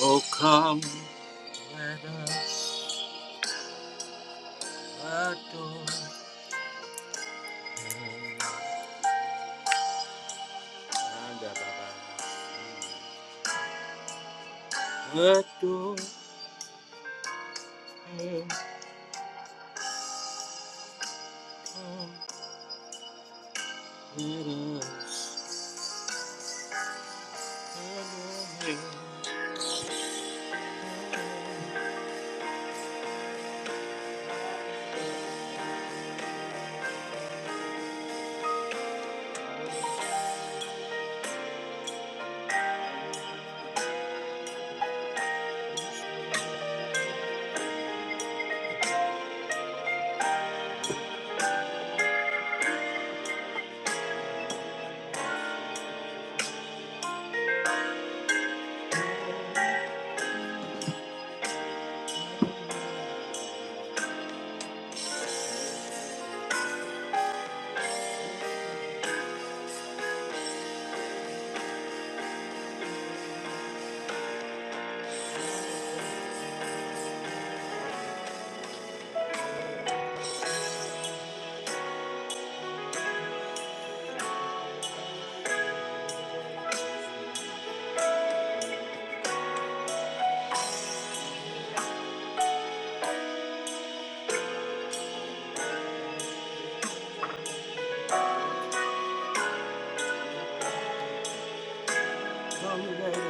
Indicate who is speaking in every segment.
Speaker 1: Oh, come, let us adore him. Adore him. Come, let us adore him. Come, let us adore him.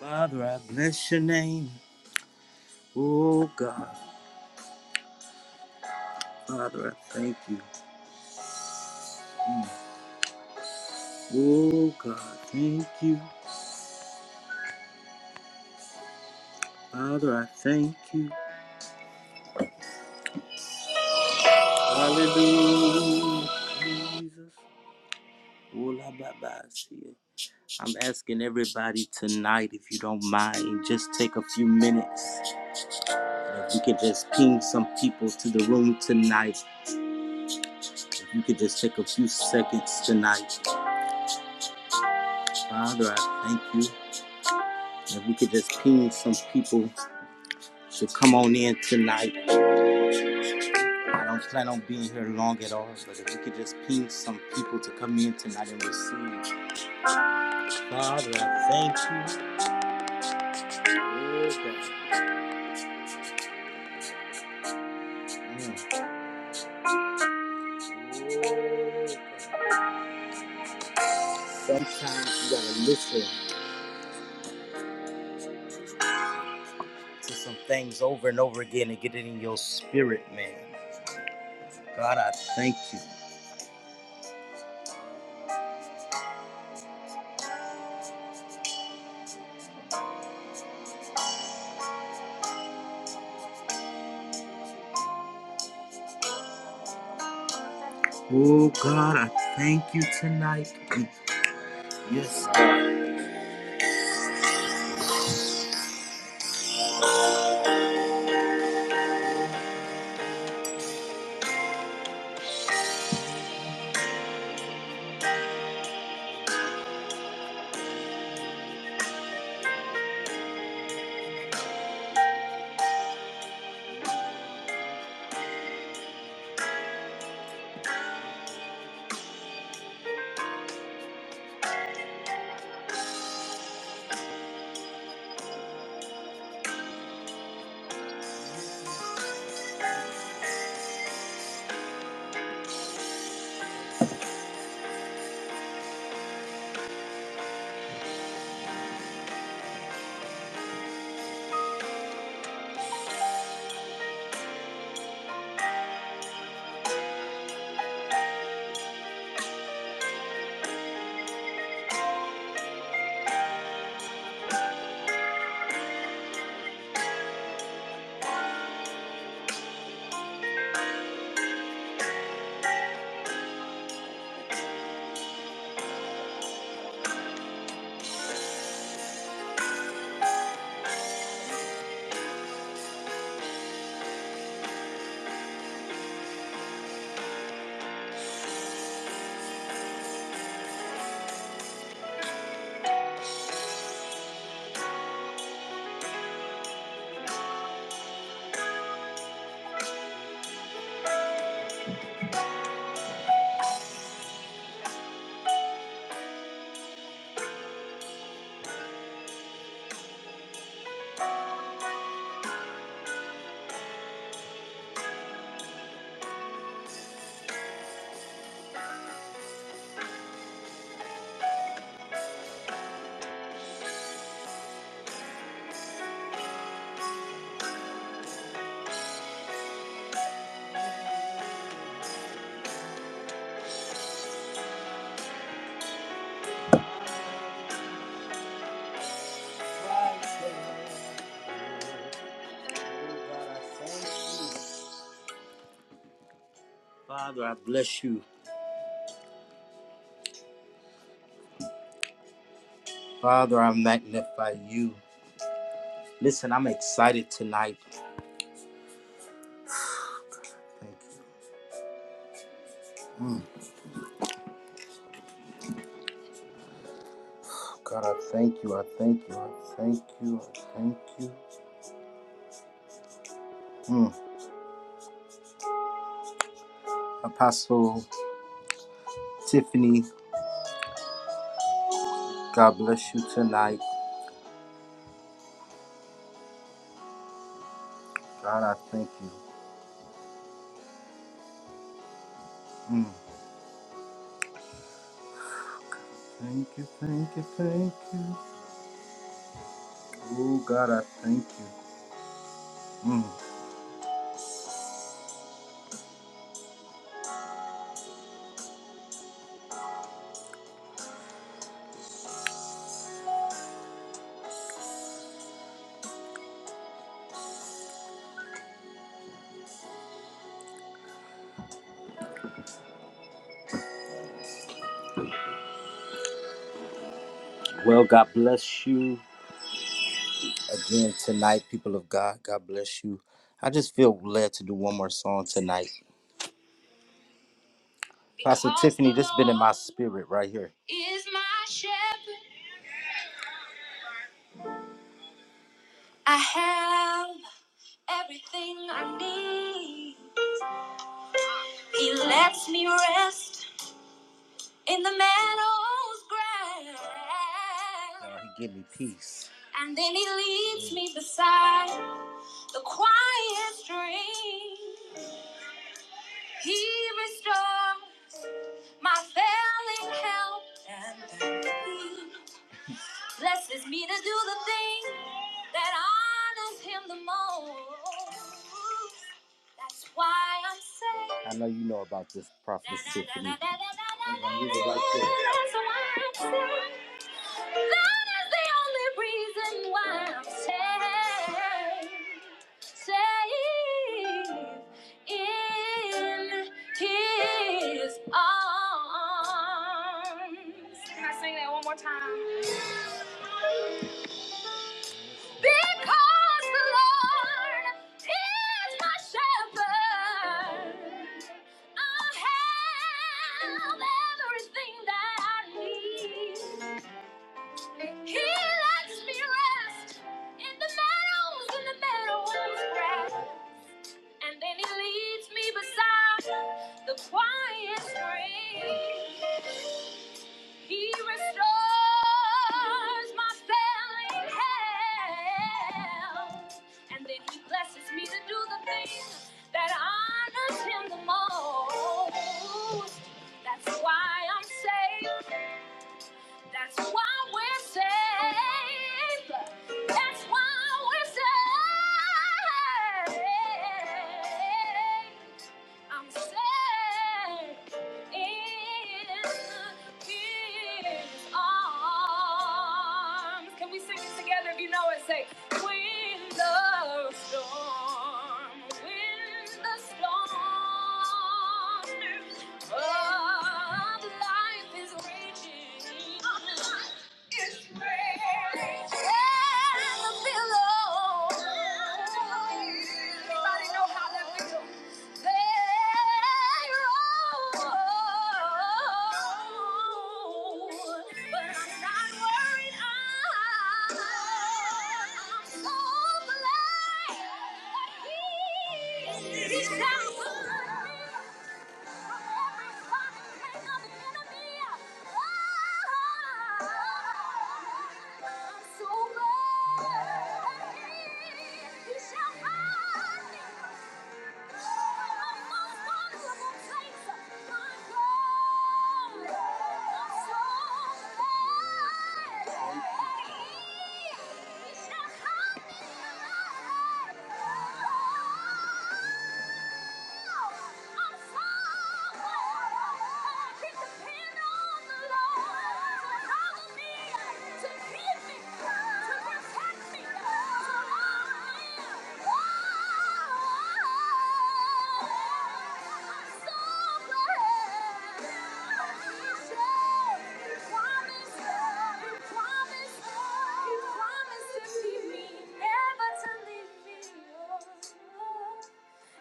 Speaker 1: Father, I bless your name. Oh God, Father, I thank you. Oh God, thank you. Father, I thank you. Hallelujah, Jesus. Ola baba siya. I'm asking everybody tonight, if you don't mind, just take a few minutes. And if you could just ping some people to the room tonight, if you could just take a few seconds tonight. Father, I thank you. If we could just ping some people to come on in tonight. I don't plan on being here long at all, but if we could just ping some people to come in tonight and receive. Father, I thank you. Oh, God. Mm. Oh, Sometimes you gotta listen to some things over and over again and get it in your spirit, man. God, I thank you. Oh, God, I thank you tonight. Yes, God. Father, I bless you. Father, I magnify you. Listen, I'm excited tonight. Thank you. Mm, God, I thank you. I thank you. I thank you. I thank you. Mm. Apostle Tiffany, God bless you tonight. God, I thank you. Mm. Thank you, thank you, thank you. Oh, God, I thank you. Mm. Well, God bless you again tonight, people of God. God bless you. I just feel led to do one more song tonight. Pastor Tiffany, this been in my spirit right here. Is my shepherd. I have everything I need. He lets me rest in the meadow's grass. Lord, he give me peace. And then he leads me beside the quiet stream. He restores my failing health and blesses me to do the things. that honors him the most. That's why I'm saying. I know you know about this prophet Tiffany. right That's why I'm saying. That is the only reason why I'm saved. Saved in his arms. Can I sing that one more time? Because the Lord is my shepherd, I have everything that I need. He lets me rest in the meadows, in the meadows grass, and then he leads me beside the quiet stream. He restores my failing health, and then He blesses me to do the things that honors Him the most. That's why I'm saved. That's why we're saved. That's why we're saved. I'm saved in His arms. Can we sing it together? If you know it, say, "When the storm, when the storm." But life is raging. It's raging. And the billow. Anybody know how that feels? So glad he shall find me. Yeah. He promised to keep me, never to leave me.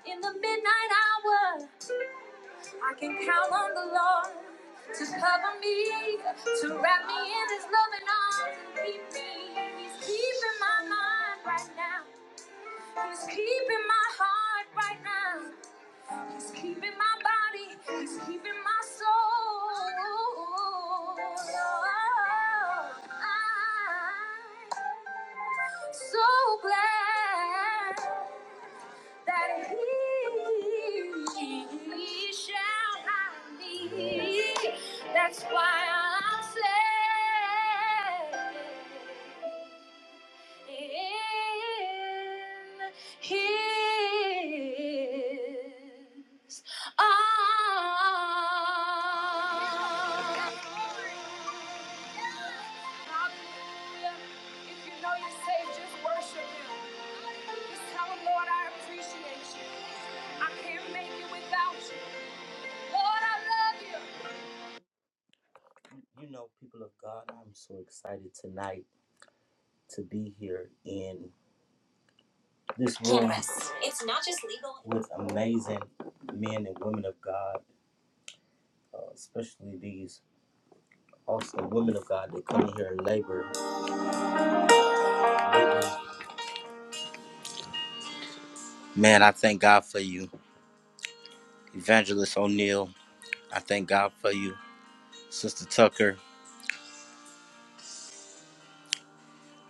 Speaker 1: In the midnight hour, I can count on the Lord to cover me, to wrap me in His loving arms and keep me. He's keeping my mind right now. He's keeping my heart right now. He's keeping my body. He's keeping my soul. I'm so glad that he shall hide me. That's why I'm saved in his arms. Hallelujah. If you know you're saved, just worship him. Just tell him, Lord, I appreciate you. I can't make it without you. Lord, I love you. You know, people of God, I'm so excited tonight to be here in this room. with amazing men and women of God, uh, especially these awesome women of God that come in here and labor. Man, I thank God for you, Evangelist O'Neill. I thank God for you, Sister Tucker.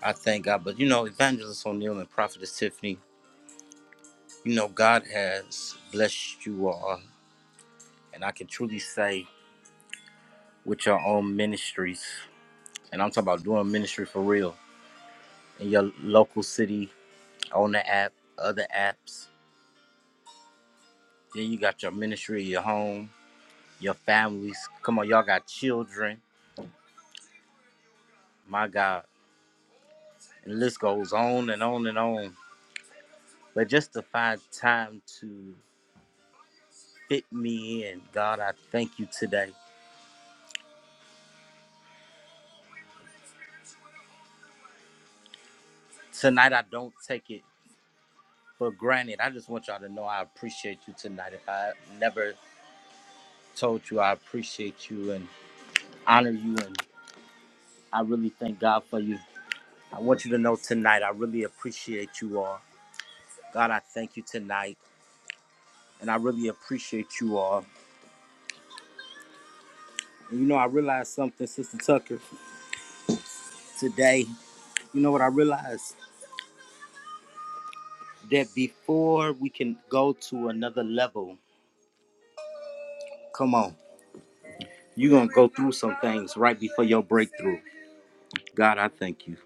Speaker 1: I thank God. But you know, Evangelist O'Neill and Prophetess Tiffany, you know, God has blessed you all. And I can truly say, with your own ministries, and I'm talking about doing ministry for real in your local city, on the app, other apps. Then you got your ministry, your home your families. Come on, y'all got children. My God. And the list goes on and on and on. But just to find time to fit me in, God, I thank you today. Tonight, I don't take it for granted. I just want y'all to know I appreciate you tonight. If I never told you, I appreciate you and honor you. And I really thank God for you. I want you to know tonight, I really appreciate you all. God, I thank you tonight. And I really appreciate you all. And you know, I realized something, Sister Tucker. today. You know what I realized? That before we can go to another level, come on, you're going to go through some things right before your breakthrough. God, I thank you.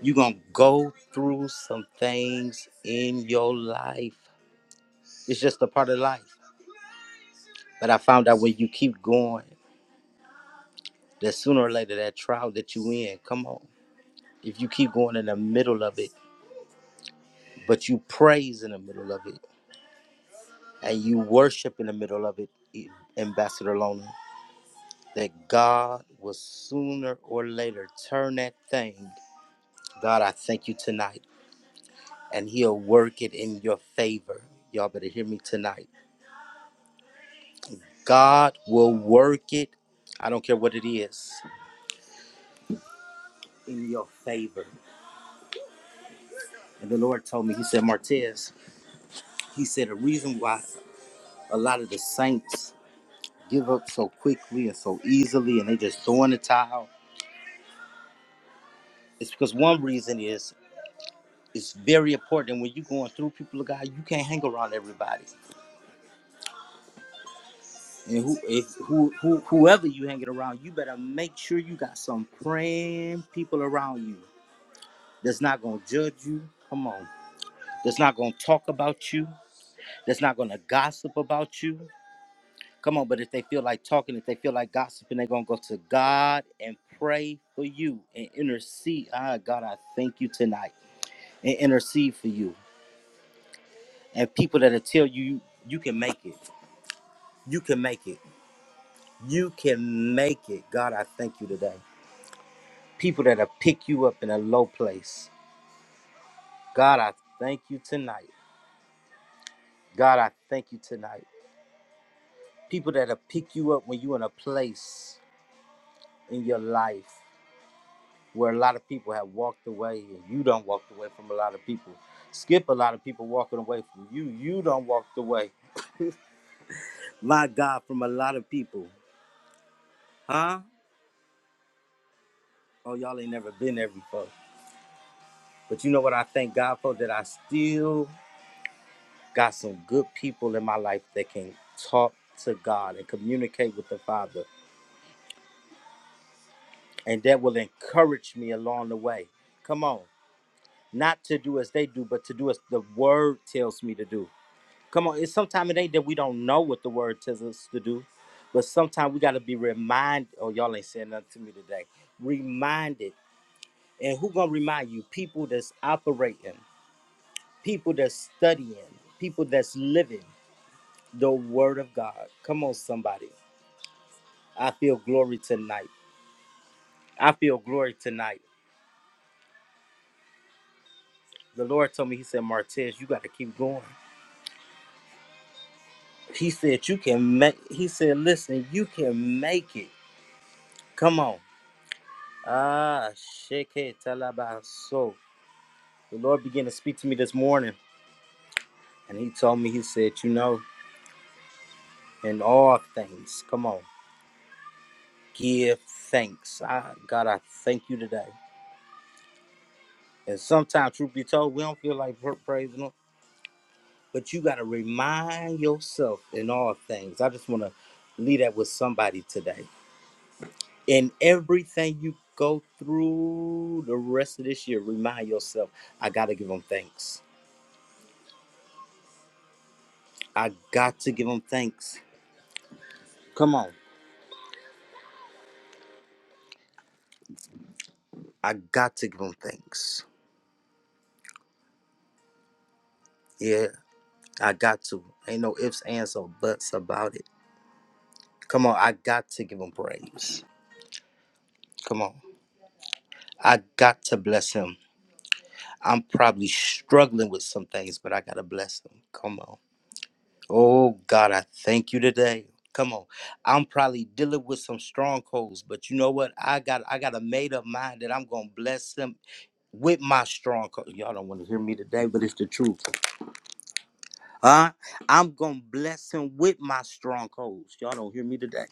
Speaker 1: You're going to go through some things in your life. It's just a part of life. But I found out when you keep going, that sooner or later, that trial that you in, come on. If you keep going in the middle of it, but you praise in the middle of it. and you worship in the middle of it, E, Ambassador Lona, that God will sooner or later turn that thing. God, I thank you tonight, and He'll work it in your favor. Y'all better hear me tonight. God will work it, I don't care what it is, in your favor. And the Lord told me, He said, Martez, He said, the reason why a lot of the saints give up so quickly and so easily and they just throwing the towel it's because one reason is It's very important when you're going through people of God, you can't hang around everybody. And who if who, who whoever you hanging around, you better make sure you got some praying people around you that's not gonna judge you. Come on. That's not gonna talk about you, that's not gonna gossip about you. Come on, but if they feel like talking, if they feel like gossiping, they're gonna go to God and pray for you and intercede. Ah, God, I thank you tonight and intercede for you. And people that'll tell you you can make it. You can make it You can make it. God, I thank you today. People that'll pick you up in a low place. God, I thank you tonight. God, I thank you tonight. People that'll pick you up when you're in a place in your life where a lot of people have walked away and you don't walked away from a lot of people. Skip a lot of people walking away from you. You don't walked away. My God, from a lot of people. Huh? Oh, y'all ain't never been there before. But you know what I thank God for? That I still got some good people in my life that can talk to God and communicate with the Father, and that will encourage me along the way. Come on, not to do as they do, but to do as the Word tells me to do. Come on, it's sometimes it ain't that we don't know what the Word tells us to do, but sometimes we got to be reminded. Oh, y'all ain't saying nothing to me today. Reminded, and who gonna remind you? People that's operating, people that's studying, people that's living the Word of God. Come on, somebody. I feel glory tonight. I feel glory tonight. The Lord told me, He said, Martez, you got to keep going. He said, You can make, He said, Listen, you can make it. Come on. Ah, shake it, tell about so. The Lord began to speak to me this morning, and He told me, He said, You know, in all things, come on, give thanks. I, God, I thank you today. And sometimes, truth be told, we don't feel like pra- praising Him. but you got to remind yourself in all things. I just want to leave that with somebody today. In everything you go through the rest of this year, remind yourself, I got to give them thanks. I got to give them thanks. Come on. I got to give them thanks. Yeah, I got to. Ain't no ifs, ands, or buts about it. Come on. I got to give them praise. Come on. I got to bless him. I'm probably struggling with some things, but I got to bless him. Come on. Oh God, I thank you today. Come on. I'm probably dealing with some strongholds, but you know what? I got I got a made up mind that I'm gonna bless them with my stronghold. Y'all don't want to hear me today, but it's the truth. Huh? I'm gonna bless him with my strongholds. Y'all don't hear me today.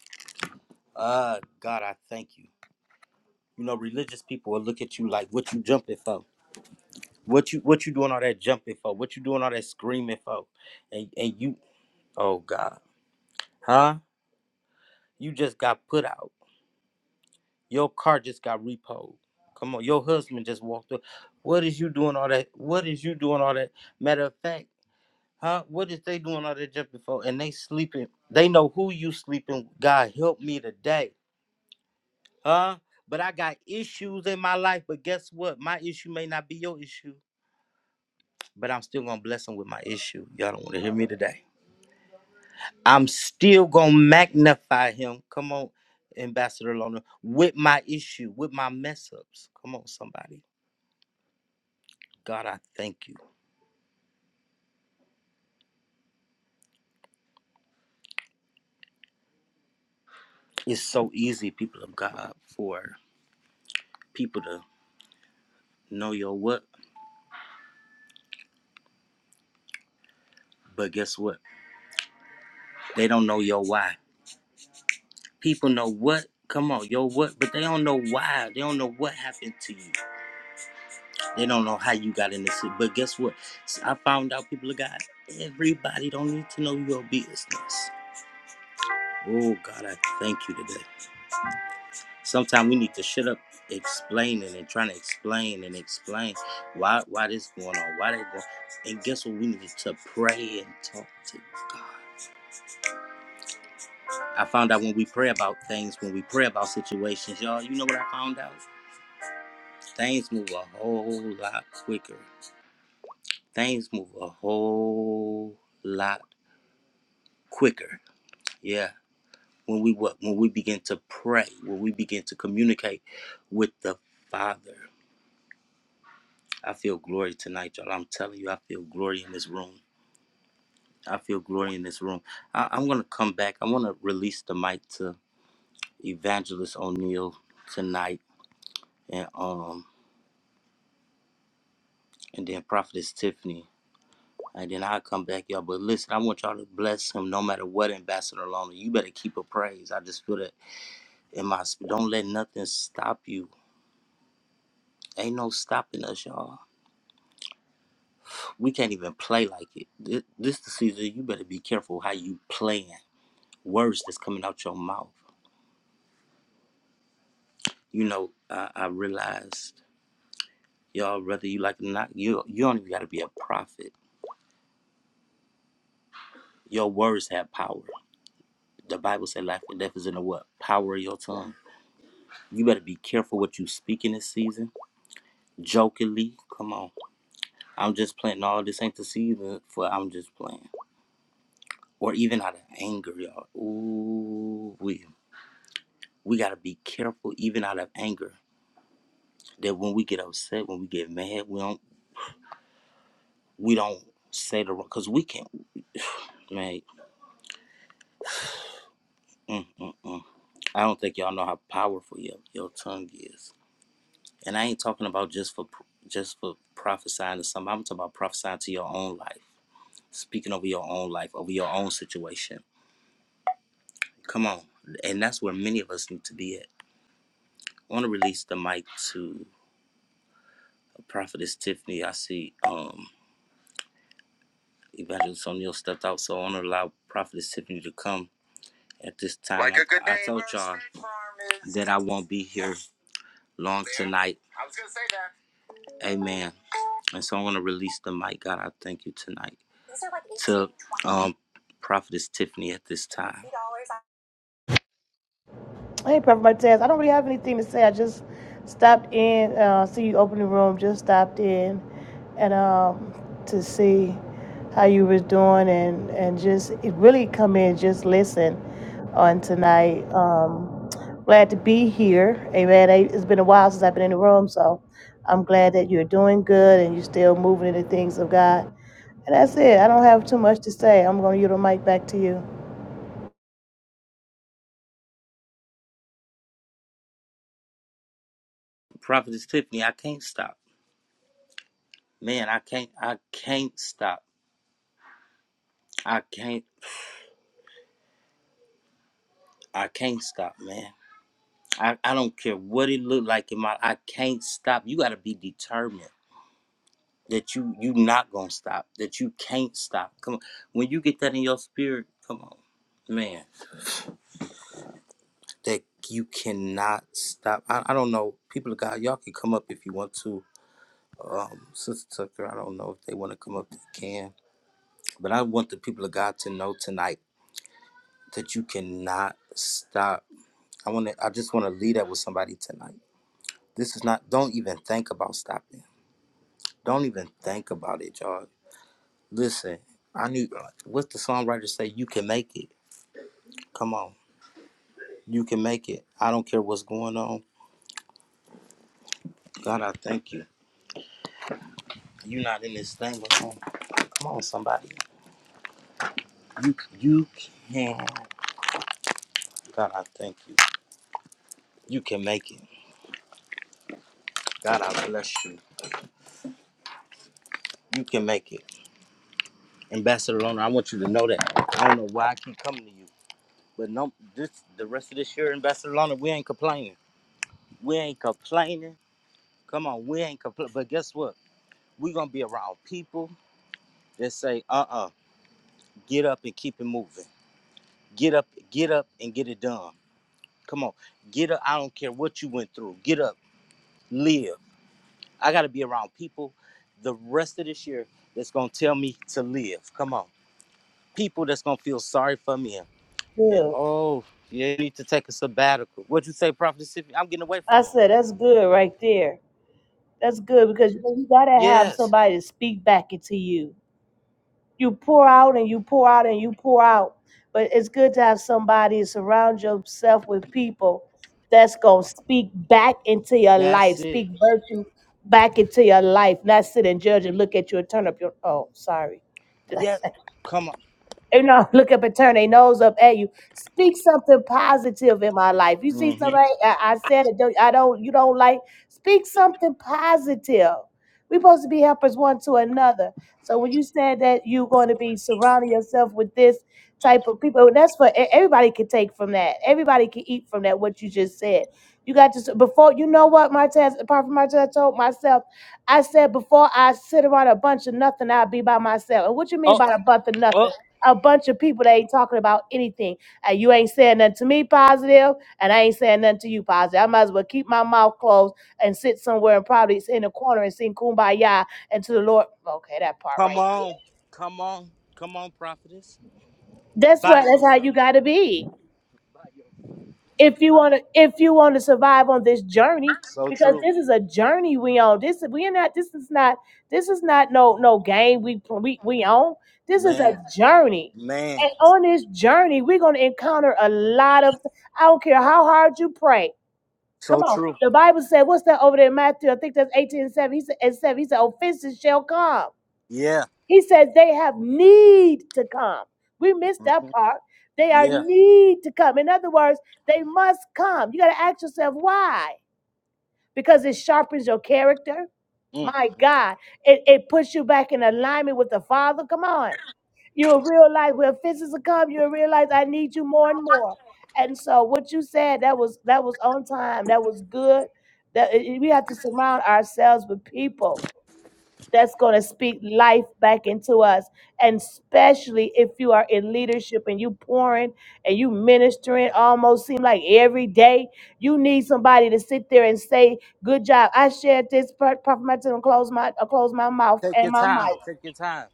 Speaker 1: Uh God, I thank you. You know, religious people will look at you like what you jumping for. What you what you doing all that jumping for? What you doing all that screaming for? And and you oh God. Huh? You just got put out. Your car just got repoed. Come on, your husband just walked up. What is you doing all that? What is you doing all that? Matter of fact, huh? What is they doing all that jumping for? And they sleeping. They know who you sleeping. with. God help me today, huh? But I got issues in my life. But guess what? My issue may not be your issue. But I'm still gonna bless him with my issue. Y'all don't want to hear me today. I'm still gonna magnify him. Come on, Ambassador Lona, with my issue, with my mess ups. Come on, somebody God, I thank you. It's so easy, people of God, for people to know your what, but guess what? They don't know your why. People know what, come on, your what, but they don't know why. They don't know what happened to you. They don't know how you got in this. But guess what? S- I found out, people of God, everybody don't need to know your business. Oh, God, I thank you today. Sometimes we need to shut up explaining and trying to explain and explain why why this going on, why that going. And guess what? We need to pray and talk to God. I found out when we pray about things, when we pray about situations, y'all. You know what I found out? Things move a whole lot quicker. Things move a whole lot quicker. Yeah. When we what when we begin to pray, when we begin to communicate with the Father. I feel glory tonight, y'all. I'm telling you, I feel glory in this room. I feel glory in this room. I, I'm going to come back. I want to release the mic to Evangelist O'Neill tonight and um and then Prophetess Tiffany. And then I'll come back, y'all. But listen, I want y'all to bless him no matter what, Ambassador Lona. You better keep a praise. I just feel that in my spirit. Don't let nothing stop you. Ain't no stopping us, y'all. We can't even play like it. This, this the season. You better be careful how you playing. Words that's coming out your mouth. You know, I, I realized, y'all, whether you like it or not, you you don't even got to be a prophet. Your words have power. The Bible said life and death is in the what? Power of your tongue. You better be careful what you speak in this season. Jokingly, come on. I'm just playing. All this ain't the season for I'm just playing. Or even out of anger, y'all. Ooh, we we gotta be careful even out of anger that when we get upset, when we get mad, we don't we don't say the wrong because we can't. Man, mm, mm, mm. I don't think y'all know how powerful your your tongue is. And I ain't talking about just for just for prophesying to somebody. I'm talking about prophesying to your own life, speaking over your own life, over your own situation. Come on, and that's where many of us need to be at. I want to release the mic to prophetess Tiffany. I see um, Evangelist O'Neill stepped out, so I want to allow prophetess Tiffany to come at this time. Like a good I, I told y'all that I won't be here long There. tonight. I was gonna say that. Amen. And so I'm going to release the mic. God, I thank you tonight to um, Prophetess Tiffany at this time.
Speaker 2: Hey, Prophet Martez. I don't really have anything to say. I just stopped in, uh, see you open the room. Just stopped in, and um, to see how you was doing, and and just it really come in, just listen on tonight. Um, glad to be here. Amen. I- It's been a while since I've been in the room, so I'm glad that you're doing good and you're still moving in the things of God. And that's it. I don't have too much to say. I'm going to yield the mic back to you.
Speaker 1: Prophetess Tiffany, I can't stop. Man, I can't, I can't stop. I can't, I can't stop, man. I, I don't care what it looked like in my, I can't stop. You got to be determined that you, you not going to stop, that you can't stop. Come on. When you get that in your spirit, come on, man, that you cannot stop. I, I don't know. People of God, y'all can come up if you want to um, Sister Tucker, I don't know if they want to come up, they can. But I want the people of God to know tonight that you cannot stop. I want to, I just want to leave that with somebody tonight. This is not, don't even think about stopping. Don't even think about it, y'all. Listen, I knew, what the songwriter say? You can make it. Come on. You can make it. I don't care what's going on. God, I thank you. You're not in this thing alone. Come on, somebody. You, you can. God, I thank you. You can make it. God, I bless you. You can make it. Ambassador Loner, I want you to know that. I don't know why I keep coming to you. But no this the rest of this year, Ambassador Loner, we ain't complaining. We ain't complaining. Come on, we ain't complaining. But guess what? we gonna be around people that say, uh-uh, get up and keep it moving. Get up, get up and get it done. Come on, get up. I don't care what you went through. Get up, live. I gotta be around people the rest of this year that's gonna tell me to live. Come on. People that's gonna feel sorry for me And
Speaker 2: Good.
Speaker 1: oh, yeah, you need to take a sabbatical. What'd you say, Prophet Sippy? I'm getting away
Speaker 2: I
Speaker 1: from him.
Speaker 2: said that's good right there. That's good because you, know, you gotta have
Speaker 1: Yes,
Speaker 2: somebody to speak back into you. You pour out and you pour out and you pour out, but it's good to have somebody surround yourself with people that's gonna speak back into your life,
Speaker 1: that's it.
Speaker 2: speak virtue back into your life, not sit and judge and look at you and turn up your. Oh, sorry.
Speaker 1: Yeah, come
Speaker 2: you know, look up and turn their nose up at you. Speak something positive in my life. You see
Speaker 1: on. hmm
Speaker 2: somebody, I, I said it. Don't, I don't. You don't like. Speak something positive. We're supposed to be helpers one to another. So when you said that you're going to be surrounding yourself with this type of people, and that's what e- everybody can take from that. Everybody can eat from that. What you just said. You got to s- before you know what Martez, apart from Martez, I told myself, I said before I sit around a bunch of nothing, I'll be by myself. And what you mean
Speaker 1: Oh,
Speaker 2: by a bunch of nothing?
Speaker 1: oh,
Speaker 2: a bunch of people that ain't talking about anything. And you ain't saying nothing to me positive, and I ain't saying nothing to you positive. I might as well keep my mouth closed and sit somewhere and probably sit in a corner and sing kumbaya and to the Lord. Okay, that part
Speaker 1: come
Speaker 2: right
Speaker 1: on,
Speaker 2: there.
Speaker 1: come on, come on, prophetess.
Speaker 2: That's
Speaker 1: By
Speaker 2: what that's how
Speaker 1: yourself.
Speaker 2: you gotta be. if you want to if you want to survive on this journey
Speaker 1: So
Speaker 2: because
Speaker 1: true,
Speaker 2: this is a journey we on this we are not this is not this is not no no game we we, we on this is a
Speaker 1: man,
Speaker 2: journey
Speaker 1: man.
Speaker 2: and on this journey we're going to encounter a lot of i don't care how hard you pray come
Speaker 1: So
Speaker 2: on
Speaker 1: true.
Speaker 2: the bible said what's that over there in matthew i think that's 18 and 7 he said and 7 he said offenses shall come
Speaker 1: Yeah,
Speaker 2: he says they have need to come. We missed that
Speaker 1: Mhm.
Speaker 2: part. They are
Speaker 1: yeah.
Speaker 2: need to come. In other words, they must come. You got to ask yourself why. Because it sharpens your character.
Speaker 1: Mm.
Speaker 2: My God, it, it puts you back in alignment with the Father. Come on. You'll realize when physics will come, you'll realize I need you more and more. And so what you said, that was that was on time. That was good. That we have to surround ourselves with people that's going to speak life back into us. And especially if you are in leadership and you pouring and you ministering almost seem like every day, you need somebody to sit there and say, "Good job, I shared this." part. Prophet, Martin, and close my uh, close my mouth
Speaker 1: Take
Speaker 2: and
Speaker 1: your
Speaker 2: my mic.
Speaker 1: time. Take your time.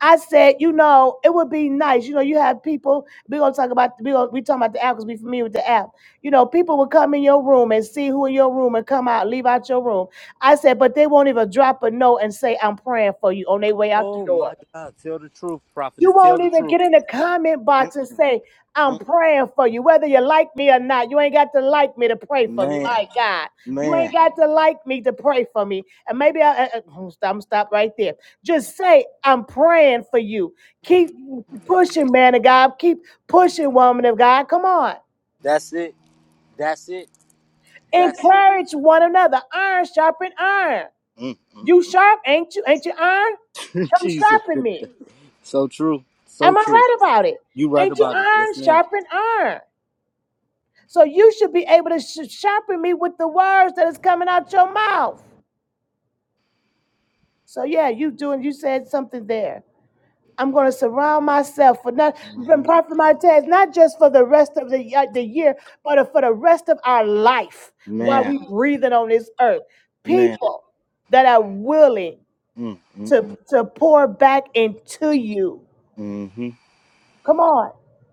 Speaker 2: I said, you know, it would be nice. You know, you have people. We're gonna talk about we gonna we talking about the app because we familiar with the app. You know, people would come in your room and see who in your room and come out, leave out your room. I said, but they won't even drop a note and say I'm praying for you on their way out the
Speaker 1: Oh
Speaker 2: door.
Speaker 1: my God, tell the truth,
Speaker 2: You
Speaker 1: prophetess. Tell
Speaker 2: won't
Speaker 1: the
Speaker 2: even
Speaker 1: truth.
Speaker 2: get in the comment box and
Speaker 1: Mm-mm.
Speaker 2: say, I'm
Speaker 1: Mm.
Speaker 2: praying for you, whether you like me or not. You ain't got to like me to pray for me.
Speaker 1: Man,
Speaker 2: My God. You ain't
Speaker 1: man.
Speaker 2: got to like me to pray for me. And maybe I, I, I- I'm gonna stop right there. Just say, I'm praying for you. Keep pushing, man of God. Keep pushing, woman of God. Come on.
Speaker 1: That's it. That's it. That's it.
Speaker 2: Encourage one another. Iron sharpen iron.
Speaker 1: Mm.
Speaker 2: You sharp, ain't you? Ain't you iron? Come
Speaker 1: Jesus.
Speaker 2: sharpen me.
Speaker 1: So true. So
Speaker 2: Am I
Speaker 1: true.
Speaker 2: right about it?
Speaker 1: You right
Speaker 2: Ain't you
Speaker 1: about it. Yes,
Speaker 2: iron
Speaker 1: madam
Speaker 2: sharpen iron? So you should be able to sh- sharpen me with the words that is coming out your mouth. So yeah, you doing. You said something there. I'm going to surround myself for not
Speaker 1: hmm
Speaker 2: from Prophet Martez, not just for the rest of the uh, the year, but for the rest of our life while
Speaker 1: Man,
Speaker 2: we breathing on this earth.
Speaker 1: man.
Speaker 2: People that are willing
Speaker 1: Mm, mm,
Speaker 2: to to pour back into you.
Speaker 1: mm, hmm
Speaker 2: Come on.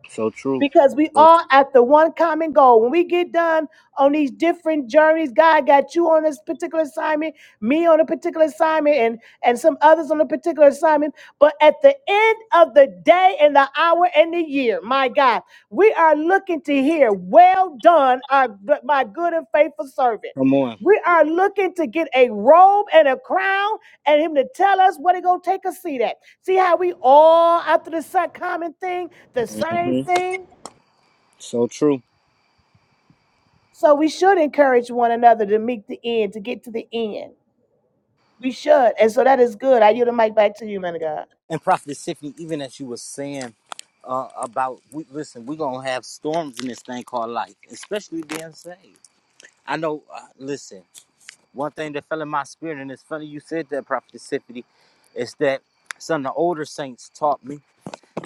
Speaker 1: So true.
Speaker 2: because we
Speaker 1: So
Speaker 2: all at the one common goal. When we get done on these different journeys, God got you on this particular assignment, me on a particular assignment, and and some others on a particular assignment. But at the end of the day, and the hour, and the year, my God, we are looking to hear, "Well done, our my good and faithful servant."
Speaker 1: come on.
Speaker 2: We are looking to get a robe and a crown, and him to tell us what it gonna take us to see that. See how we all after the sa- common thing, the same
Speaker 1: hmm
Speaker 2: thing.
Speaker 1: So true.
Speaker 2: So we should encourage one another to meet the end, to get to the end. We should. And so that is good. I yield the mic back to you, man of God.
Speaker 1: And Prophet Tiffany, even as you were saying uh, about, we, listen, we're gonna have storms in this thing called life, especially being saved. I know. Uh, listen, one thing that fell in my spirit, and it's funny you said that, Prophet Tiffany, is that some of the older saints taught me.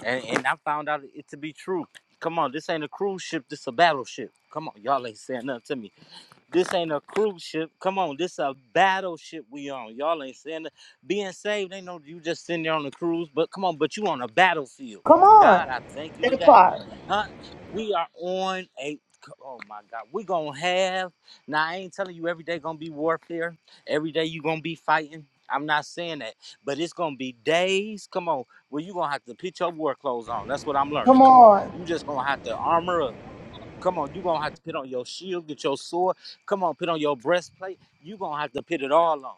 Speaker 1: and and I found out it to be true. Come on, this ain't a cruise ship, this a battleship. Come on, y'all ain't saying nothing to me. This ain't a cruise ship. Come on, this a battleship we on. Y'all ain't saying that. being saved ain't no you just sitting there on the cruise, but come on, but you on a battlefield.
Speaker 2: Come
Speaker 1: God,
Speaker 2: on.
Speaker 1: I thank you
Speaker 2: That
Speaker 1: today.
Speaker 2: part.
Speaker 1: Huh? We are on a oh my God. We gonna have now I ain't telling you every day gonna be warfare. Every day you gonna be fighting. I'm not saying that, but it's gonna be days. Come on, where you gonna have to put your war clothes on. That's what I'm learning.
Speaker 2: Come
Speaker 1: Come on,
Speaker 2: on.
Speaker 1: you just gonna have to armor up. Come on, you gonna have to put on your shield, get your sword. Come on, put on your breastplate. you gonna have to put it all on.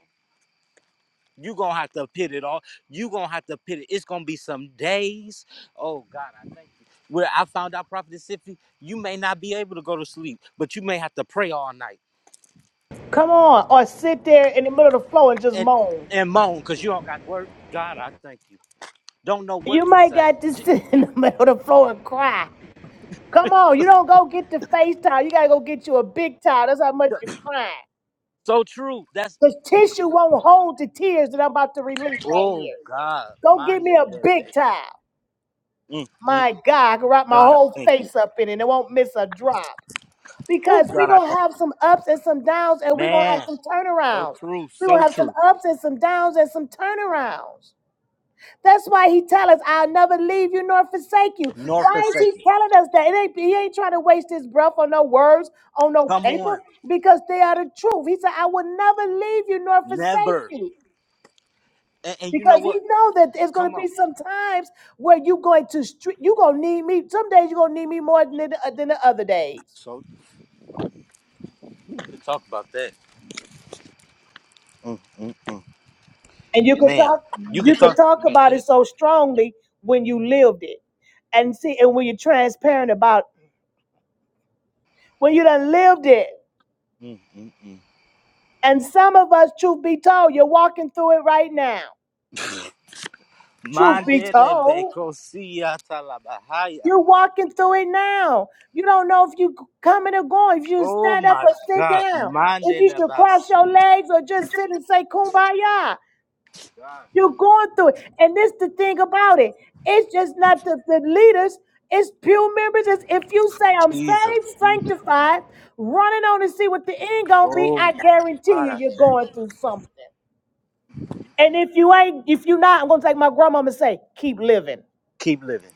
Speaker 1: you gonna have to put it all. you gonna have to put it. It's gonna be some days. Oh God, I thank you. Where I found out, Prophet Siffy, you may not be able to go to sleep, but you may have to pray all night
Speaker 2: Come on. Or sit there in the middle of the floor and just
Speaker 1: and
Speaker 2: moan.
Speaker 1: and moan because you don't got work. God, I thank you. Don't know what
Speaker 2: You
Speaker 1: to
Speaker 2: might
Speaker 1: say.
Speaker 2: got to
Speaker 1: J-
Speaker 2: sit in the middle of the floor and cry. Come on. You don't go get the face towel. You got to go get you a big towel. That's how much you're crying.
Speaker 1: So true. That's
Speaker 2: Because tissue won't hold the tears that I'm about to release right
Speaker 1: oh
Speaker 2: here.
Speaker 1: God,
Speaker 2: Go get
Speaker 1: mind
Speaker 2: me a
Speaker 1: that little
Speaker 2: big
Speaker 1: day.
Speaker 2: towel.
Speaker 1: Mm, mm.
Speaker 2: My God, I can wrap my
Speaker 1: God, I
Speaker 2: whole
Speaker 1: thank you.
Speaker 2: face up in it and it won't miss a drop.
Speaker 1: Oh
Speaker 2: Because we're
Speaker 1: God, I
Speaker 2: going to
Speaker 1: thank
Speaker 2: have
Speaker 1: you.
Speaker 2: some ups and some downs and we're going to have
Speaker 1: Man.
Speaker 2: some
Speaker 1: So
Speaker 2: turnarounds.
Speaker 1: true,
Speaker 2: We're going
Speaker 1: so
Speaker 2: to have some
Speaker 1: true.
Speaker 2: ups and some downs and some turnarounds. That's why he tell us, I'll never leave you nor forsake you.
Speaker 1: North of
Speaker 2: Why is he
Speaker 1: second.
Speaker 2: telling us that? It ain't, he ain't trying to waste his breath on no words, on no
Speaker 1: Come
Speaker 2: paper,
Speaker 1: on.
Speaker 2: because they are the truth. He said, I will never leave you nor forsake
Speaker 1: Never.
Speaker 2: you
Speaker 1: And, and you know
Speaker 2: because he
Speaker 1: what?
Speaker 2: know that there's going to
Speaker 1: Come
Speaker 2: be
Speaker 1: on.
Speaker 2: some times where you're going to str- you going to need me some days you're going to need me more than the, than the other days
Speaker 1: So you could talk about that. Mm, mm.
Speaker 2: and you could
Speaker 1: Man,
Speaker 2: talk
Speaker 1: you could
Speaker 2: you could
Speaker 1: talk
Speaker 2: talk
Speaker 1: about
Speaker 2: about it
Speaker 1: that.
Speaker 2: so strongly when you lived it and see and when you're transparent about it. when you done lived it
Speaker 1: Mm, mm, mm.
Speaker 2: and some of us truth be told you're walking through it right now truth be
Speaker 1: Mandela
Speaker 2: told
Speaker 1: Bekosia Talabahaya.
Speaker 2: You're walking through it now. You don't know if you coming or going, if you should
Speaker 1: Oh
Speaker 2: stand up
Speaker 1: my
Speaker 2: or sit
Speaker 1: God.
Speaker 2: down, if you
Speaker 1: Mandela
Speaker 2: should
Speaker 1: Bas.
Speaker 2: cross your legs or just sit and say kumbaya. You're going through it. And this the thing about it. It's just not the, the leaders, it's pew members. It's if you say I'm
Speaker 1: Jesus.
Speaker 2: saved,
Speaker 1: Jesus.
Speaker 2: sanctified, running on to see what the end gonna be,
Speaker 1: Oh
Speaker 2: I
Speaker 1: my
Speaker 2: guarantee
Speaker 1: God.
Speaker 2: you
Speaker 1: I
Speaker 2: you're
Speaker 1: thank you.
Speaker 2: going through something. And if you ain't, if you not, I'm gonna take my grandmama and say, keep living.
Speaker 1: Keep living.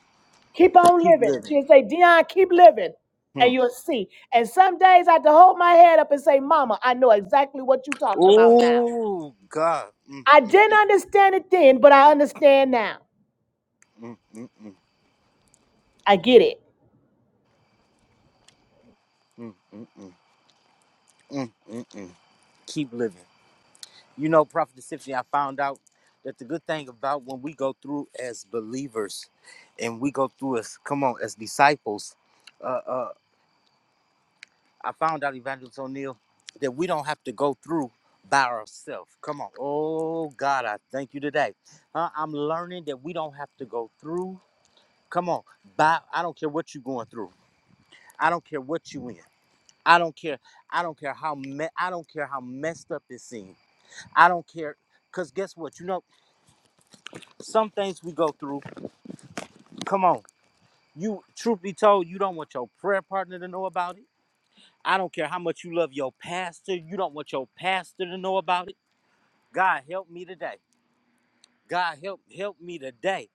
Speaker 2: Keep on
Speaker 1: Keep
Speaker 2: living.
Speaker 1: living.
Speaker 2: She'll say, Dion, keep living.
Speaker 1: Hmm.
Speaker 2: And you'll see. And some days I had to hold my head up and say, Mama, I know exactly what you're talking about now.
Speaker 1: Oh God. Mm,
Speaker 2: I
Speaker 1: mm,
Speaker 2: didn't understand it then, but I understand now.
Speaker 1: mm, mm, mm,
Speaker 2: I get it.
Speaker 1: mm, mm, mm, mm, mm. mm. keep living. You know, Prophet Deception, I found out that the good thing about when we go through as believers and we go through as, come on, as disciples, uh, uh, I found out, Evangelist O'Neill, that we don't have to go through by ourselves. Come on. Oh, God, I thank you today. Uh, I'm learning that we don't have to go through, come on, by, I don't care what you're going through. I don't care what you in. I don't care. I don't care how me- I don't care how messed up it seems. I don't care Cause guess what? You know Some things we go through. Come on. You truth be told, you don't want your prayer partner to know about it. I don't care how much you love your pastor, you don't want your pastor to know about it. God help me today. God help help me today.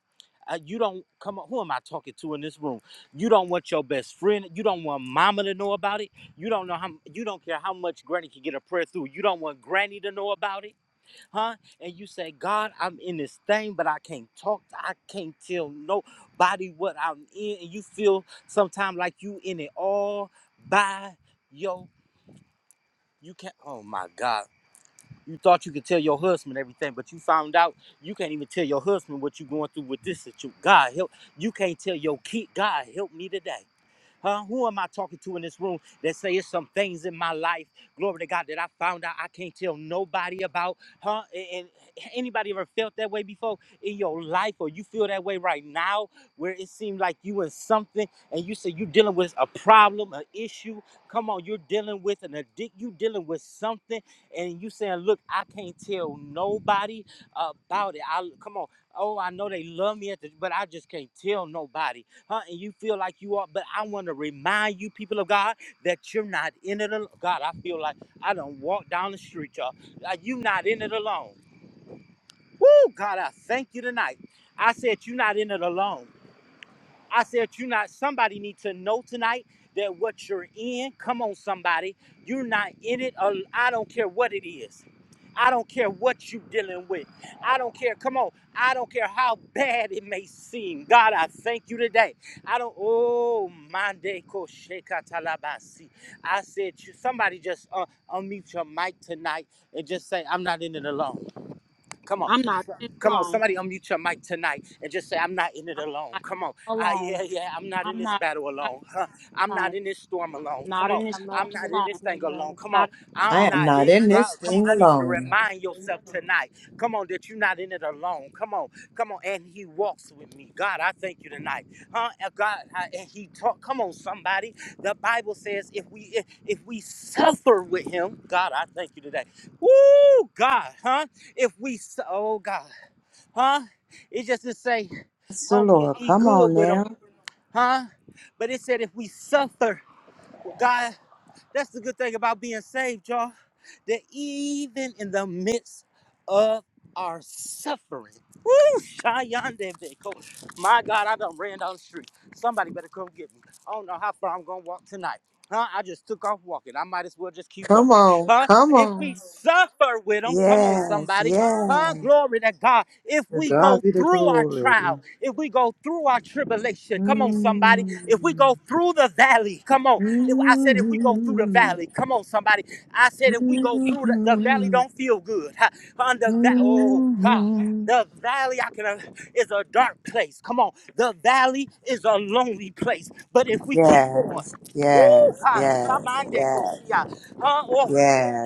Speaker 1: Uh, you don't come on. Who am I talking to in this room? You don't want your best friend. You don't want mama to know about it. You don't know how. You don't care how much Granny can get a prayer through. You don't want Granny to know about it. huh? And you say, God, I'm in this thing, but I can't talk. I can't tell nobody what I'm in. And you feel sometimes like you in it all by yo. You can't. Oh my God. You thought you could tell your husband everything, but you found out you can't even tell your husband what you're going through with this situation. God help. You can't tell your kid. God help me today. Huh? Who am I talking to in this room that say it's some things in my life, glory to God, that I found out I can't tell nobody about? Huh? And and anybody ever felt that way before in your life, or you feel that way right now, where it seemed like you in something and you say you're dealing with a problem, an issue. Come on, you're dealing with an addict, you dealing with something, and you saying, Look, I can't tell nobody about it. I come on. Oh, I know they love me, at the, but I just can't tell nobody huh? And you feel like you are, but I want to remind you, people of God, that you're not in it alone. God, I feel like I don't walk down the street, y'all. Like you not in it alone. Woo, God, I thank you tonight. I said you're not in it alone. I said, you not somebody need to know tonight that what you're in, come on, somebody, you're not in it. al- I don't care what it is. I don't care what you're dealing with. I don't care. Come on. I don't care how bad it may seem. God, I thank you today. I don't. Oh, Mande Koshekatalabasi. I said, you- somebody just uh, unmute your mic tonight and just say, I'm not in it alone. Come on,
Speaker 3: I'm not in it
Speaker 1: come on.
Speaker 3: alone.
Speaker 1: Somebody unmute your mic tonight and just say, "I'm not in it
Speaker 3: I'm
Speaker 1: alone."
Speaker 3: not
Speaker 1: Come on. Ah, yeah,
Speaker 3: alone.
Speaker 1: yeah. I'm not in
Speaker 3: I'm
Speaker 1: this
Speaker 3: not,
Speaker 1: battle
Speaker 3: not
Speaker 1: alone. Huh. I'm not
Speaker 3: alone.
Speaker 1: in this storm alone.
Speaker 3: I'm
Speaker 1: Come
Speaker 3: not
Speaker 1: on.
Speaker 3: in this
Speaker 4: I'm not
Speaker 1: I'm
Speaker 3: storm
Speaker 1: not in
Speaker 4: even
Speaker 1: this
Speaker 3: alone.
Speaker 1: thing
Speaker 4: in Love.
Speaker 1: alone. Come on.
Speaker 3: Not in it
Speaker 1: I'm
Speaker 3: alone.
Speaker 5: I am
Speaker 1: not
Speaker 5: not
Speaker 1: it.
Speaker 5: in
Speaker 1: God,
Speaker 5: this
Speaker 1: come on.
Speaker 5: thing
Speaker 1: I need you to
Speaker 5: alone.
Speaker 1: remind yourself tonight. Come on, that you not in it alone. Come on, come on. And he walks with me. God, I thank you tonight. Huh? And God, I, and he talk. Come on, somebody. The Bible says if we if, if we suffer with him, God, I thank you today. Woo, God, huh? If we su- oh God, huh? It just to say,
Speaker 5: Yes, the
Speaker 1: oh, we
Speaker 5: Lord.
Speaker 1: eat
Speaker 5: Come
Speaker 1: good
Speaker 5: on
Speaker 1: with
Speaker 5: now.
Speaker 1: him, huh? But it said if we suffer, God. That's the good thing about being saved, y'all. That even in the midst of our suffering, woo, Shayande Beko. My God, I done ran down the street. Somebody better come get me. I don't know how far I'm gonna walk tonight. Huh? I just took off walking. I might as well just keep
Speaker 5: Come
Speaker 1: walking.
Speaker 5: on,
Speaker 1: Huh?
Speaker 5: come
Speaker 1: If we
Speaker 5: on.
Speaker 1: suffer with them, come on,
Speaker 5: Yes,
Speaker 1: somebody. Huh?
Speaker 5: yes.
Speaker 1: Glory to God. If
Speaker 5: To
Speaker 1: we
Speaker 5: God
Speaker 1: go
Speaker 5: be the
Speaker 1: through our
Speaker 5: glory.
Speaker 1: trial, if we go through our tribulation, come on, somebody. If we
Speaker 5: Mm.
Speaker 1: go through the valley, come on. If- I said, if we go through the
Speaker 5: Mm.
Speaker 1: valley, come on, somebody. I said, if we go through the, the valley,
Speaker 5: Mm.
Speaker 1: don't feel good. Ha, Under that, oh God.
Speaker 5: Mm.
Speaker 1: The valley I can, uh, is a dark place. Come on. The valley is a lonely place. But if we keep going,
Speaker 5: Yes,
Speaker 1: woo,
Speaker 5: yes,
Speaker 1: God,
Speaker 5: yes,
Speaker 1: Shamande
Speaker 5: yes,
Speaker 1: Kosia. Huh? Oh,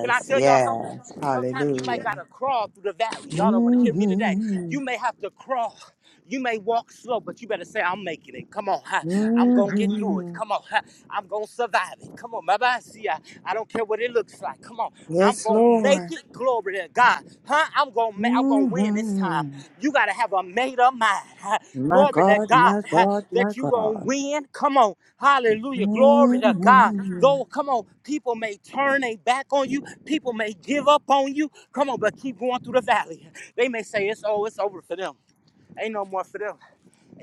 Speaker 1: can I tell y'all something?
Speaker 5: yes.
Speaker 1: Sometimes you might
Speaker 5: Hallelujah.
Speaker 1: gotta crawl through the valley. Y'all don't wanna hear me today.
Speaker 5: Mm-hmm.
Speaker 1: You may have to crawl. You may walk slow, but you better say, I'm making it. Come on. ha. I'm going to get through it.
Speaker 5: Mm-hmm.
Speaker 1: Come on. ha. I'm going to survive it. Come on. Baba, see, I, I don't care what it looks like. Come on. I'm
Speaker 5: Yes,
Speaker 1: going to
Speaker 5: Lord.
Speaker 1: make it. Glory to God. Huh? I'm going to I'm gonna win this time.
Speaker 5: Mhm.
Speaker 1: You got to have a made up mind. huh?
Speaker 5: My
Speaker 1: Glory to
Speaker 5: God,
Speaker 1: God
Speaker 5: my
Speaker 1: huh?
Speaker 5: God, my
Speaker 1: that you going to
Speaker 5: God.
Speaker 1: win. Come on. Hallelujah. Glory to God.
Speaker 5: Mhm.
Speaker 1: Though, come on. People may turn their back on you. People may give up on you. Come on, but keep going through the valley. They may say, it's oh, it's over for them. Ain't no more for them.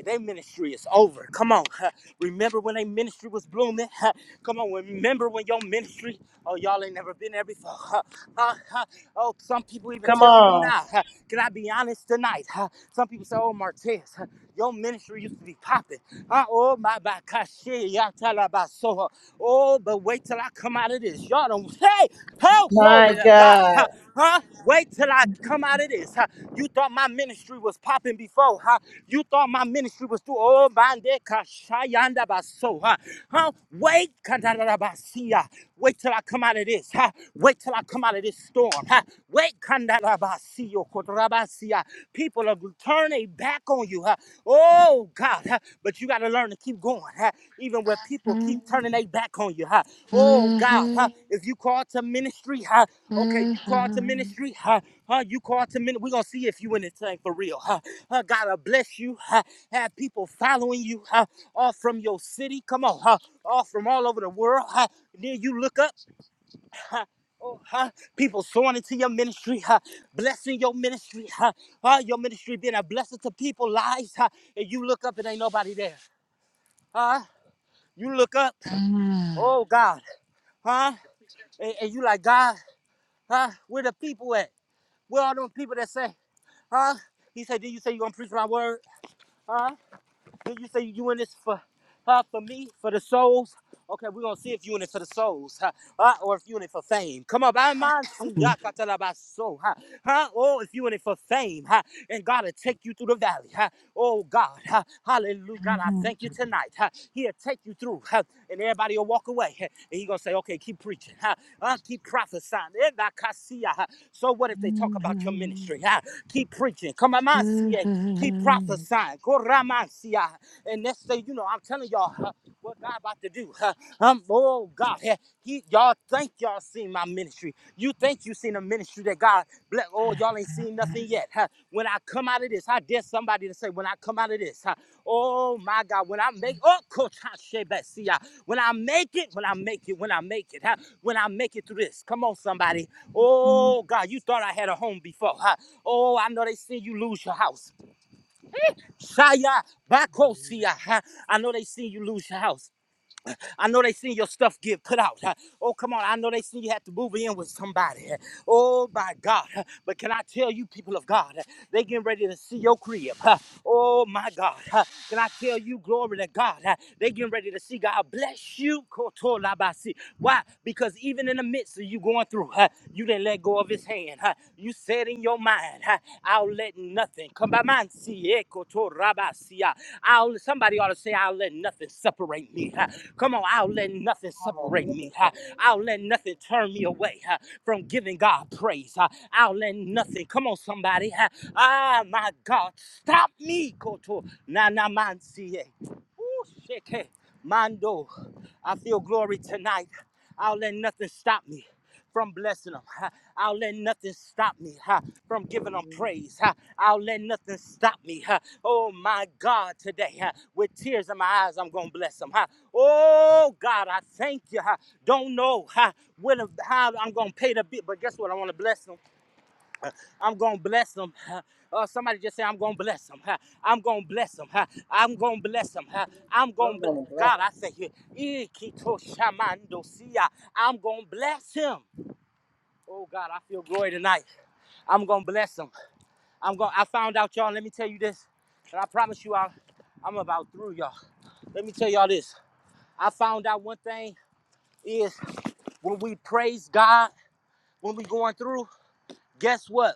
Speaker 1: Their ministry is over. Come on. huh. Remember when their ministry was blooming? huh. Come on. Remember when your ministry, oh, y'all ain't never been there before. huh, huh, huh. Oh, some people even
Speaker 2: Come
Speaker 1: tell me
Speaker 2: on.
Speaker 1: now. huh. Can I be honest tonight? huh? Some people say, oh, Martez, huh, your ministry used to be popping. Huh, Oh, my, my, gosh, yeah, y'all tell about so. huh. Oh, but wait till I come out of this. Y'all don't. Hey, oh, glory
Speaker 2: My
Speaker 1: to God.
Speaker 2: God.
Speaker 1: Huh? Huh? Wait till I come out of this. Huh? You thought my ministry was popping before. Huh? You thought my ministry was through. Oh, bande kashayanda baso. Huh? Huh? Wait, kandarabasia. Wait till I come out of this. Huh? Wait till I come out of this storm. Huh? Wait, kandarabasio, kotorabasia. People are turning back on you you. huh? Oh God, huh? but you got to learn to keep going, huh? even when people keep
Speaker 5: Mhm,
Speaker 1: turning their back on you. huh? Oh God, huh?
Speaker 5: mhm,
Speaker 1: if you call to ministry, huh? okay,
Speaker 5: mhm,
Speaker 1: you call to ministry, huh? huh? You call to ministry. We're gonna see if you in this thing for real. Huh? Huh? God will bless you. Huh? Have people following you huh? all from your city. Come on, huh? all from all over the world. Huh? Then you look up huh? Oh, huh? People sowing into your ministry, huh? blessing your ministry, huh? Uh, your ministry being a blessing to people's lives. Huh? And you look up, and ain't nobody there. Huh? You look up, oh God, huh? And, and you like, God, huh? Where the people at? Where are those people that say, huh? He said, Did you say you gonna preach my word? Huh? Did you say you in this for uh, for me, for the souls? Okay, we're gonna see if you in it for the souls, huh? Uh, or if you in it for fame. Come on, by mind, see ya, katalabaso, huh? Huh? Or if you in it for fame, huh? And God will take you through the valley, huh? Oh God, huh? hallelujah. God, I thank
Speaker 5: mhm.
Speaker 1: you tonight. Huh? He'll take you through, huh? and everybody will walk away. huh? And he gonna say, Okay, keep preaching, huh? Uh, keep prophesying. Eh, da kasia, huh? So what if they talk about your ministry? Huh? Keep preaching. Come on, mind, see ya. keep prophesying mind. Goramasia. And next thing you know, I'm telling y'all huh, what God about to do. huh. Um, oh God, huh, he, y'all think y'all seen my ministry. You think you seen a ministry that God bless. Oh, y'all ain't seen nothing yet. huh. When I come out of this, I dare somebody to say, when I come out of this, huh, oh my God, when I make, oh, Coach Hashebasia, when I make it, when I make it, when I make it, huh, when I make it through this. Come on, somebody. Oh God, you thought I had a home before. huh. Oh, I know they seen you lose your house. Shaya Bakosia. huh? I know they seen you lose your house. I know they seen your stuff get put out. huh? Oh, come on. I know they seen you had to move in with somebody. huh? Oh, my God. huh? But can I tell you, people of God, huh, they getting ready to see your crib. huh? Oh, my God. huh? Can I tell you, glory to God, huh, they getting ready to see God bless you. Koto labasi. Why? Because even in the midst of you going through, huh, you didn't let go of his hand. huh? You said in your mind, huh, I'll let nothing come by mine. See, echo to rabasia. I'll somebody ought to say, I'll let nothing separate me. huh. Come on, I'll let nothing separate me. huh. I'll let nothing turn me away huh, from giving God praise. huh. I'll let nothing. Come on, somebody. huh. Ah, my God, stop me, Koto. Na na man see. Woo, shit, hey, Mondo, I feel glory tonight. I'll let nothing stop me from blessing them. I'll let nothing stop me ha, from giving them praise. ha. I'll let nothing stop me. ha. Oh my God, today, ha, with tears in my eyes, I'm going to bless them. ha. Oh God, I thank you. ha. Don't know ha, what, how I'm going to pay the bill, but guess what? I want to bless them. I'm gonna bless them. Uh, somebody just say, I'm gonna bless them. I'm gonna bless them. I'm gonna bless them. I'm gonna bl- God, I thank you. Ikito shamando siya. I'm gonna bless him. Oh God, I feel glory tonight. I'm gonna bless him. I'm going. to I found out, y'all. Let me tell you this, and I promise you, I, I'm about through, y'all. Let me tell y'all this. I found out one thing is when we praise God, when we going through, guess what?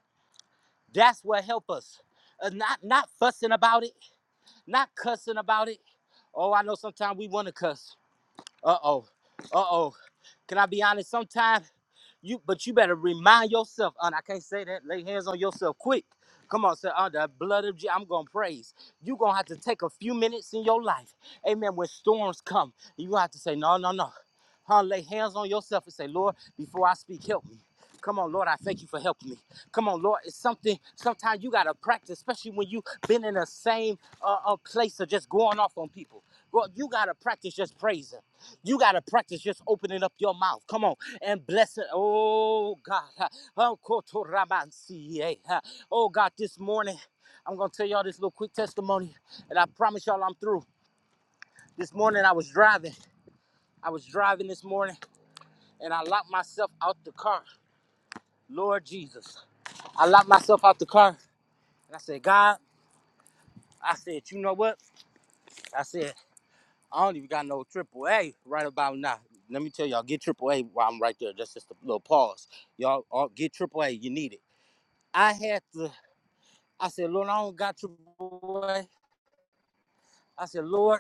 Speaker 1: That's what help us. Uh, not not fussing about it, not cussing about it. Oh, I know sometimes we want to cuss. Uh-oh. Uh-oh. Can I be honest? Sometimes you but you better remind yourself. Uh, I can't say that. Lay hands on yourself quick. Come on, sir. Under the blood of Jesus, I'm gonna praise. You're gonna have to take a few minutes in your life. Amen. When storms come, you gonna have to say, no, no, no. Huh? Lay hands on yourself and say, Lord, before I speak, help me. Come on, Lord, I thank you for helping me. Come on, Lord, it's something. Sometimes you gotta practice, especially when you've been in the same uh, uh, place of just going off on people. Well, you gotta practice just praising. You gotta practice just opening up your mouth. Come on and bless it. Oh God, oh koto rabansi, eh. Oh, God, this morning I'm gonna tell y'all this little quick testimony, and I promise y'all I'm through. This morning I was driving. I was driving this morning, and I locked myself out the car. Lord Jesus. I locked myself out the car and I said, God, I said, you know what? I said, I don't even got no triple A right about now. Let me tell y'all, get triple A while I'm right there. That's just a little pause. Y'all all get triple A, you need it. I had to, I said, Lord, I don't got triple A. I said, Lord,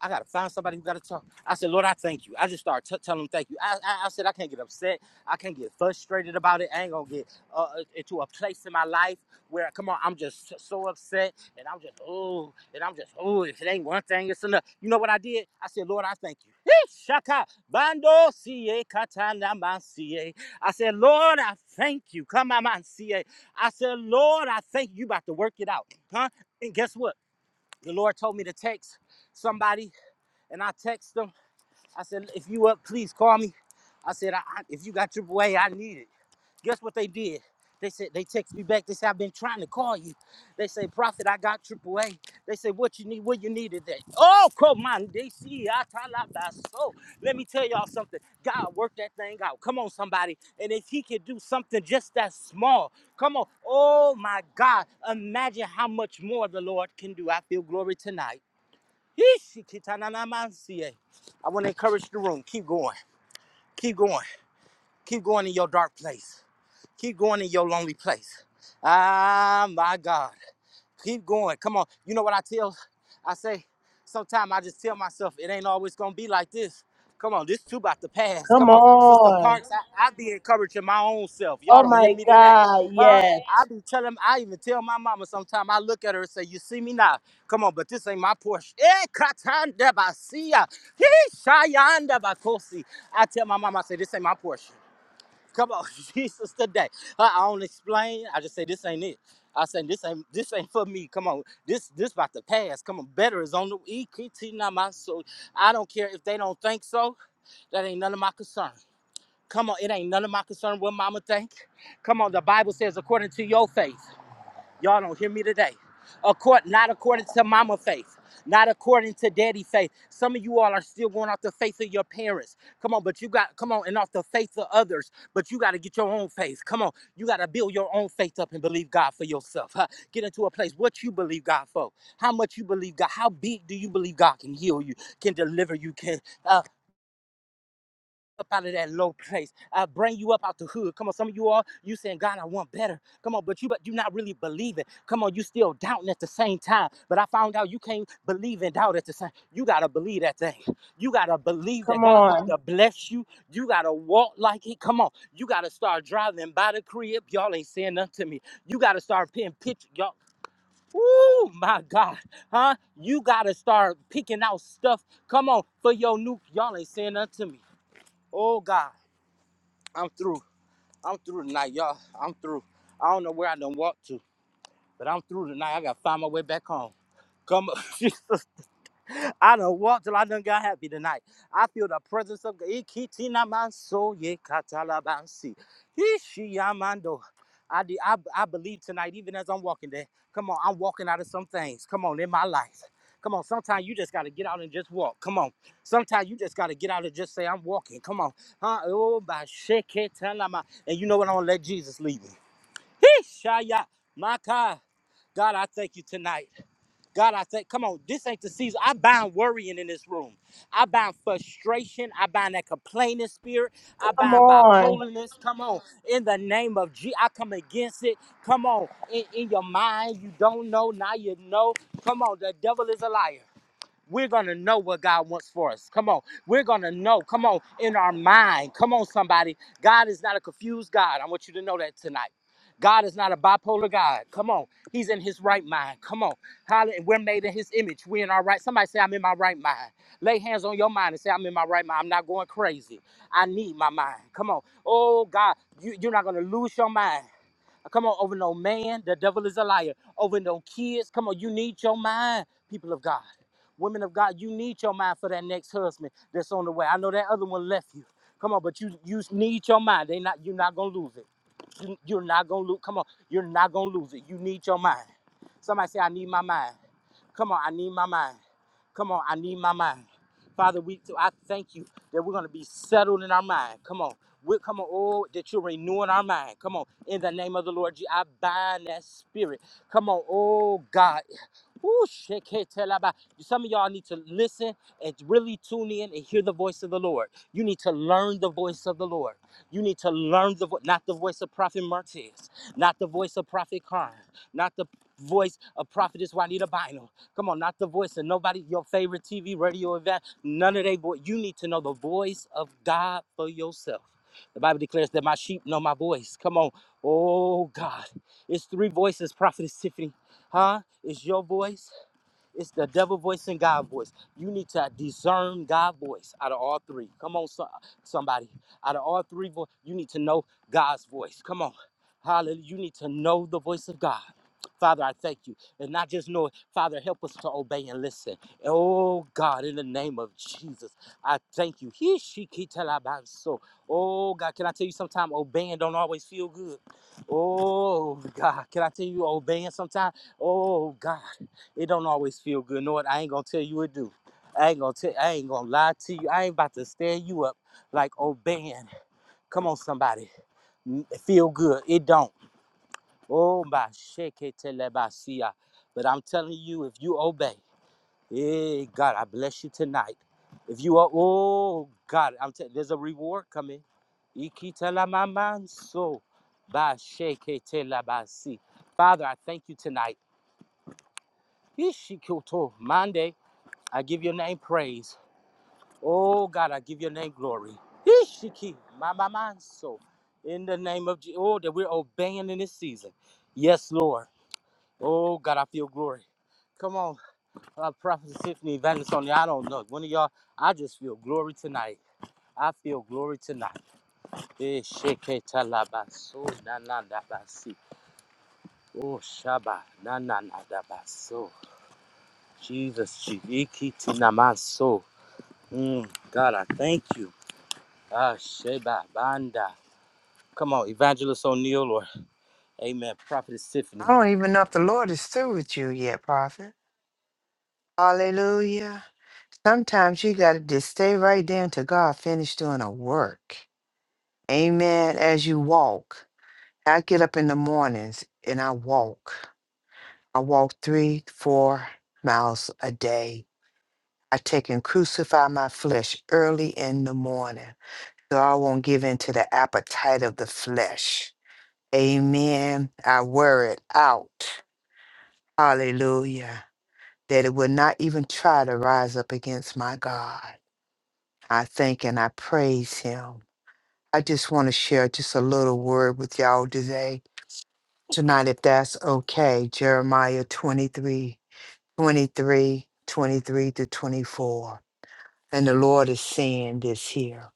Speaker 1: I gotta find somebody who gotta talk. I said, Lord, I thank you. I just started t- telling him thank you. I, I, I said, I can't get upset. I can't get frustrated about it. I ain't gonna get uh, uh, into a place in my life where, come on, I'm just so upset and I'm just, oh, and I'm just, oh, if it ain't one thing, it's another. You know what I did? I said, Lord, I thank you. Hey, Shaka, Bando, Sie, Katana, Man, I said, Lord, I thank you. Come on, Man, I said, Lord, I thank you. You about to work it out, huh? And guess what? The Lord told me to text somebody and I text them. I said, if you up, please call me. I said, I, I, if you got triple A, I need it. Guess what they did? They said they text me back. They said I've been trying to call you. They say, Prophet, I got triple A." They say, what you need? What you need today? Oh, come on, they see I tell out by so. Let me tell y'all something. God worked that thing out. Come on, somebody. And if He could do something just that small, come on. Oh my God, imagine how much more the Lord can do. I feel glory tonight. I want to encourage the room. Keep going. Keep going. Keep going in your dark place. Keep going in your lonely place. Ah, my God. Keep going. Come on. You know what I tell? I say, sometimes I just tell myself it ain't always gonna be like this. Come on, this too about to pass.
Speaker 2: Come
Speaker 1: Come on, Sister
Speaker 2: on.
Speaker 1: Parks, I, I be encouraging my own self. Y'all
Speaker 2: Oh
Speaker 1: don't hear
Speaker 2: my
Speaker 1: me today.
Speaker 2: God.
Speaker 1: Huh?
Speaker 2: Yes.
Speaker 1: I be telling, I even tell my mama sometimes I look at her and say, You see me now. Come on, but this ain't my portion. Eh, katanda basia. Hee, shayanda bakosi. I tell my mama, I say, This ain't my portion. Come on, Jesus today. I, I don't explain. I just say this ain't it. I say this ain't this ain't for me. Come on, this this about to pass. Come on, better is on the EKT not my soul. I don't care if they don't think so. That ain't none of my concern. Come on, it ain't none of my concern what mama think. Come on, the Bible says according to your faith. Y'all don't hear me today. Accord, not according to mama faith, not according to daddy faith. Some of you all are still going off the faith of your parents. Come on, but you got, come on, and off the faith of others, but you got to get your own faith. Come on, you got to build your own faith up and believe God for yourself. huh? Get into a place what you believe God for, how much you believe God, how big do you believe God can heal you, can deliver you, can uh, up out of that low place. I bring you up out the hood. Come on, some of you all, you saying, God, I want better. Come on, but you but you not really believing. Come on, you still doubting at the same time. But I found out you can't believe and doubt at the same. You gotta believe that thing. You gotta believe that
Speaker 2: Come
Speaker 1: God about
Speaker 2: on.
Speaker 1: to bless you. You gotta walk like it. Come on, you gotta start driving by the crib. Y'all ain't saying nothing to me. You gotta start paying pictures. Y'all. Ooh, my God, huh? You gotta start picking out stuff. Come on, for your new. Y'all ain't saying nothing to me. Oh God. I'm through. I'm through tonight, y'all. I'm through. I don't know where I done walked to, but I'm through tonight. I gotta find my way back home. Come on. I done walked till I done got happy tonight. I feel the presence of God. Ikitina manso ye katalabansi. Ishiyamando. I, de- I, I believe tonight, even as I'm walking there, come on, I'm walking out of some things. Come on, in my life. Come on, sometimes you just got to get out and just walk. Come on. Sometimes you just got to get out and just say, I'm walking. Come on. Huh? Oh, by shake it, tell 'em I- And you know what? I'm going to let Jesus lead me. Ishaya. My God. God, I thank you tonight. God, I say, come on, this ain't the season. I bind worrying in this room. I bind frustration. I bind that complaining spirit. I
Speaker 2: Come
Speaker 1: bind
Speaker 2: on.
Speaker 1: bipolarness. Come on, in the name of G, I come against it. Come on, in, in your mind, you don't know, now you know. Come on, the devil is a liar. We're going to know what God wants for us. Come on. We're going to know. Come on. In our mind. Come on, somebody. God is not a confused God. I want you to know that tonight. God is not a bipolar God. Come on. He's in his right mind. Come on. Hallelujah. We're made in his image. We're in our right. Somebody say, I'm in my right mind. Lay hands on your mind and say, I'm in my right mind. I'm not going crazy. I need my mind. Come on. Oh, God. You, you're not going to lose your mind. Come on, over no man. The devil is a liar. Over no kids. Come on, you need your mind, people of God. Women of God, you need your mind for that next husband that's on the way. I know that other one left you. Come on, but you you need your mind. They not you're not gonna lose it. You, you're not gonna lose. Come on, you're not gonna lose it. You need your mind. Somebody say, I need my mind. Come on, I need my mind. Come on, I need my mind. Father, we I thank you that we're gonna be settled in our mind. Come on. We're come on, oh, that you're renewing our mind. Come on. In the name of the Lord, Je- I bind that spirit. Come on, oh God. Ooh, sheketelaba. Some of y'all need to listen and really tune in and hear the voice of the Lord. You need to learn the voice of the Lord. You need to learn the vo- not the voice of Prophet Martez, not the voice of Prophet Karn, not the voice of Prophetess Juanita Bynum. Come on, not the voice of nobody, your favorite TV, radio event, none of their voice. You need to know the voice of God for yourself. The Bible declares that my sheep know my voice. Come on. Oh God. It's three voices, Prophetess Tiffany. Huh? It's your voice. It's the devil voice and God voice. You need to discern God voice out of all three. Come on, so- somebody. Out of all three, vo- you need to know God's voice. Come on. Hallelujah. You need to know the voice of God. Father, I thank you. And not just know it, Father, help us to obey and listen. Oh God, in the name of Jesus, I thank you. He she ki, tell I, by, So, oh God, can I tell you sometimes obeying don't always feel good? Oh God, can I tell you obeying sometimes? Oh God, it don't always feel good. know what I ain't gonna tell you it do. I ain't gonna tell. I ain't gonna lie to you. I ain't about to stand you up like obeying. Come on, somebody, N- feel good. It don't. Oh my, shake it till I by see ya. But I'm telling you, if you obey, hey God, I bless you tonight. If you are, oh God, I'm telling. There's a reward coming. Ikitala mamanso, ba shake it till I by see. Father, I thank you tonight. Ishikoto, Monday, I give your name praise. Oh God, I give your name glory. Ishiki, Mama Manso, in the name of Jesus. Oh, that we're obeying in this season. Yes, Lord. Oh God, I feel glory. Come on, uh, Prophet Tiffany, Evangelist Sonia, I don't know. One of y'all, I just feel glory tonight. I feel glory tonight. Ishiketa talabaso na na na basi. Oh, Shaba, na na na da baso. Jesus, Shiviki, Tinamaso. Mm, God, I thank you. Ah, Sheba, Banda. Come on, Evangelist O'Neill or Amen, Prophetess
Speaker 5: I
Speaker 1: Tiffany.
Speaker 5: don't even know if the Lord is through with you yet, prophet. Hallelujah. Sometimes you got to just stay right there until God finished doing a work. Amen. As you walk, I get up in the mornings and I walk. I walk three, four miles a day. I take and crucify my flesh early in the morning so I won't give in to the appetite of the flesh. Amen. I wear it out. Hallelujah. That it will not even try to rise up against my God. I thank and I praise him. I just want to share just a little word with y'all today. Tonight, if that's okay, Jeremiah 23 Twenty three, twenty three 23 to 24. And the Lord is saying this here.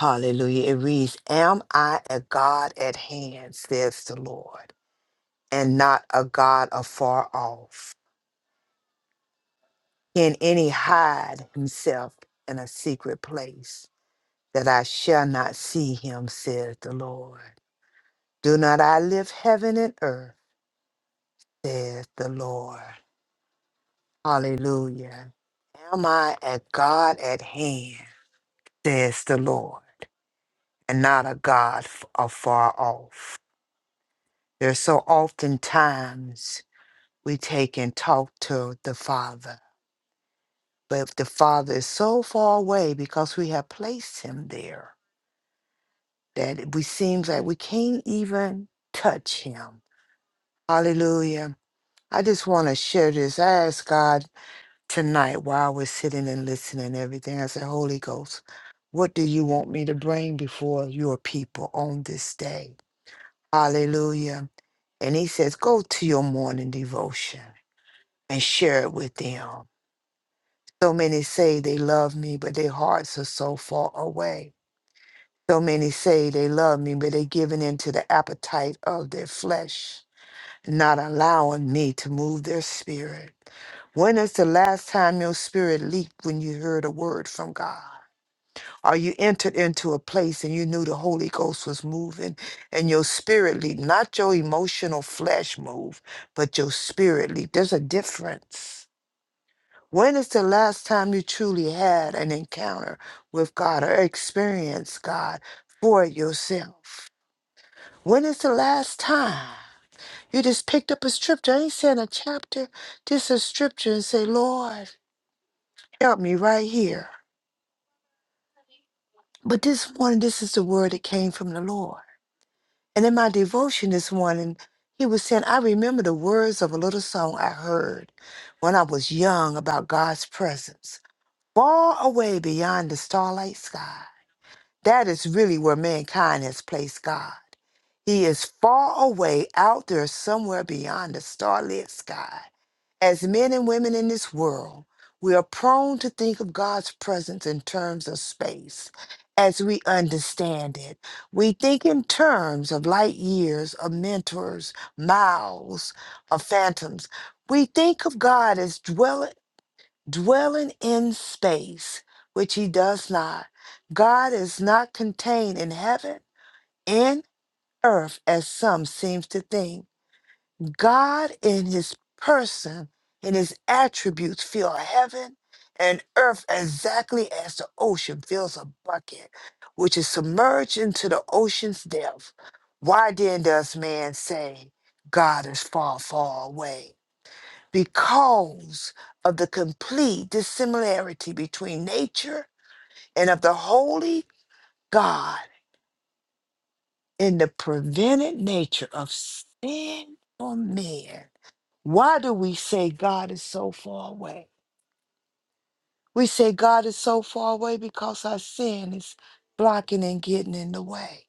Speaker 5: Hallelujah. It reads, Am I a God at hand, says the Lord, and not a God afar off? Can any hide himself in a secret place that I shall not see him, says the Lord? Do not I live heaven and earth, says the Lord. Hallelujah. Am I a God at hand, says the Lord? and not a God f- afar off. There's so often times we take and talk to the Father, but if the Father is so far away because we have placed him there that it we seems like we can't even touch him. Hallelujah. I just want to share this. I asked God tonight while we're sitting and listening and everything. I said, Holy Ghost, what do you want me to bring before your people on this day? Hallelujah. And he says, go to your morning devotion and share it with them. So many say they love me, but their hearts are so far away. So many say they love me, but they're giving in to the appetite of their flesh, not allowing me to move their spirit. When is the last time your spirit leaped when you heard a word from God? or you entered into a place and you knew the Holy Ghost was moving and your spirit lead, not your emotional flesh move, but your spirit lead. There's a difference. When is the last time you truly had an encounter with God or experienced God for yourself? When is the last time you just picked up a scripture? I ain't saying a chapter, just a scripture and say, Lord, help me right here. But this morning, this is the word that came from the Lord. And in my devotion this morning, he was saying, I remember the words of a little song I heard when I was young about God's presence, far away beyond the starlight sky. That is really where mankind has placed God. He is far away out there somewhere beyond the starlit sky. As men and women in this world, we are prone to think of God's presence in terms of space as we understand it. We think in terms of light years, of mentors, miles, of phantoms. We think of God as dwell, dwelling in space, which he does not. God is not contained in heaven and earth as some seems to think. God in his person, in his attributes, fill heaven and earth exactly as the ocean fills a bucket, which is submerged into the ocean's depth. Why then does man say, God is far, far away? Because of the complete dissimilarity between nature and of the holy God in the prevented nature of sin for men Why do we say God is so far away? We say God is so far away because our sin is blocking and getting in the way.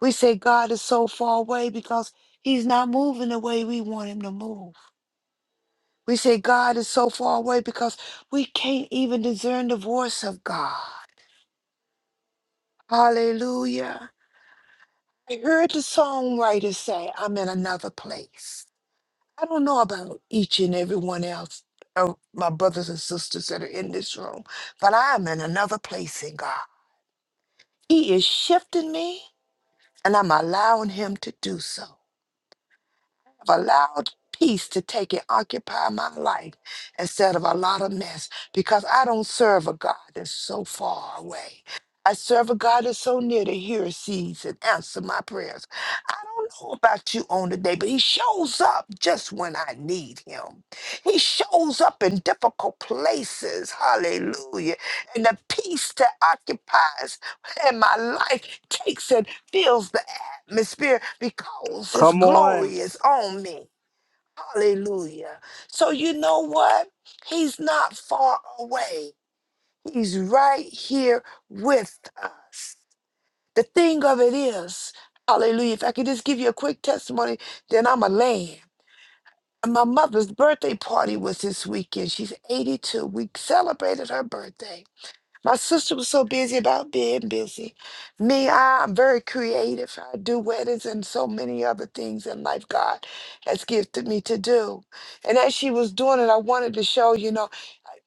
Speaker 5: We say God is so far away because he's not moving the way we want him to move. We say God is so far away because we can't even discern the voice of God. Hallelujah. I heard the songwriter say, I'm in another place. I don't know about each and every one else of my brothers and sisters that are in this room, but I am in another place in God. He is shifting me, and I'm allowing Him to do so have allowed peace to take and occupy my life instead of a lot of mess because I don't serve a God that's so far away. I serve a God that's so near that He sees and answer my prayers. I don't know about you on the day, but he shows up just when I need him. He shows up in difficult places. Hallelujah. And the peace that occupies in my life takes and fills the my Spirit, because his
Speaker 1: Come on.
Speaker 5: glory is on me. Hallelujah. So you know what? He's not far away. He's right here with us. The thing of it is, hallelujah. If I could just give you a quick testimony, then I'm a land. My mother's birthday party was this weekend. She's 82. We celebrated her birthday. My sister was so busy about being busy. Me, I, am very creative. I do weddings and so many other things in life God has gifted me to do. And as she was doing it, I wanted to show, you know,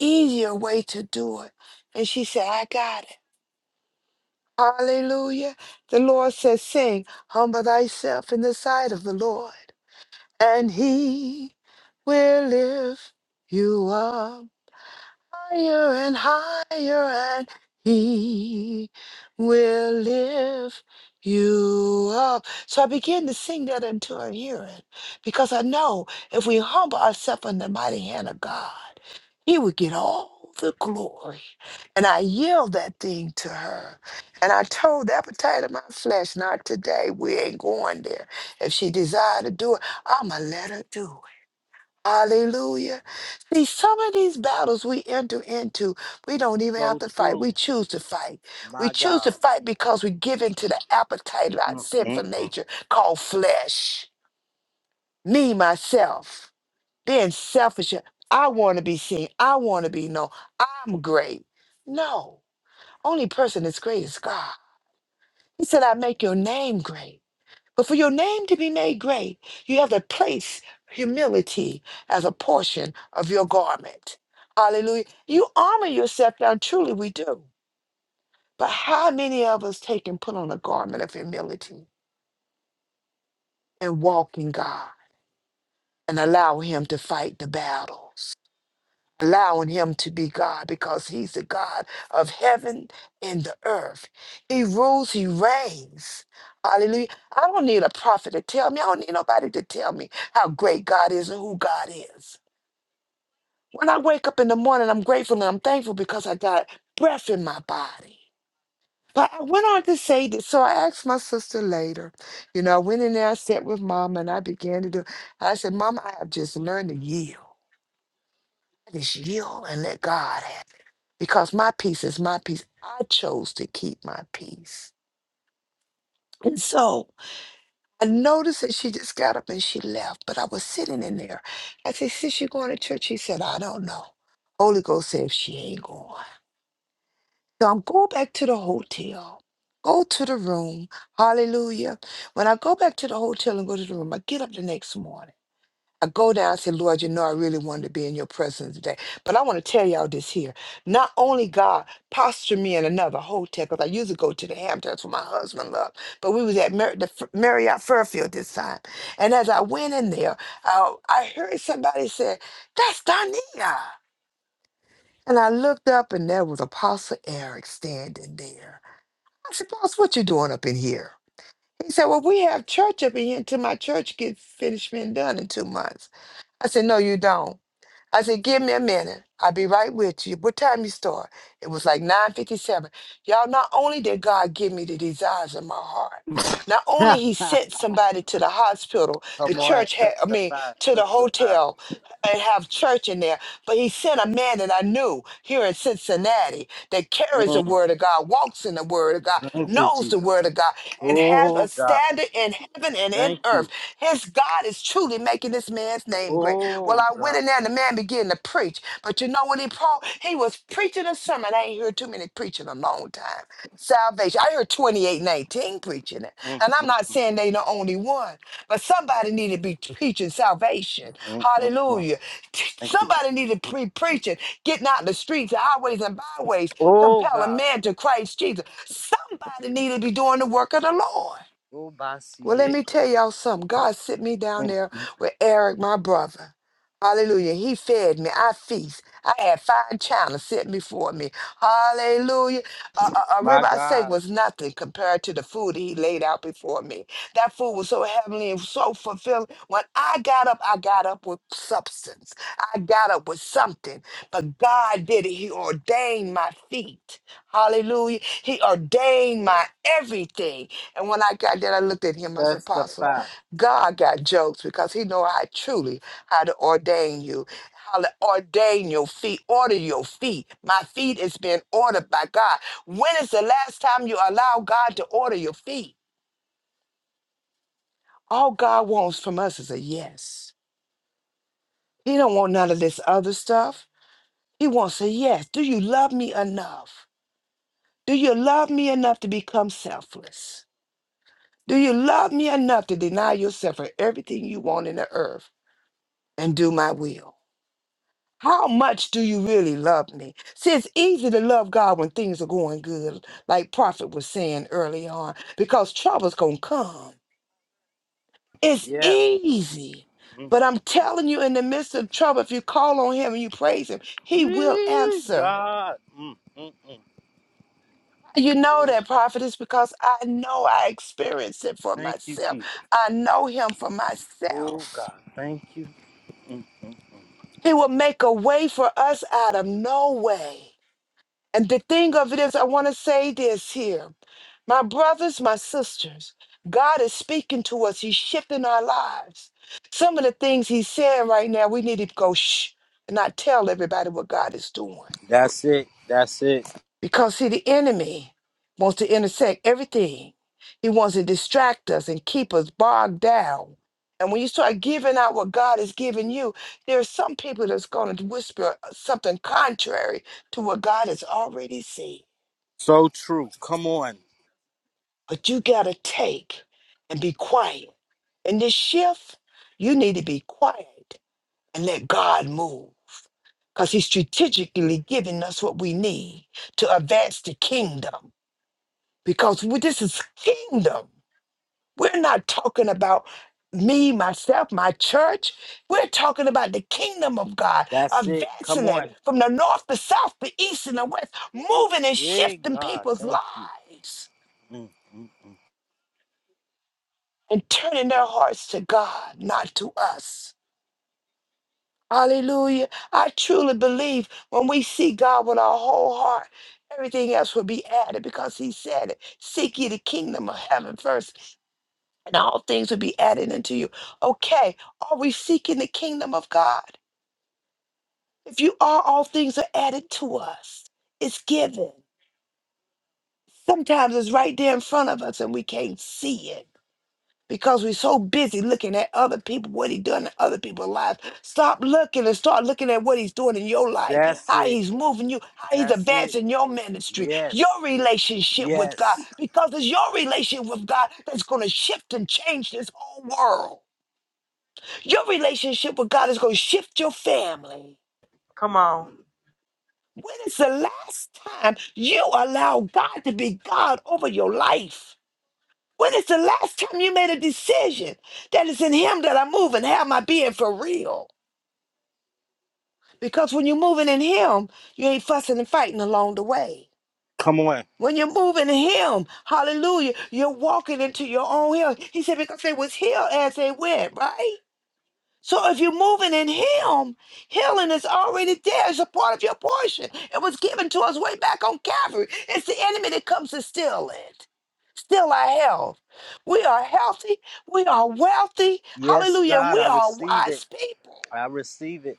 Speaker 5: easier way to do it. And she said, I got it. Hallelujah. The Lord says, Sing, humble thyself in the sight of the Lord, and he will lift you up higher and higher, and He will lift you up. So I begin to sing that until I hear it, because I know if we humble ourselves in the mighty hand of God, He would get all the glory. And I yield that thing to her. And I told the appetite of my flesh, not today. We ain't going there. If she desire to do it, I'ma let her do it. Hallelujah. See, some of these battles we enter into, we don't even have
Speaker 1: So
Speaker 5: to fight.
Speaker 1: true.
Speaker 5: We choose to fight. We
Speaker 1: My
Speaker 5: choose to
Speaker 1: God.
Speaker 5: fight because we give in to the appetite of our
Speaker 1: Mm, mm,
Speaker 5: sinful nature called flesh. Me, myself, being selfish. I want to be seen. I want to be known. I'm great. No, only person that's great is God. He said, I make your name great. But for your name to be made great, you have to place humility as a portion of your garment. Hallelujah. You armor yourself now, truly we do. But how many of us take and put on a garment of humility and walk in God and allow Him to fight the battles? allowing him to be God because he's the God of heaven and the earth. He rules, he reigns. Hallelujah. I don't need a prophet to tell me. I don't need nobody to tell me how great God is and who God is. When I wake up in the morning, I'm grateful and I'm thankful because I got breath in my body. But I went on to say this, so I asked my sister later. You know, I went in there, I sat with mama, and I began to do. I said, Mama, I have just learned to yield. I Just yield and let God have it. Because my peace is my peace. I chose to keep my peace. And so I noticed that she just got up and she left, but I was sitting in there. I said, Sis, you going to church? She said, I don't know. Holy Ghost said she ain't going. So I'm go back to the hotel. Go to the room. Hallelujah. When I go back to the hotel and go to the room, I get up the next morning. I go down and say, Lord, you know, I really wanted to be in your presence today. But I want to tell y'all this here. Not only God postured me in another hotel, because I used to go to the Hamptons for my husband love, but we was at Mar- the F- Marriott Fairfield this time. And as I went in there, uh, I heard somebody say, that's Donia. And I looked up and there was Apostle Eric standing there. I said, boss, what you doing up in here? He said, well, we have church up in here until my church gets finished being done in two months. I said, no, you don't. I said, give me a minute. I'll be right with you. What time you start? It was like 9.57. Y'all, not only did God give me the desires of my heart, not
Speaker 1: mm.
Speaker 5: only he sent somebody to the hospital, the
Speaker 1: Come on,
Speaker 5: church had, I mean,
Speaker 1: testify,
Speaker 5: to the
Speaker 1: testify.
Speaker 5: hotel and have church in there, but he sent a man that I knew here in Cincinnati that carries
Speaker 1: Mm,
Speaker 5: the word of God, walks in the word of God,
Speaker 1: thank you,
Speaker 5: knows the
Speaker 1: Jesus.
Speaker 5: word of God, and has
Speaker 1: Oh,
Speaker 5: a
Speaker 1: God.
Speaker 5: standard in heaven and in
Speaker 1: Thank
Speaker 5: earth.
Speaker 1: you.
Speaker 5: His God is truly making this man's name great. Well,
Speaker 1: Oh,
Speaker 5: I went
Speaker 1: God.
Speaker 5: in there and the man began to preach. But you know what he Paul? He was preaching a sermon. I ain't heard too many preaching in a long time. Salvation. I heard 28 and preaching it.
Speaker 1: Mm,
Speaker 5: And I'm not saying they the only one, but somebody need to be preaching salvation.
Speaker 1: mm, mm, mm.
Speaker 5: Hallelujah. T-
Speaker 1: Thank you.
Speaker 5: Somebody need to be preaching, getting out in the streets, the highways and byways,
Speaker 1: Oh,
Speaker 5: compelling
Speaker 1: God.
Speaker 5: men to Christ Jesus. Somebody need to be doing the work of the Lord.
Speaker 1: Oh,
Speaker 5: Well, let me
Speaker 1: Basieko.
Speaker 5: tell y'all something. God sent me down
Speaker 1: Mm,
Speaker 5: there with Eric, my brother. Hallelujah. He fed me. I feast. I had fine china set before me. Hallelujah. A, a, a
Speaker 1: my
Speaker 5: ribeye steak
Speaker 1: God.
Speaker 5: was nothing compared to the food that he laid out before me. That food was so heavenly and so fulfilling. When I got up, I got up with substance. I got up with something. But God did it. He ordained my feet. Hallelujah. He ordained my everything. And when I got there, I looked at him. I said, Apostle,
Speaker 1: Testify.
Speaker 5: God got jokes because he know how truly how to ordain you, how to ordain your feet, order your feet. My feet is being ordered by God. When is the last time you allow God to order your feet? All God wants from us is a yes. He don't want none of this other stuff. He wants a yes. Do you love me enough? Do you love me enough to become selfless? Do you love me enough to deny yourself for everything you want in the earth? and do my will. How much do you really love me? See, it's easy to love God when things are going good, like Prophet was saying early on, because trouble's gonna come. It's
Speaker 1: Yeah.
Speaker 5: easy.
Speaker 1: Mm.
Speaker 5: But I'm telling you, in the midst of trouble, if you call on him and you praise him, he will
Speaker 1: Wee,
Speaker 5: answer.
Speaker 1: God. Mm, mm, mm.
Speaker 5: You know
Speaker 1: Oh,
Speaker 5: that,
Speaker 1: God.
Speaker 5: Prophet, is because I know I experienced it for
Speaker 1: Thank you,
Speaker 5: myself.
Speaker 1: Jesus.
Speaker 5: I know him for
Speaker 1: Oh,
Speaker 5: myself.
Speaker 1: God. Thank
Speaker 5: He will make a way for us out of no way. And the thing of it is, I want to say this here. My brothers, my sisters, God is speaking to us. He's shifting our lives. Some of the things He's saying right now, we need to go shh and not tell everybody what God is doing.
Speaker 1: you. That's it. That's it.
Speaker 5: Because, see, the enemy wants to intersect everything, he wants to distract us and keep us bogged down. And when you start giving out what God has given you, there are some people that's going to whisper uh, something contrary to what God has already said.
Speaker 1: So true. Come on.
Speaker 5: but you got to take and be quiet. In this shift, you need to be quiet and let God move because He's strategically giving us what we need to advance the kingdom because we, this is kingdom. We're not talking about me, myself, my church. We're talking about the kingdom of God,
Speaker 1: That's it. Come
Speaker 5: advancing it
Speaker 1: on.
Speaker 5: from the north, the south, the east, and the west, moving and
Speaker 1: Hey,
Speaker 5: shifting
Speaker 1: God.
Speaker 5: people's
Speaker 1: Thank you.
Speaker 5: lives.
Speaker 1: Mm, mm.
Speaker 5: and turning their hearts to God, not to us. Hallelujah. I truly believe when we seek God with our whole heart, everything else will be added because He said it. Seek ye the kingdom of heaven first, and all things will be added unto you. Okay, are we seeking the kingdom of God? If you are, all things are added to us. It's given. Sometimes it's right there in front of us and we can't see it. because we're so busy looking at other people, what he done in other people's lives. Stop looking and start looking at what he's doing in your life,
Speaker 1: That's
Speaker 5: how
Speaker 1: it.
Speaker 5: he's moving you, how he's
Speaker 1: That's it.
Speaker 5: advancing your ministry, your
Speaker 1: Yes.
Speaker 5: relationship with God,
Speaker 1: Yes.
Speaker 5: because it's your relationship with God that's going to shift and change this whole world. Your relationship with God is going to shift your family.
Speaker 2: Come on.
Speaker 5: When is the last time you allow God to be God over your life? When is the last time you made a decision that it's in Him that I move and have my being for real? Because when you're moving in Him, you ain't fussing and fighting along the way.
Speaker 1: Come on.
Speaker 5: When you're moving in Him, hallelujah, you're walking into your own hill. He said, because they was healed as they went, right? So if you're moving in Him, healing is already there. It's a part of your portion. It was given to us way back on Calvary. It's the enemy that comes to steal it, steal our health. We are healthy. We are wealthy.
Speaker 1: Yes,
Speaker 5: Hallelujah. And
Speaker 1: God.
Speaker 5: we
Speaker 1: I
Speaker 5: are
Speaker 1: receive it.
Speaker 5: wise people.
Speaker 1: I receive it.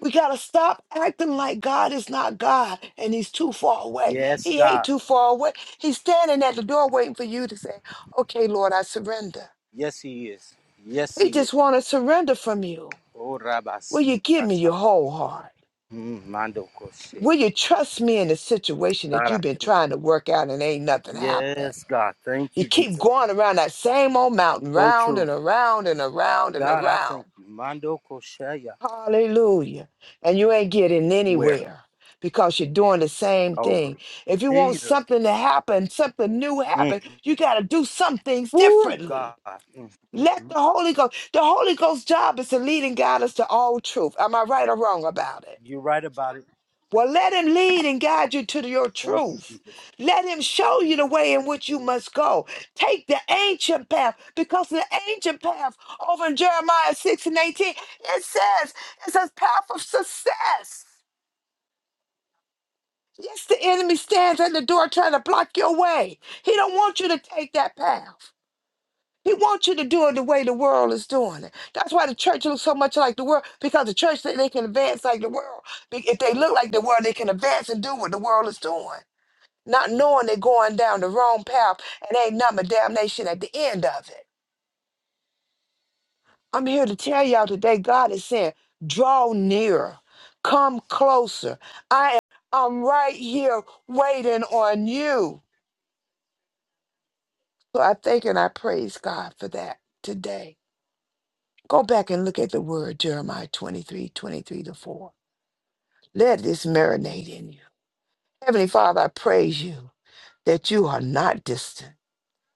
Speaker 5: We got to stop acting like God is not God and He's too far away.
Speaker 1: Yes,
Speaker 5: He ain't
Speaker 1: God.
Speaker 5: too far away. He's standing at the door waiting for you to say, Okay, Lord, I surrender.
Speaker 1: Yes, He is. Yes,
Speaker 5: He
Speaker 1: He is.
Speaker 5: just want to surrender from you.
Speaker 1: Oh, Rabbi,
Speaker 5: Will you
Speaker 1: see,
Speaker 5: give me your whole heart?
Speaker 1: Mando Koshe.
Speaker 5: Will you trust me in a situation that
Speaker 1: God, I
Speaker 5: you've been
Speaker 1: thank
Speaker 5: trying to work out and ain't nothing happened?
Speaker 1: Yes, God. Thank
Speaker 5: You
Speaker 1: you,
Speaker 5: keep
Speaker 1: Jesus.
Speaker 5: going around that same old mountain,
Speaker 1: So
Speaker 5: round
Speaker 1: true.
Speaker 5: and around and around and
Speaker 1: God, I thank
Speaker 5: around.
Speaker 1: you. Mando Koshaya.
Speaker 5: Hallelujah. And you ain't getting
Speaker 1: Where?
Speaker 5: anywhere because you're doing the same
Speaker 1: Over.
Speaker 5: thing. If you want
Speaker 1: Jesus.
Speaker 5: something to happen, something new
Speaker 1: Mm.
Speaker 5: happen, you got to do some things
Speaker 1: Woo, God.
Speaker 5: differently.
Speaker 1: Mm, mm,
Speaker 5: Let
Speaker 1: mm.
Speaker 5: the Holy Ghost, the Holy Ghost's job is to lead and guide us to all truth. Am I right or wrong about it?
Speaker 1: You're right about it.
Speaker 5: Well, let him lead and guide you to your
Speaker 1: Thank you,
Speaker 5: truth.
Speaker 1: Jesus.
Speaker 5: Let him show you the way in which you must go. Take the ancient path because the ancient path over in Jeremiah 6 and 18, it says it's a path of success. Yes, the enemy stands at the door trying to block your way. He don't want you to take that path. He wants you to do it the way the world is doing it. That's why the church looks so much like the world because the church, they they can advance like the world. Be- If they look like the world, they can advance and do what the world is doing. not knowing they're going down the wrong path and ain't nothing but damnation at the end of it. I'm here to tell y'all today, God is saying, draw nearer, come closer. I am I'm right here waiting on you. So I thank and I praise God for that today. Go back and look at the word Jeremiah 2323 23 to 4. Let this marinate in you. Heavenly Father, I praise you that you are not distant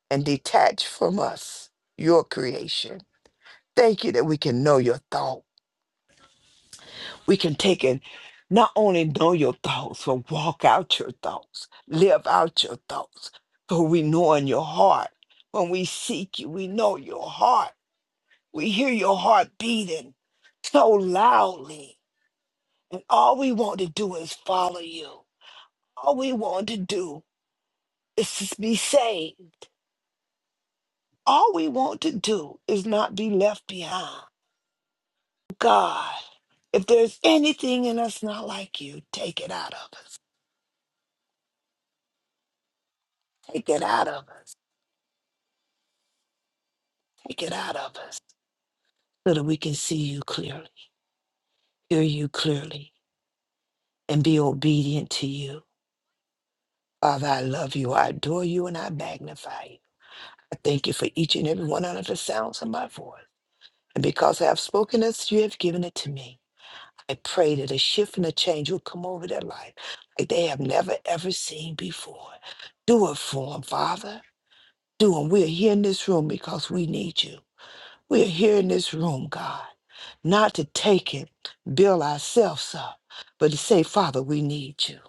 Speaker 5: and detached from us, your creation. Thank you that we can know your thought. We can take and not only know your thoughts, but walk out your thoughts, live out your thoughts. For we know in your heart. When we seek you, we know your heart. We hear your heart beating so loudly. And all we want to do is follow you. All we want to do is to be saved. All we want to do is not be left behind. God, if there's anything in us not like you, take it out of us. Take it out of us. Take it out of us so that we can see you clearly, hear you clearly, and be obedient to you. Father, I love you. I adore you and I magnify you. I thank you for each and every one under the sounds of my voice. And because I have spoken this, you have given it to me. I pray that a shift and a change will come over their life like they have never ever seen before. Do it for them, Father. doing. We're here in this room because we need you. We're here in this room, God, not to take it, build ourselves up, but to say, Father, we need you.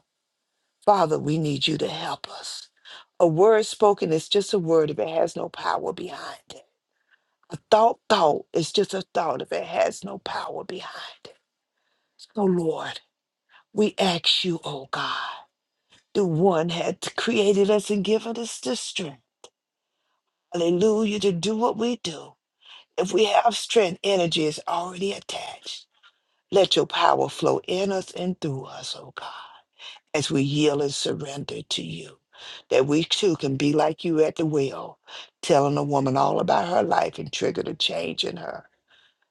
Speaker 5: Father, we need you to help us. A word spoken is just a word if it has no power behind it. A thought thought is just a thought if it has no power behind it. So, Lord, we ask you, oh God, the one had created us and given us the strength, hallelujah, to do what we do. If we have strength, energy is already attached. Let your power flow in us and through us, oh God, as we yield and surrender to you. That we too can be like you at the well, telling a woman all about her life and trigger the change in her.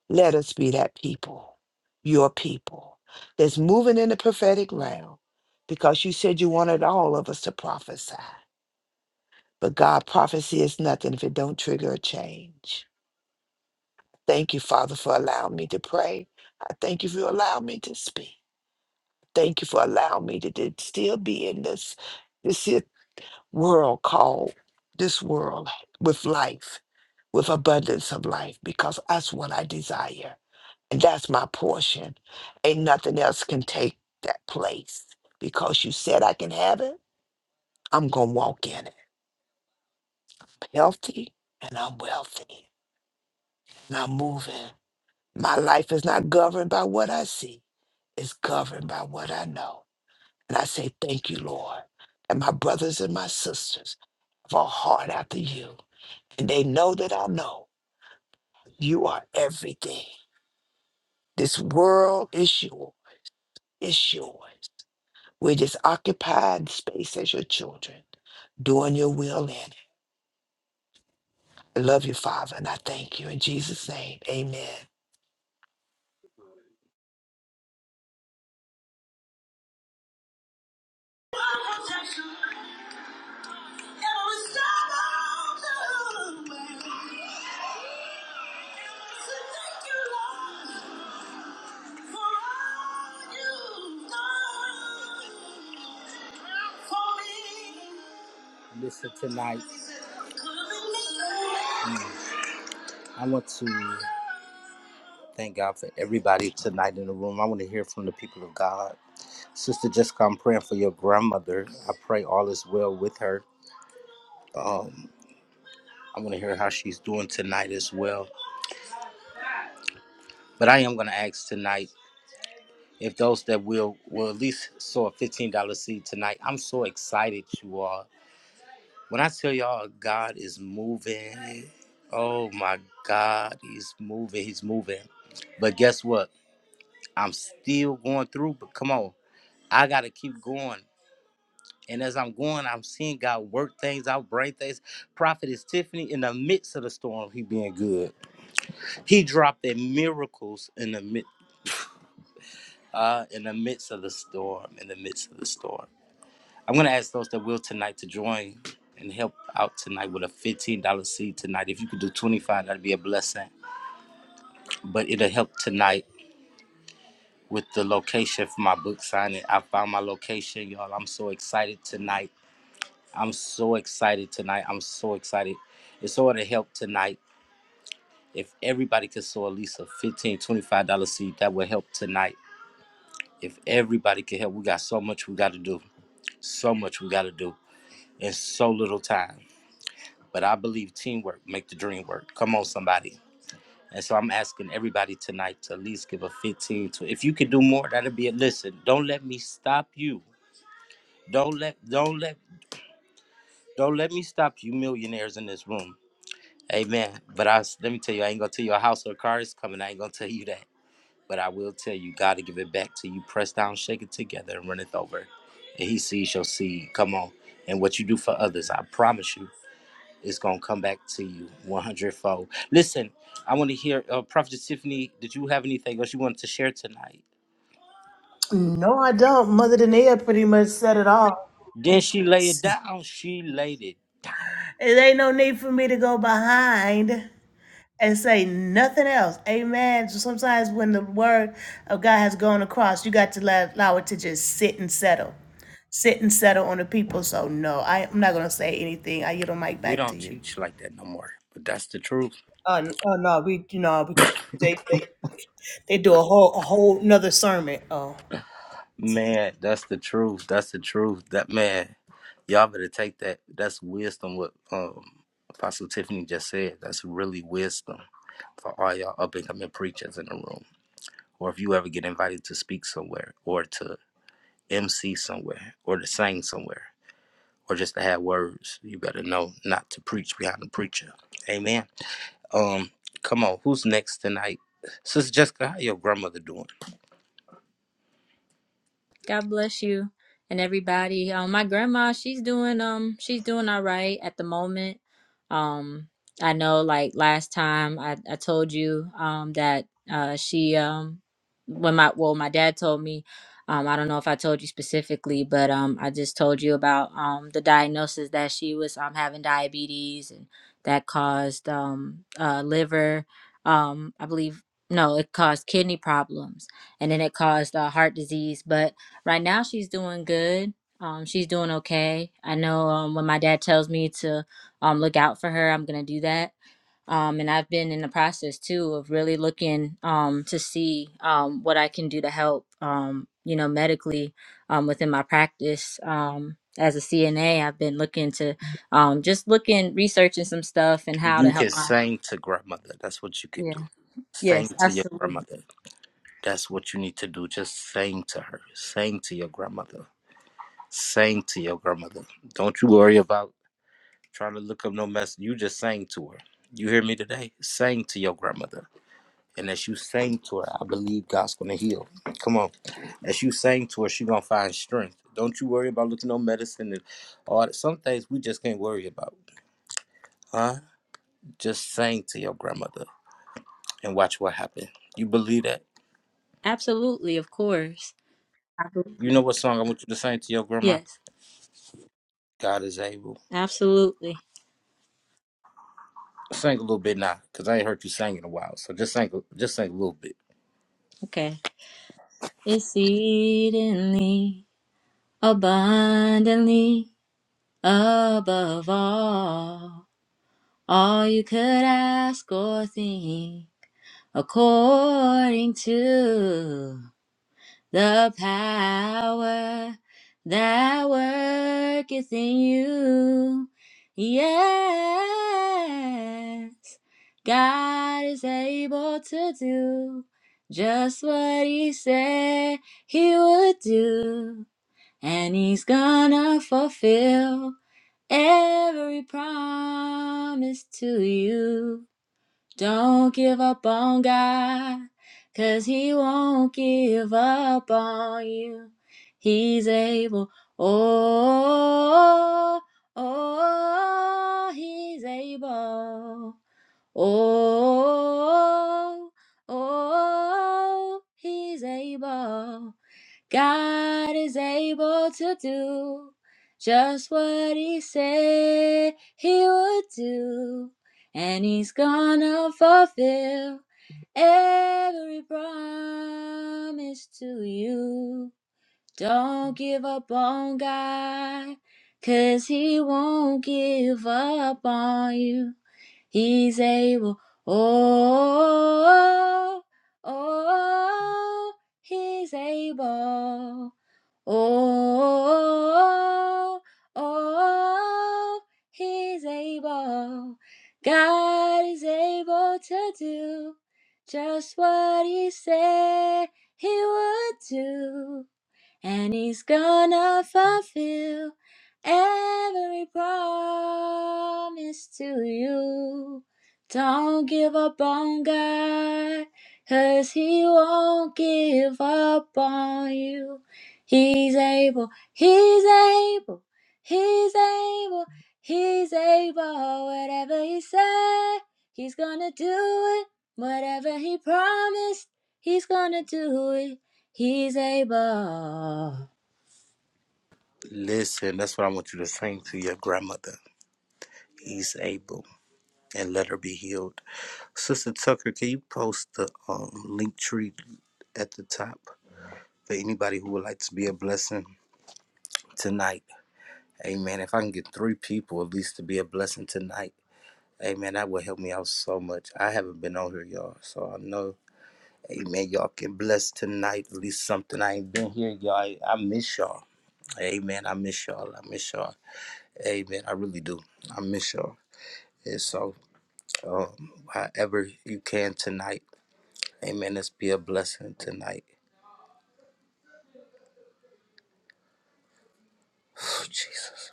Speaker 5: Let us be that people, your people, that's moving in the prophetic realm because you said you wanted all of us to prophesy. But God, prophecy is nothing if it don't trigger a change. Thank you, Father, for allowing me to pray. I thank you for allowing me to speak. Thank you for allowing me to, to still be in this this here world called this world with life, with abundance of life, because that's what I desire. And that's my portion. Ain't nothing else can take that place. Because you said I can have it, I'm gonna walk in it. Healthy and I'm wealthy. And I'm moving. My life is not governed by what I see, it's governed by what I know. And I say, Thank you, Lord. And my brothers and my sisters have a heart after you. And they know that I know you are everything. This world is yours. It's yours. We're just occupying space as your children, doing your will in it. I love you, Father, and I thank you. In Jesus' name, amen.
Speaker 1: Listen tonight. I want to thank God for everybody tonight in the room. I want to hear from the people of God. Sister Jessica, I'm praying for your grandmother. I pray all is well with her. Um, I want to hear how she's doing tonight as well. But I am going to ask tonight if those that will will at least sow a $15 seed tonight. I'm so excited, you all. When I tell y'all God is moving, oh my God, he's moving, he's moving. But guess what? I'm still going through, but come on. I gotta keep going. And as I'm going, I'm seeing God work things out, bring things. Prophet is Tiffany in the midst of the storm. He being good. He dropped in miracles in the mid, uh, in the midst of the storm. In the midst of the storm. I'm gonna ask those that will tonight to join and help out tonight with a $15 seed tonight. If you could do 25, dollars, that'd be a blessing. But it'll help tonight with the location for my book signing. I found my location, y'all. I'm so excited tonight I'm so excited tonight. I'm so excited. It's all to help tonight. If everybody could sow at least a $15, dollars $25 seed, that would help tonight. If everybody could help, we got so much we got to do. So much we got to do in so little time. But I believe teamwork make the dream work. Come on, somebody. And so I'm asking everybody tonight to at least give a 15 to if you could do more, that'd be it. Listen, don't let me stop you. Don't let don't let don't let me stop you millionaires in this room. Amen. But I was, let me tell you, I ain't gonna tell you a house or a car is coming. I ain't gonna tell you that. But I will tell you, God to give it back to you. Press down, shake it together, and run it over. And He sees your seed. Come on. And what you do for others, I promise you, it's gonna come back to you 100 fold. Listen, I want to hear, uh, Prophet Tiffany, did you have anything else you wanted to share tonight?
Speaker 2: No, I don't. Mother Dania pretty much said it all.
Speaker 1: Then she lay it down. She laid it down.
Speaker 2: It ain't no need for me to go behind. and say nothing else. Amen. So sometimes when the word of God has gone across, you got to let, allow it to just sit and settle. Sit and settle on the people. So no, I, I'm not gonna say anything. I give the mic
Speaker 1: We
Speaker 2: back to
Speaker 1: don't
Speaker 2: you.
Speaker 1: teach like that no more. But that's the truth.
Speaker 2: Uh, n- uh, no, we you know because they they they do a whole a whole another sermon. Oh,
Speaker 1: Man, that's the truth. That's the truth. That man, y'all better take that. That's wisdom. What um, Apostle Tiffany just said. That's really wisdom for all y'all up and coming preachers in the room. Or if you ever get invited to speak somewhere, or to MC somewhere, or to sing somewhere, or just to have words, you better know not to preach behind the preacher. Amen. Um, come on, who's next tonight? Sister Jessica, how your grandmother doing?
Speaker 6: God bless you and everybody. Um, my grandma, she's doing um, she's doing all right at the moment. Um, I know like last time I, I told you um that uh she um when my well my dad told me um I don't know if I told you specifically but um I just told you about um the diagnosis that she was um having diabetes and that caused um uh liver um I believe no it caused kidney problems and then it caused uh, heart disease but Right now, she's doing good. Um, she's doing okay. I know um, when my dad tells me to um, look out for her, I'm gonna do that. Um, and I've been in the process too of really looking um, to see um, what I can do to help, um, you know, medically um, within my practice. Um, as a CNA, I've been looking to um, just looking, researching some stuff and how to
Speaker 1: You
Speaker 6: help
Speaker 1: can
Speaker 6: my.
Speaker 1: sing to grandmother. That's what you can do.
Speaker 6: Yeah.
Speaker 1: Sing
Speaker 6: Yes.
Speaker 1: to your
Speaker 6: Absolutely.
Speaker 1: grandmother. That's what you need to do. Just sing to her. Sing to your grandmother. Sing to your grandmother. Don't you worry about trying to look up no mess. You just sang to her. You hear me today? Sing to your grandmother. And as you sing to her, I believe God's gonna heal. Come on. As you sing to her, she gonna find strength. Don't you worry about looking no medicine and all that. Some things we just can't worry about. Huh? Just sing to your grandmother and watch what happens. You believe that.
Speaker 6: Absolutely. Of course. I believe
Speaker 1: You know
Speaker 6: it.
Speaker 1: what song I want you to sing to your grandma?
Speaker 6: Yes.
Speaker 1: God is able.
Speaker 6: Absolutely.
Speaker 1: Sing a little bit now, cause I ain't heard you sing in a while. So just sing, just sing a little bit.
Speaker 6: Okay. exceedingly abundantly above all all you could ask or think according to the power that worketh in you yes god is able to do just what he said he would do and he's gonna fulfill every promise to you. Don't give up on God, 'cause he won't give up on you. He's able, oh, oh, he's able, oh, oh, he's able. God is able to do just what he said he would do, and he's gonna fulfill every promise to you. Don't give up on God, 'cause he won't give up on you. He's able, oh, oh, oh he's able. Oh, oh, oh, oh, he's able. God is able to do just what he said he would do and he's gonna fulfill every promise to you. Don't give up on God, 'cause he won't give up on you. He's able, he's able, he's able, he's able. Whatever he said, he's gonna do it. Whatever he promised, he's gonna do it. He's able.
Speaker 1: Listen, that's what I want you to sing to your grandmother. He's able, and let her be healed. Sister Tucker, can you post the um, link tree at the top for anybody who would like to be a blessing tonight? Amen. If I can get three people at least to be a blessing tonight, Hey man, that would help me out so much. I haven't been on here, y'all, so I know. Hey man, y'all can bless tonight. At least something. I ain't been here, y'all. I, I miss y'all. Hey man, I miss y'all. I miss y'all. Hey man, I really do. I miss y'all. And so, um, however you can tonight, hey man, let's be a blessing tonight. Jesus.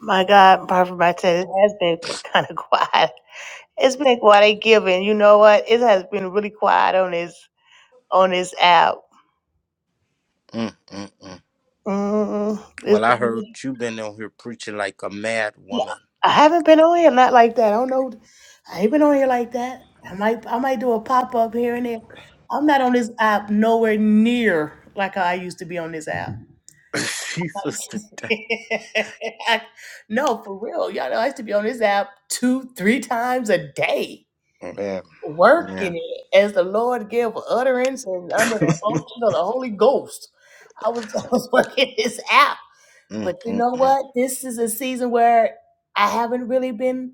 Speaker 2: My God, Prophet Martez, it has been kind of quiet. It's been quiet giving. You know what? It has been really quiet on this on this app.
Speaker 1: Mm, mm, mm.
Speaker 2: Mm,
Speaker 1: Well, I
Speaker 2: it's
Speaker 1: heard you been on here preaching like a mad
Speaker 2: No,
Speaker 1: woman.
Speaker 2: I haven't been on here not like that. I don't know. I ain't been on here like that. I might I might do a pop up here and there. I'm not on this app nowhere near like I used to be on this app.
Speaker 1: Jesus today.
Speaker 2: no, for real, y'all know I used to be on this app two, three times a day,
Speaker 1: Man, yeah.
Speaker 2: working it as the Lord gave utterance and under the unction of the Holy Ghost. I was, I was working this app, but
Speaker 1: Mm,
Speaker 2: you
Speaker 1: mm,
Speaker 2: know
Speaker 1: mm.
Speaker 2: what? This is a season where I haven't really been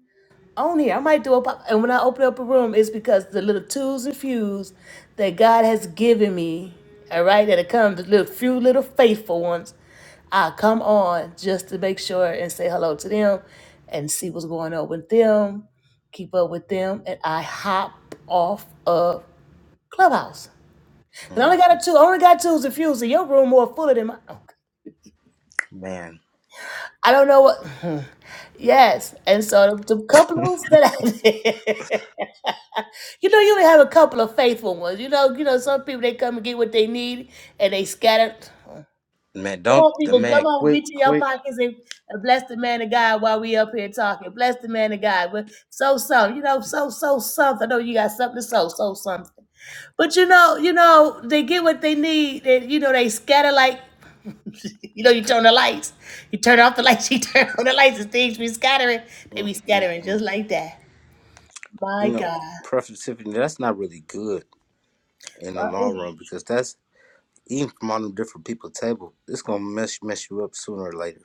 Speaker 2: on here. I might do a pop, and when I open up a room, it's because the little tools and fuse that God has given me. All right, that it comes the little few little faithful ones. I come on just to make sure and say hello to them, and see what's going on with them, keep up with them, and I hop off of Clubhouse. And I only got
Speaker 1: Mhm.
Speaker 2: a two, I only got twos and fuse. In your room more fuller than mine.
Speaker 1: Man,
Speaker 2: I don't know what. Yes, and so the, the couple of rooms that I did. You know, you have a couple of faithful ones. You know, you know, some people they come and get what they need and they scatter. Come
Speaker 1: man, don't
Speaker 2: on,
Speaker 1: the
Speaker 2: people, come
Speaker 1: man
Speaker 2: on,
Speaker 1: quick,
Speaker 2: reach in your
Speaker 1: quick.
Speaker 2: pockets and, and bless the man of God while we up here talking. Bless the man of God. But so something, you know, so so something. I know you got something to sow, so something. But you know, you know, they get what they need, and you know, they scatter like you know, you turn the lights. You turn off the lights, you turn on the lights, and things be scattering. They
Speaker 1: Mm,
Speaker 2: be
Speaker 1: mm,
Speaker 2: scattering just
Speaker 1: mm.
Speaker 2: like that. My
Speaker 1: You know,
Speaker 2: God.
Speaker 1: productivity. That's not really good in the long run because that's even from all them different people table. It's gonna mess mess you up sooner or later.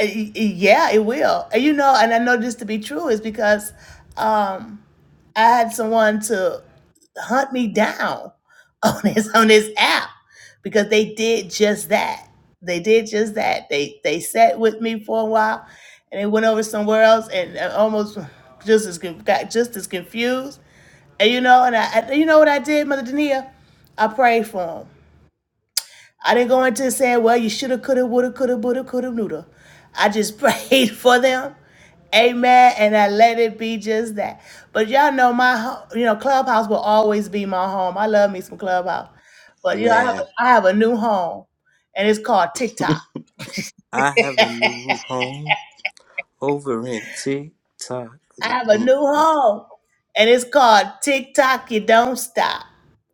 Speaker 2: Uh, y- y- Yeah, it will. And you know, and I know this to be true is because um, I had someone to hunt me down on this on this app because they did just that. They did just that. They they sat with me for a while, and they went over somewhere else, and I almost just as con- got just as confused. And you know, and I, I you know what I did, Mother Dania? I prayed for them. I didn't go into saying, well, you shoulda, coulda, woulda, coulda, woulda, coulda, would have." I just prayed for them. Amen. And I let it be just that. But y'all know my, ho- you know, Clubhouse will always be my home. I love me some Clubhouse. But, you know, I have
Speaker 1: Man,
Speaker 2: a, I have a new home and it's called TikTok.
Speaker 1: I have a new home over in TikTok.
Speaker 2: I have a
Speaker 1: Mm,
Speaker 2: new home and it's called TikTok. You don't stop.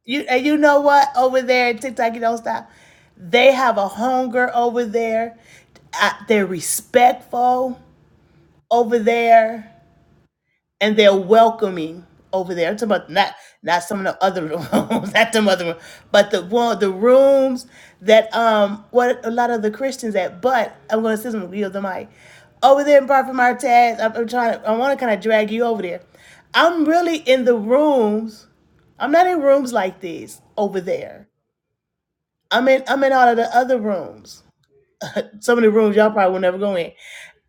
Speaker 2: You and you know what? Over there at TikTok, you don't stop. They have a hunger over there. I, they're respectful. over there and they're welcoming over there. I'm talking about not not some of the other rooms, not them other rooms, but the one the rooms that um what a lot of the Christians at. But I'm gonna say something real the mic. Over there in Prophet Martez, I'm, I'm trying to I wanna kinda drag you over there. I'm really in the rooms. I'm not in rooms like these over there. I'm in I'm in all of the other rooms. Some of the rooms y'all probably will never go in.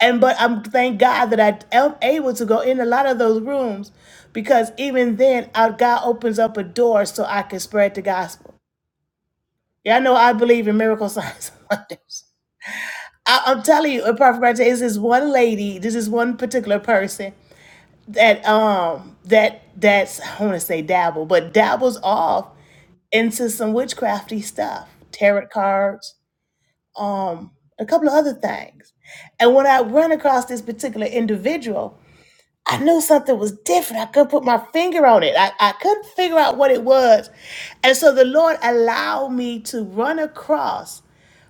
Speaker 2: And but I'm thank God that I am able to go in a lot of those rooms because even then our God opens up a door so I can spread the gospel. Yeah, I know I believe in miracle signs and wonders. I, I'm telling you, apart from gratitude, is this one lady, this is one particular person that um that that's I want to say dabble, but dabbles off into some witchcrafty stuff, tarot cards, um, a couple of other things. And when I run across this particular individual, I knew something was different. I couldn't put my finger on it. I, I couldn't figure out what it was. And so the Lord allowed me to run across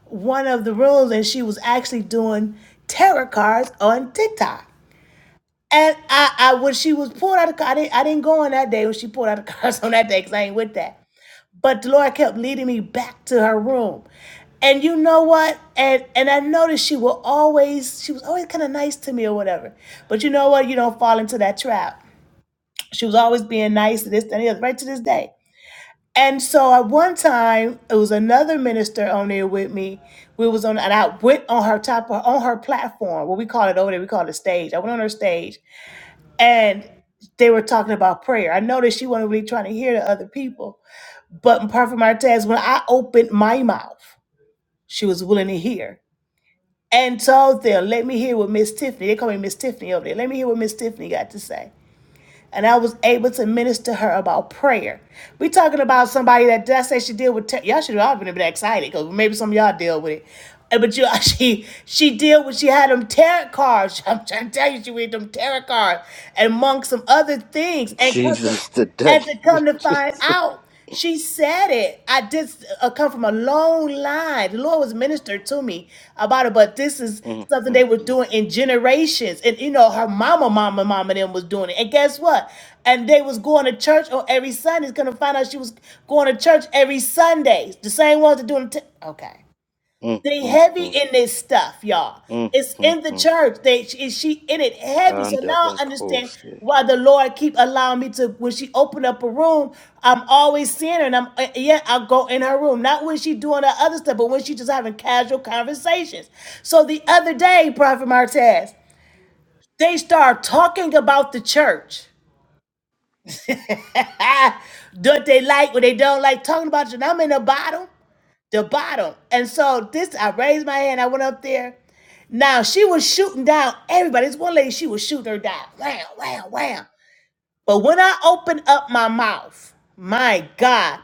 Speaker 2: one of the rooms, and she was actually doing tarot cards on TikTok. And I, I when she was pulled out of the car, I didn't, I didn't go on that day when she pulled out of cards on that day because I ain't with that but the Lord kept leading me back to her room. And you know what? And and I noticed she will always she was always kind of nice to me or whatever. But you know what? You don't fall into that trap. She was always being nice to this and the other, right to this day. And so at one time, it was another minister on there with me. We was on and I went on her top on her platform, what we call it over there, we call it a stage. I went on her stage and they were talking about prayer. I noticed she wasn't really trying to hear the other people. But Prophet Martez, when I opened my mouth, she was willing to hear and told them, let me hear what Miss Tiffany, they call me Miss Tiffany over there, let me hear what Miss Tiffany got to say. And I was able to minister her about prayer. We talking about somebody that that say she deal with, te- y'all should have all been excited because maybe some of y'all deal with it. Uh, But you, she, she deal with, she had them tarot cards. I'm trying to tell you, she read them tarot cards and among some other things and custom.
Speaker 1: Jesus, today.
Speaker 2: And to come to find
Speaker 1: Jesus.
Speaker 2: out, she said it. I just uh, come from a long line. The Lord was ministered to me about it, but this is
Speaker 1: Mm,
Speaker 2: something they
Speaker 1: mm,
Speaker 2: were
Speaker 1: mm,
Speaker 2: doing in generations. And you know, her mama, mama, mama, them was doing it. And guess what? And they was going to church on every Sunday. It's gonna find out she was going to church every Sunday. The same ones that doing. T- okay.
Speaker 1: mm,
Speaker 2: They
Speaker 1: mm,
Speaker 2: heavy
Speaker 1: mm,
Speaker 2: in this stuff, y'all.
Speaker 1: mm,
Speaker 2: It's
Speaker 1: mm,
Speaker 2: in the
Speaker 1: mm.
Speaker 2: church. They is she in it heavy. So
Speaker 1: And the
Speaker 2: now
Speaker 1: back
Speaker 2: I
Speaker 1: hole.
Speaker 2: understand why the Lord keep allowing me to. When she open up a room, I'm always seeing her, and I'm uh, yeah, I'll go in her room. Not when she doing her other stuff, but when she just having casual conversations. So the other day, Prophet Martez, they start talking about the church. what they like, what they don't like, talking about you. And I'm in the bottom the bottom. And so this, I raised my hand. I went up there. Now she was shooting down everybody. This one lady, she was shooting her down. Wow, wow, wow. But when I opened up my mouth, my God,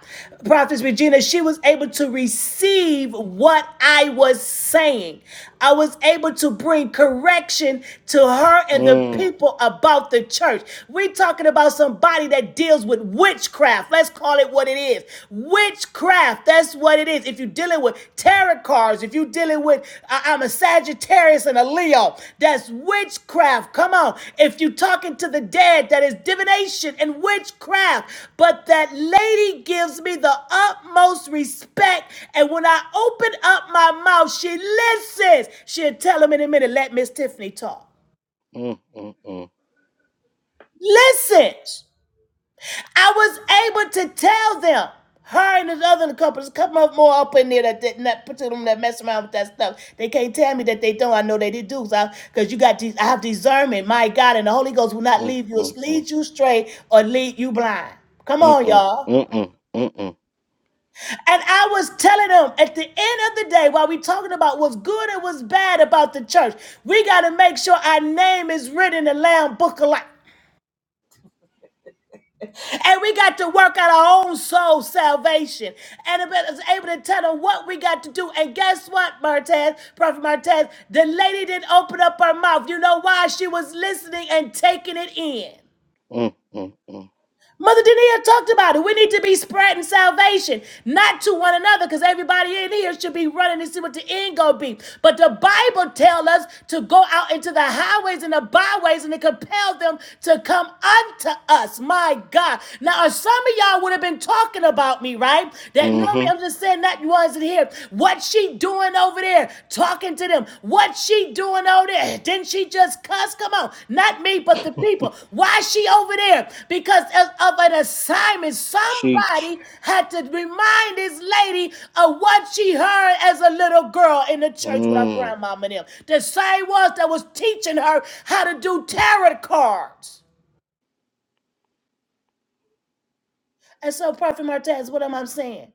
Speaker 2: Prophetess Regina, she was able to receive what I was saying. I was able to bring correction to her and the
Speaker 1: Mm, mm,
Speaker 2: people about the church. We're talking about somebody that deals with witchcraft. Let's call it what it is. Witchcraft. That's what it is if you're dealing with tarot cards, if you're dealing with I- I'm a Sagittarius and a Leo, that's witchcraft. Come on. If you're talking to the dead, that is divination and witchcraft. But that lady gives me the utmost respect. And when I open up my mouth, she listens. She'll tell him in a minute, let Miss Tiffany talk.
Speaker 1: mm, mm.
Speaker 2: Listen. I was able to tell them. Her and this other couple, there's a couple more up in there that did not put them that mess around with that stuff. They can't tell me that they don't. I know they did do so because you got these. I have discernment, my God, and the Holy Ghost will not
Speaker 1: Mm,
Speaker 2: leave you,
Speaker 1: mm, mm,
Speaker 2: lead you straight or lead you blind. Come
Speaker 1: mm,
Speaker 2: on,
Speaker 1: mm, mm,
Speaker 2: y'all.
Speaker 1: mm, mm, mm,
Speaker 2: And I was telling them at the end of the day, while we talking about what's good and what's bad about the church, we got to make sure our name is written in the Lamb Book of Life. And we got to work out our own soul salvation. And it was able to tell them what we got to do. And guess what, Martez, Prophet Martez? The lady didn't open up her mouth. You know why? She was listening and taking it in.
Speaker 1: mm, mm. mm.
Speaker 2: Mother Dania talked about it. We need to be spreading salvation, not to one another, because everybody in here should be running to see what the end gonna be. But the Bible tells us to go out into the highways and the byways and to compel them to come unto us. My God. Now, uh, some of y'all would have been talking about me, right? That know me. I'm
Speaker 1: Mm-hmm.
Speaker 2: just saying that ones in here. What she doing? over there talking to them? What's she doing over there? Didn't she just cuss? Come on, not me, but the people. Why is she over there? Because of, of an assignment.
Speaker 1: Cheech.
Speaker 2: Somebody had to remind this lady of what she heard as a little girl in the church with her
Speaker 1: Mm.
Speaker 2: grandmama and them. The same ones that was teaching her how to do tarot cards. And so, Prophet Martez, what am I saying?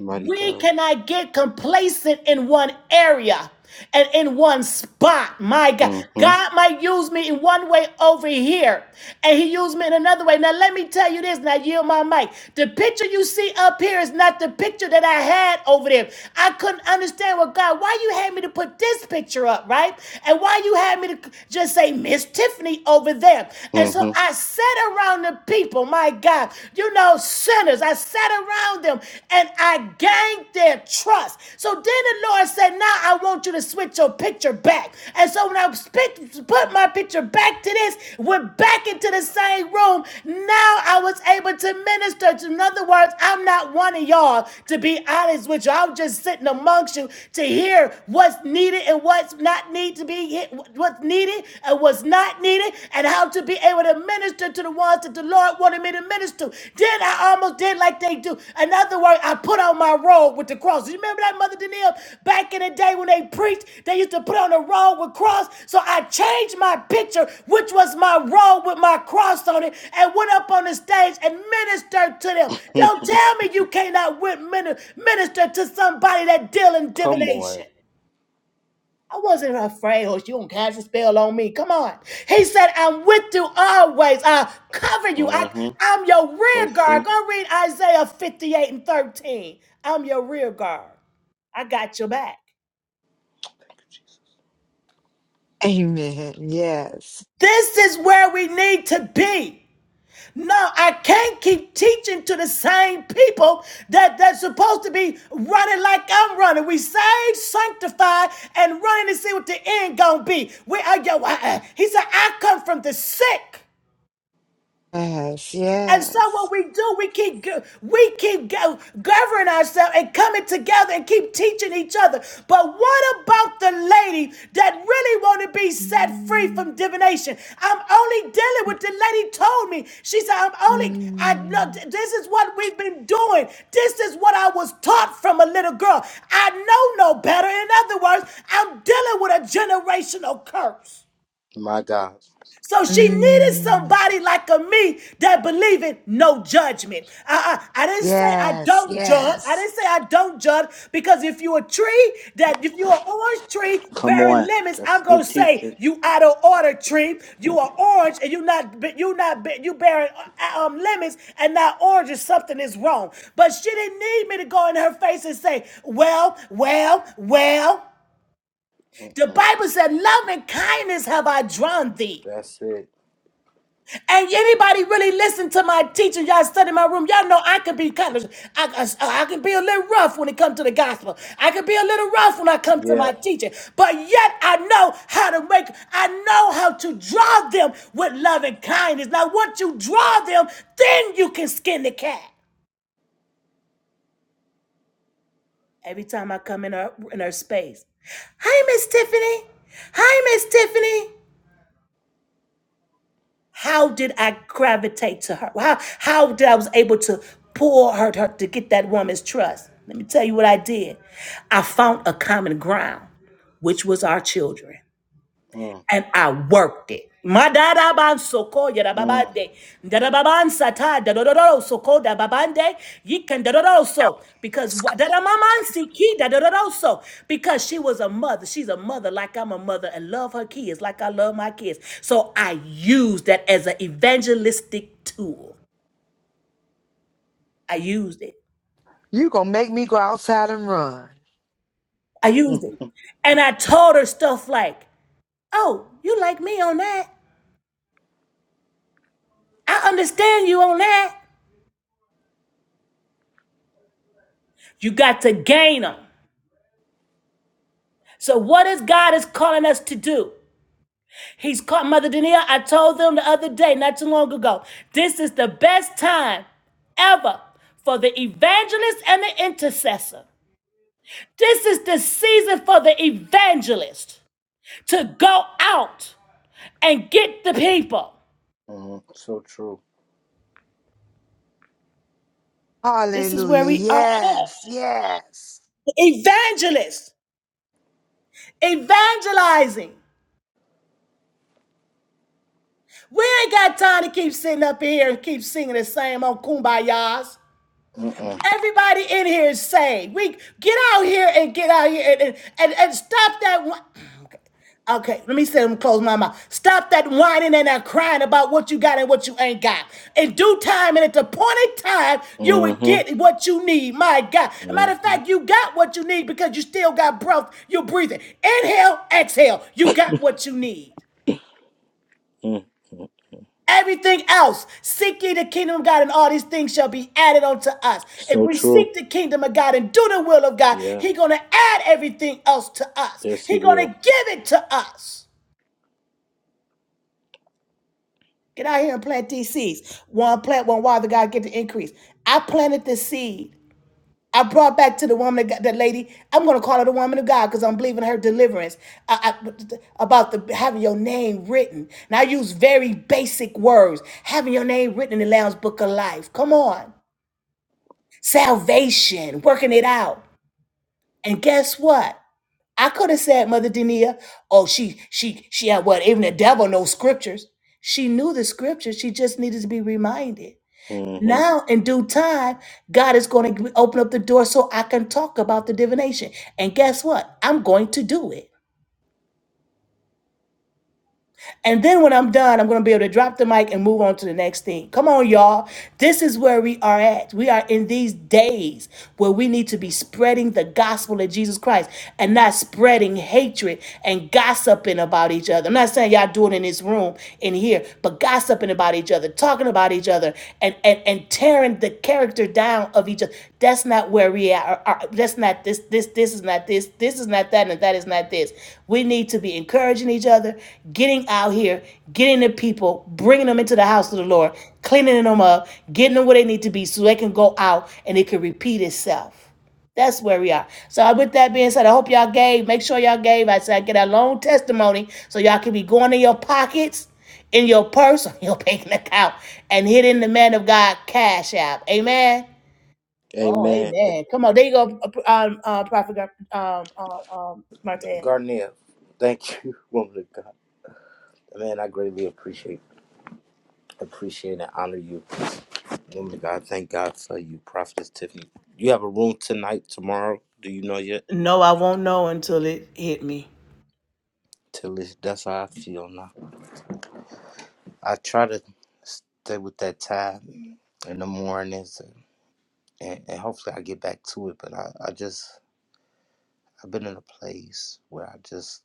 Speaker 1: Mighty
Speaker 2: We
Speaker 1: God.
Speaker 2: cannot get complacent in one area and in one spot. My God,
Speaker 1: Mm-hmm.
Speaker 2: God might use me in one way over here, and He used me in another way. Now, let me tell you this. Now, yield my mic. The picture you see up here is not the picture that I had over there. I couldn't understand what God. Why you had me to put this picture up, right? And why you had me to just say Miss Tiffany over there? And so
Speaker 1: Mm-hmm.
Speaker 2: I sat around the people. my my God. You know, sinners, I sat around them and I gained their trust. So then the Lord said, Now I want you to switch your picture back. And so when I spit- put my picture back to this, went back into the same room, now I was able to minister. to- In other words, I'm not one of y'all, to be honest with you. I'm just sitting amongst you to hear what's needed and what's not need to be, what's needed and what's was not needed and how to be able to minister to the ones that the Lord wanted me to minister to. Then I almost did like they do. In other words, I put on my robe with the cross. You remember that, Mother Denise? Back in the day when they preached, they used to put on a robe with cross. So I changed my picture, which was my robe with my cross on it, and went up on the stage and ministered to them. Don't tell me you cannot win- mini- minister to somebody that deal in
Speaker 1: Come on.
Speaker 2: divination. I wasn't afraid, or you gonna cast a spell on me. Come on. He said, I'm with you always. I'll cover you. I,
Speaker 1: Mm-hmm.
Speaker 2: I'm your
Speaker 1: So
Speaker 2: rear guard.
Speaker 1: true.
Speaker 2: Go read Isaiah 58 and 13. I'm your rear guard. I got your back.
Speaker 1: Thank you, Jesus.
Speaker 5: Amen. Yes.
Speaker 2: This is where we need to be. No, I can't keep teaching to the same people that they're supposed to be running like I'm running. We saved, sanctified, and running to see what the end gonna be. We are yo. I- I- He said, I come from the sick.
Speaker 5: Yes.
Speaker 2: And so what
Speaker 5: Yes.
Speaker 2: we do, we keep go- we keep go- governing ourselves and coming together and keep teaching each other. But what about the lady that really want to be set free from divination? I'm only dealing with the lady told me. She said, I'm only I know
Speaker 5: Mm,
Speaker 2: this is what we've been doing. This is what I was taught from a little girl. I know no better. In other words, I'm dealing with a generational curse.
Speaker 1: My God.
Speaker 2: So she needed
Speaker 5: mm.
Speaker 2: somebody like a me that believe in no judgment. I, I, I didn't say I
Speaker 5: Yes,
Speaker 2: don't judge. I
Speaker 5: yes.
Speaker 2: didn't say I don't judge because if you're a tree that if you're an orange tree
Speaker 1: Come
Speaker 2: bearing
Speaker 1: on.
Speaker 2: lemons,
Speaker 1: That's
Speaker 2: I'm gonna
Speaker 1: good
Speaker 2: say
Speaker 1: teaching.
Speaker 2: you out of order tree. You are orange and you not you not you bearing uh, um lemons and not oranges. Something is wrong. But she didn't need me to go in her face and say, well, well, well. The
Speaker 1: Mm.
Speaker 2: Bible said, love and kindness have I drawn thee.
Speaker 1: That's it.
Speaker 2: And anybody really listen to my teaching, y'all study my room, y'all know I can be kind of, I, I, I can be a little rough when it comes to the gospel. I can be a little rough when I come to
Speaker 1: Yeah.
Speaker 2: my teaching, but yet I know how to make, I know how to draw them with love and kindness. Now, once you draw them, then you can skin the cat. Every time I come in her in her space, hi Miss Tiffany, hi Miss Tiffany. How did I gravitate to her? How how did I was able to pull her to, her to get that woman's trust? Let me tell you what I did. I found a common ground, which was our children
Speaker 1: Mm.
Speaker 2: and I worked it. Madaraban soko
Speaker 1: Mm.
Speaker 2: yarababande. Darababan sata dadororo soko dababande. Yikan dadororo so. Because
Speaker 5: Yes.
Speaker 2: wa- daramaman siki dadororo so. Because she was a mother. She's a mother like I'm a mother and love her kids like I love my kids. So I used that as an evangelistic tool. I used it.
Speaker 5: You gonna make me go outside and run.
Speaker 2: I used it. And I told her stuff like, oh, you like me on that? I understand you on that. You got to gain 'em. So what is God is calling us to do? He's called Mother Danielle. I told them the other day, not too long ago, this is the best time ever for the evangelist and the intercessor. This is the season for the evangelist to go out and get the people.
Speaker 1: Mm. So true.
Speaker 2: This is where
Speaker 5: Hallelujah.
Speaker 2: we are
Speaker 5: Yes,
Speaker 2: at.
Speaker 5: yes.
Speaker 2: Evangelist, evangelizing. We ain't got time to keep sitting up here and keep singing the same old kumbayas.
Speaker 1: Mm-mm.
Speaker 2: Everybody in here is saved. We get out here and get out here and and, and, and stop that one. Okay. Okay, let me say them close my mouth. Stop that whining and that crying about what you got and what you ain't got. In due time and at the appointed time, you will
Speaker 1: Mm-hmm.
Speaker 2: get what you need. My God. As a matter of
Speaker 1: Mm-hmm.
Speaker 2: fact, you got what you need because you still got breath. You're breathing. Inhale, exhale. You got what you need.
Speaker 1: Mm.
Speaker 2: Everything else, seek ye the kingdom of God, and all these things shall be added unto us. If
Speaker 1: So
Speaker 2: we
Speaker 1: true.
Speaker 2: seek the kingdom of God and do the will of God,
Speaker 1: Yeah.
Speaker 2: He's gonna add everything else to us.
Speaker 1: Yes, he
Speaker 2: He's gonna
Speaker 1: will.
Speaker 2: give it to us. Get out here and plant these seeds. One plant, one water, God get the increase. I planted the seed. I brought back to the woman, that that lady. I'm gonna call her the woman of God because I'm believing her deliverance I, I- about the having your name written. And I use very basic words, having your name written in the Lamb's Book of Life. Come on. salvation, working it out. And guess what? I could have said, Mother Denia, oh, she, she, she had what? Even the devil knows scriptures. She knew the scriptures. She just needed to be reminded.
Speaker 1: Mm-hmm.
Speaker 2: Now, in due time, God is going to open up the door so I can talk about the divination. And guess what? I'm going to do it. And then when I'm done, I'm going to be able to drop the mic and move on to the next thing. Come on, y'all. This is where we are at. We are in these days where we need to be spreading the gospel of Jesus Christ and not spreading hatred and gossiping about each other. I'm not saying y'all do it in this room in here, but gossiping about each other, talking about each other, and, and, and tearing the character down of each other. That's not where we are. That's not this. This. This is not this. This is not that, and that is not this. We need to be encouraging each other, getting out here, getting the people, bringing them into the house of the Lord, cleaning them up, getting them where they need to be, so they can go out and it can repeat itself. That's where we are. So uh, with that being said, I hope y'all gave. Make sure y'all gave. I said I get a long testimony so y'all can be going in your pockets, in your purse, on your banking account, and hitting the man of God cash app. Amen. Oh,
Speaker 1: Amen.
Speaker 2: amen. Come on, there you go, um, uh, Prophet Gar- um, uh, um, Martez.
Speaker 1: Garnier, thank you, woman of God. Man, I greatly appreciate appreciate and honor you, woman of God. Thank God for you, Prophetess Tiffany. You have a room tonight, tomorrow. Do you know yet?
Speaker 2: No, I won't know until it hit me.
Speaker 1: Till it's, that's how I feel now. I try to stay with that time in the mornings, and, and, and hopefully I get back to it. But I, I just I've been in a place where I just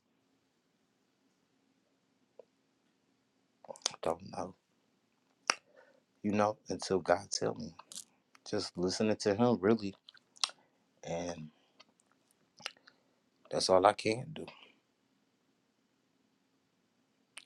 Speaker 1: don't know, you know, until God tell me. Just listening to Him, really, and that's all I can do.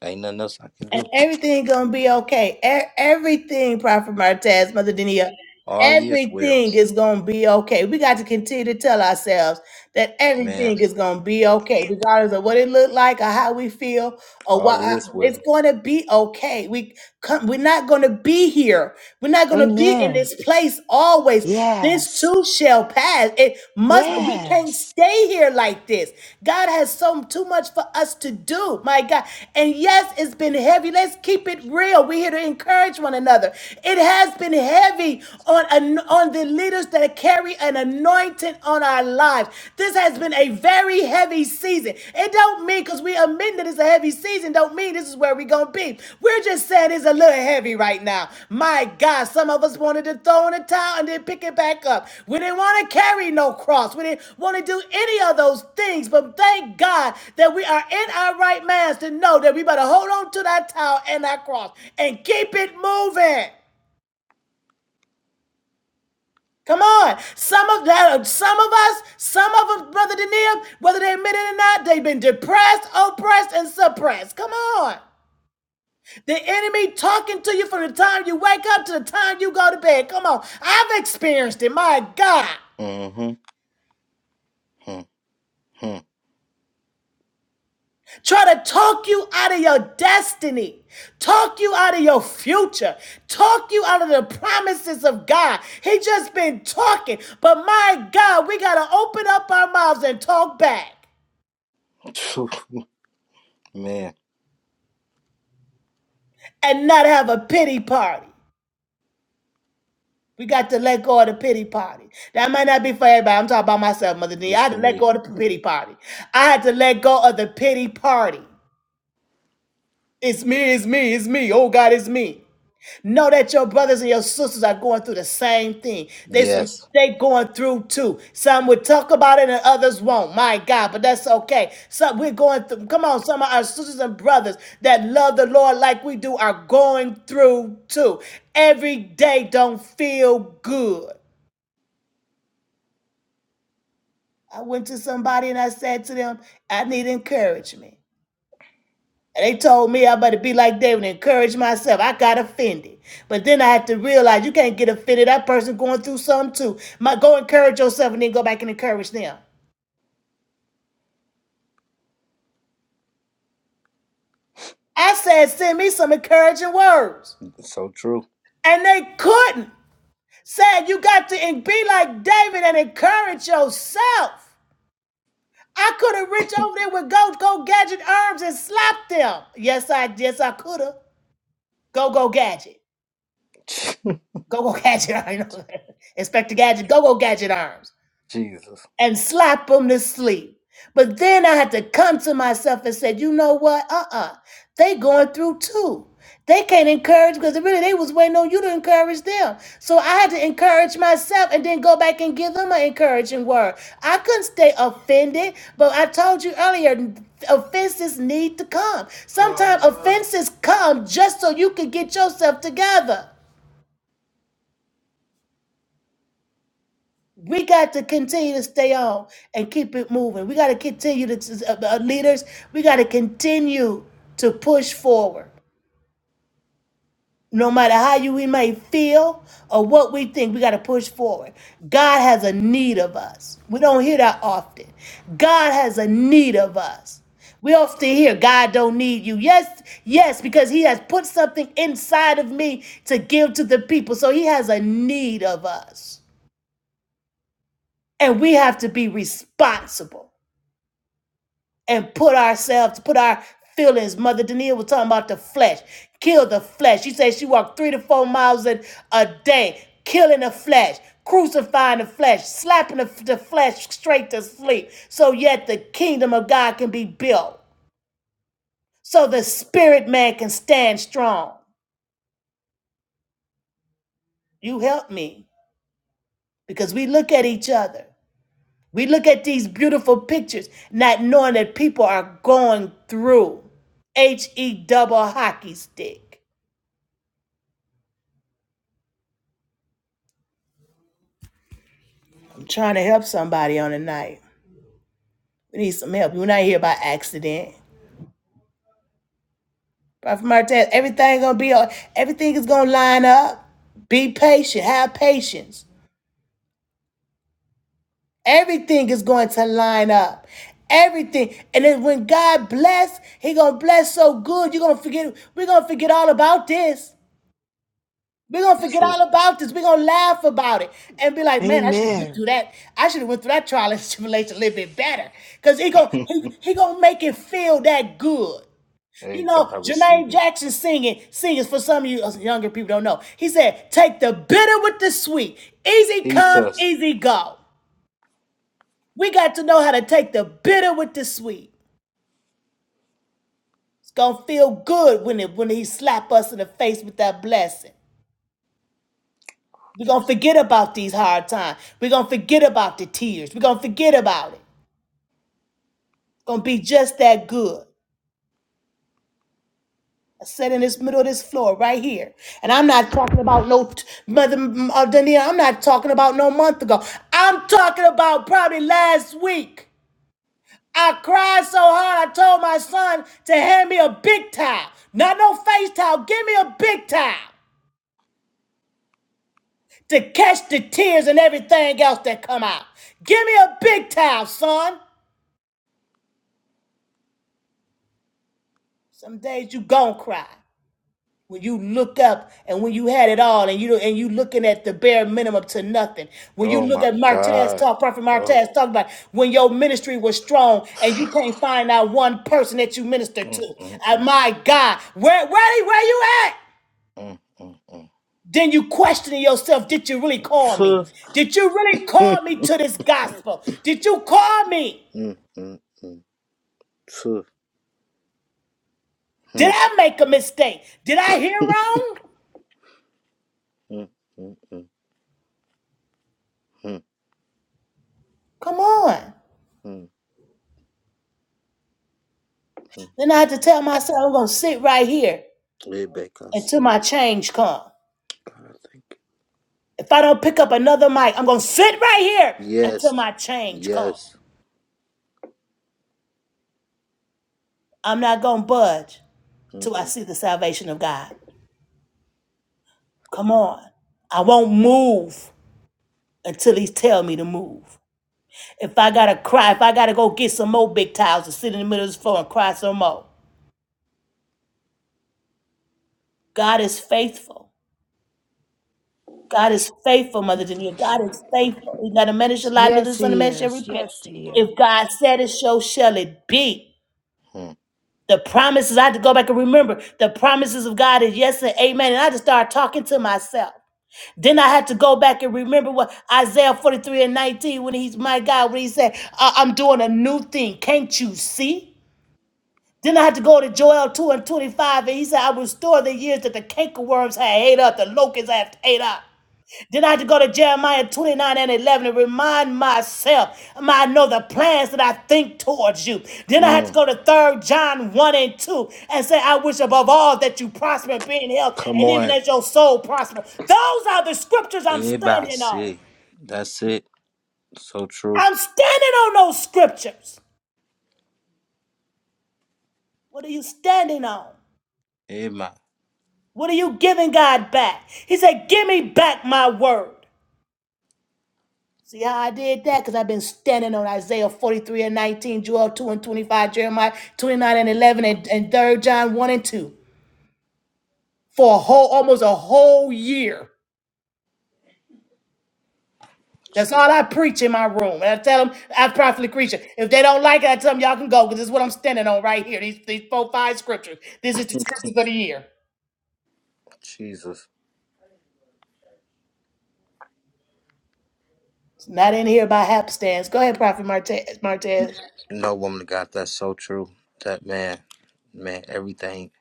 Speaker 1: Ain't nothing else I can do.
Speaker 2: And everything gonna be okay. E- everything, Prophet Martez, Mother Denia,
Speaker 1: All is well,
Speaker 2: everything is gonna be okay. We got to continue to tell ourselves that
Speaker 1: man.
Speaker 2: everything is gonna be okay, regardless of what it looked like or how we feel or
Speaker 1: All
Speaker 2: what.
Speaker 1: is
Speaker 2: It's
Speaker 1: well.
Speaker 2: going to be okay. We come, we're not going to be here. We're not going to be in
Speaker 5: Amen.
Speaker 2: this place always. This
Speaker 5: Yes,
Speaker 2: too shall pass. It must. We can't
Speaker 5: yes.
Speaker 2: stay here like this. God has so too much for us to do. My God. And yes, it's been heavy. Let's keep it real. We're here to encourage one another. It has been heavy on on the leaders that carry an anointing on our lives lives. This has been a very heavy season. It don't mean because we admit that it's a heavy season, don't mean this is where we gonna be. We're just saying it's a little heavy right now. My God, some of us wanted to throw in a towel and then pick it back up. We didn't want to carry no cross. We didn't want to do any of those things. But thank God that we are in our right minds to know that we better hold on to that towel and that cross and keep it moving. Come on. Some of that, some of us, some of them, Brother Daniel, whether they admit it or not, they've been depressed, oppressed, and suppressed. Come on. The enemy talking to you from the time you wake up to the time you go to bed. Come on. I've experienced it. My God.
Speaker 1: Mm-hmm.
Speaker 2: Try to talk you out of your destiny, talk you out of your future, talk you out of the promises of God. He just been talking. But my God, we got to open up our mouths and talk back.
Speaker 1: Mm-hmm. Man,
Speaker 2: and not have a pity party. We got to let go of the pity party. That might not be for everybody. I'm talking about myself, Mother D.
Speaker 1: it's
Speaker 2: I had
Speaker 1: for
Speaker 2: to let
Speaker 1: me.
Speaker 2: go of the pity party. I had to let go of the pity party. It's me, it's me, it's me. Oh God, it's me. Know that your brothers and your sisters are going through the same thing. They some
Speaker 1: Yes,
Speaker 2: they going through too. Some would talk about it and others won't. My God, but that's okay. Some we're going through. Come on, some of our sisters and brothers that love the Lord like we do are going through too. Every day don't feel good. I went to somebody and I said to them, I need encouragement. And they told me I better be like David and encourage myself. I got offended. But then I had to realize you can't get offended. That person going through something too. My, go encourage yourself and then go back and encourage them. I said, send me some encouraging words.
Speaker 1: it's so true.
Speaker 2: And they couldn't. Said, you got to be like David and encourage yourself. I could have reached over there with Go Go Gadget arms and slapped them. Yes, I yes I could have. Go Go Gadget. Go Go Gadget. I know. Inspector Gadget. Go Go Gadget arms.
Speaker 1: Jesus,
Speaker 2: and slap them to sleep. But then I had to come to myself and said, you know what? Uh-uh. They going through too. They can't encourage because really they was waiting on you to encourage them. So I had to encourage myself and then go back and give them an encouraging word. I couldn't stay offended, but I told you earlier, offenses need to come. Sometimes offenses come just so you can get yourself together. We got to continue to stay on and keep it moving. We got to continue to, uh, uh, leaders, we got to continue to push forward. No matter how you we may feel or what we think, we got to push forward. God has a need of us. We don't hear that often. God has a need of us. We often hear God don't need you. Yes, yes, because He has put something inside of me to give to the people. So He has a need of us. And we have to be responsible. and put ourselves, put our feelings. Mother Danielle was talking about the flesh. Kill the flesh. She said she walked three to four miles a, a day, killing the flesh, crucifying the flesh, slapping the, the flesh straight to sleep. So yet the kingdom of God can be built. So the spirit man can stand strong. You help me. Because we look at each other. We look at these beautiful pictures, not knowing that people are going through. H E double hockey stick. I'm trying to help somebody on the night. We need some help. We're not here by accident. Prophet Martez, everything gonna be everything is gonna line up. Be patient. Have patience. Everything is going to line up. Everything. And then when God bless, He gonna bless so good, you're gonna forget, we're gonna forget all about this. We're gonna
Speaker 1: so
Speaker 2: forget all
Speaker 1: true.
Speaker 2: about this. We're gonna laugh about it and be like, man, I should have went
Speaker 5: Amen.
Speaker 2: through that. I should have went through that trial and tribulation a little bit better. Cause he gonna he, he gonna make it feel that good. You
Speaker 1: hey,
Speaker 2: know,
Speaker 1: God, I receive
Speaker 2: Jermaine
Speaker 1: it.
Speaker 2: Jackson singing, singing for some of you uh, younger people don't know. He said, take the bitter with the sweet. Easy
Speaker 1: Teach
Speaker 2: come,
Speaker 1: us.
Speaker 2: easy go. We got to know how to take the bitter with the sweet. It's gonna feel good when it when he slap us in the face with that blessing. We're gonna
Speaker 1: Jesus.
Speaker 2: forget about these hard times. We're gonna forget about the tears. We're gonna forget about it. It's gonna be just that good. set in this middle of this floor right here. And I'm not talking about no t- mother, m- uh, Dania, I'm not talking about no month ago. I'm talking about probably last week. I cried so hard I told my son to hand me a big towel. Not no face towel, give me a big towel to catch the tears and everything else that come out. Give me a big towel, son. Some days you gon' cry. when you look up and when you had it all and you and you looking at the bare minimum to nothing when you
Speaker 1: Oh
Speaker 2: look
Speaker 1: my
Speaker 2: at martez
Speaker 1: God.
Speaker 2: talk prophet
Speaker 1: Oh.
Speaker 2: martez talk about when your ministry was strong and you can't find out one person that you minister to
Speaker 1: Mm, mm,
Speaker 2: Uh,
Speaker 1: mm,
Speaker 2: my god where where, where you at
Speaker 1: mm, mm, mm.
Speaker 2: then you questioning yourself did you really call me
Speaker 1: Tuh.
Speaker 2: did you really call me to this gospel did you call me
Speaker 1: Mm, mm, mm. Tuh.
Speaker 2: did
Speaker 1: Mm,
Speaker 2: i make a mistake did i hear wrong
Speaker 1: mm, mm, mm, mm,
Speaker 2: come on
Speaker 1: mm, mm.
Speaker 2: then i had to tell myself i'm gonna sit right here
Speaker 1: Rebecca,
Speaker 2: until
Speaker 1: see ya.
Speaker 2: my change come.
Speaker 1: God, I thank you.
Speaker 2: If I don't pick up another mic, I'm gonna sit right here until
Speaker 1: Yes.
Speaker 2: my change come.
Speaker 1: Yes.
Speaker 2: I'm not gonna budge till I
Speaker 1: Mm-mm-mm.
Speaker 2: see the salvation of God. Come on. I won't move until he tell me to move. If I gotta cry, if I gotta go get some more big towels and sit in the middle of the floor and cry some more. God is faithful. God is faithful, Mother Janine. God is faithful. He's not a man that shall lie, neither
Speaker 5: Yes,
Speaker 2: the son of
Speaker 5: he
Speaker 2: man shall
Speaker 5: is.
Speaker 2: repent.
Speaker 5: Yes, he is.
Speaker 2: If God said it, so shall it be. The promises, I had to go back and remember the promises of God is yes and amen. And I just started talking to myself. Then I had to go back and remember what Isaiah 43 and 19, when he's my God, when he said, "I- I'm doing a new thing. Can't you see? Then I had to go to Joel 2 and 25, and he said, I will restore the years that the cankerworms had ate up, the locusts have ate up. Then I had to go to Jeremiah 29 and 11 and remind myself, um, I know the plans that I think towards you. Then I had to
Speaker 1: Mm.
Speaker 2: go to 3 John 1 and 2 and say, I wish above all that you prosper and be in health,
Speaker 1: Come
Speaker 2: and even
Speaker 1: on.
Speaker 2: as your soul prosper. Those are the scriptures I'm
Speaker 1: Eba,
Speaker 2: standing on.
Speaker 1: see. That's it. So true.
Speaker 2: I'm standing on those scriptures. What are you standing on?
Speaker 1: Ema.
Speaker 2: What are you giving God back? He said, Give me back my word. See how I did that? Because I've been standing on Isaiah 43 and 19, Joel 2 and 25, Jeremiah 29 and 11, and, and third John 1 and 2 for a whole, almost a whole year. That's all I preach in my room. And I tell them, I prophetically preach it. If they don't like it, I tell them, y'all can go because this is what I'm standing on right here. These, these four, five scriptures. This is the scriptures of the year.
Speaker 1: Jesus.
Speaker 2: It's not in here by hapstance. Go ahead, Prophet Martez. Martez.
Speaker 1: No woman got that's so true. That man, man, everything,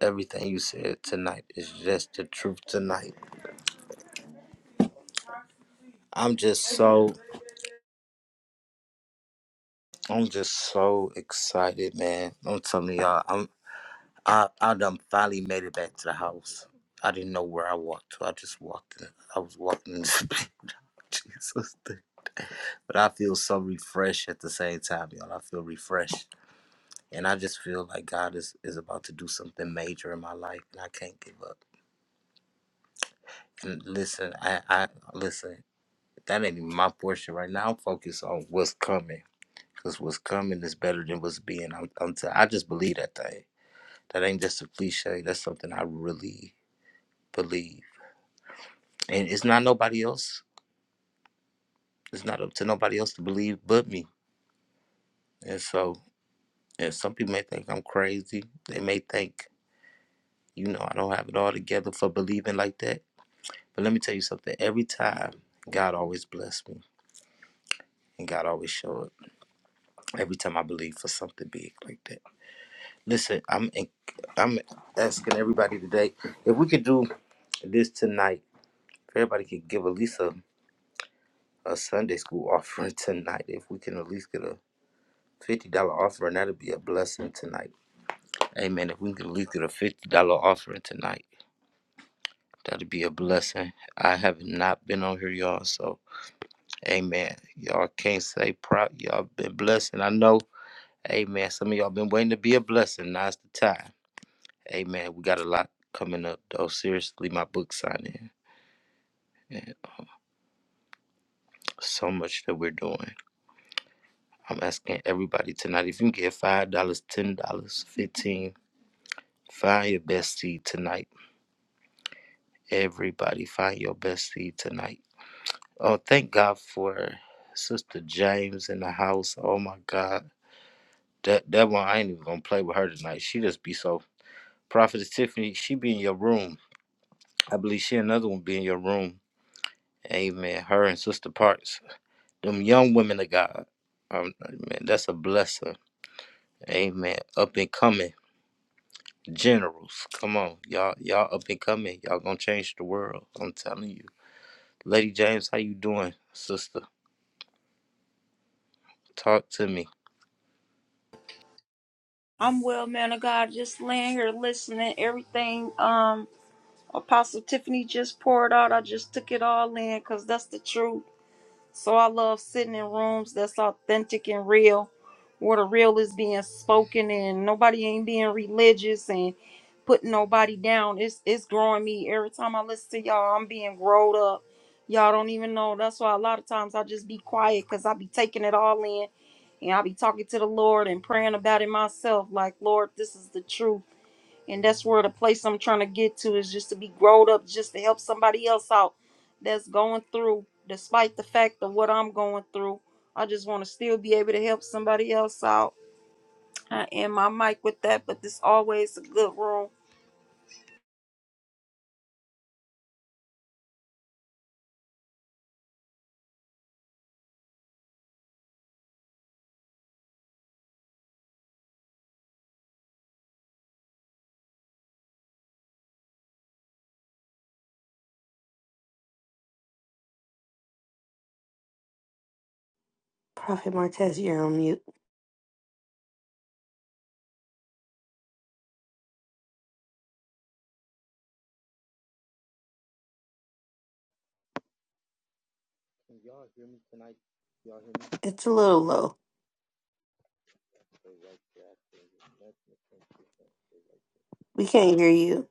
Speaker 1: everything you said tonight is just the truth tonight. I'm just so, I'm just so excited, man. I'm telling y'all, I'm. I I done finally made it back to the house. I didn't know where I walked to. I just walked in. I was walking in this big Jesus thing. But I feel so refreshed at the same time, y'all. I feel refreshed. And I just feel like God is, is about to do something major in my life and I can't give up. And listen, I, I listen, that ain't even my portion right now. I'm focused on what's coming. Because what's coming is better than what's being. I'm, I'm t- I just believe that thing. That ain't just a cliche. That's something I really believe. and it's not nobody else. It's not up to nobody else to believe but me. And so, and some people may think I'm crazy. They may think, you know, I don't have it all together for believing like that. But let me tell you something. Every time, God always bless me, and God always show up. Every time I believe for something big like that. Listen, I'm en- I'm asking everybody today if we could do this tonight. If everybody could give at least a, a Sunday school offering tonight, if we can at least get a fifty dollar offering, that'd be a blessing tonight Amen. If we could at least get a fifty dollar offering tonight, that'd be a blessing. I have not been on here, y'all. So, Amen. Y'all can't say proud. Y'all been blessed, and I know, Amen. Some of y'all been waiting to be a blessing. Now's the time. Amen. We got a lot coming up, though. Seriously, my book signing and so much that we're doing. I'm asking everybody tonight if you can get five dollars, ten dollars, fifteen. Find your best seed tonight. Everybody, find your best seed tonight Oh, thank God for Sister James in the house. Oh my God, that that one I ain't even gonna play with her tonight. She just be so. Prophetess Tiffany, she be in your room. I believe she another one be in your room. Amen. Her and Sister Parks, them young women of God. Um, man, that's a blessing. Amen. Up and coming generals. Come on, y'all. Y'all up and coming. Y'all gonna change the world. I'm telling you. Lady James, how you doing, sister? Talk to me.
Speaker 3: I'm well, man of God. Just laying here listening. Everything um Apostle Tiffany just poured out. I just took it all in because that's the truth. So I love sitting in rooms that's authentic and real, where the real is being spoken and nobody ain't being religious and putting nobody down. It's it's growing me every time I listen to y'all. I'm being growed up. Y'all don't even know. That's why a lot of times I just be quiet because I be taking it all in, and I be talking to the Lord and praying about it myself. Like Lord, this is the truth and that's where the place I'm trying to get to is just to be grown up, just to help somebody else out that's going through, despite the fact of what I'm going through. I just want to still be able to help somebody else out. I am my mic with that, but this always a good room.
Speaker 7: Prophet Martez, you're on mute. It's a little low. We can't hear you.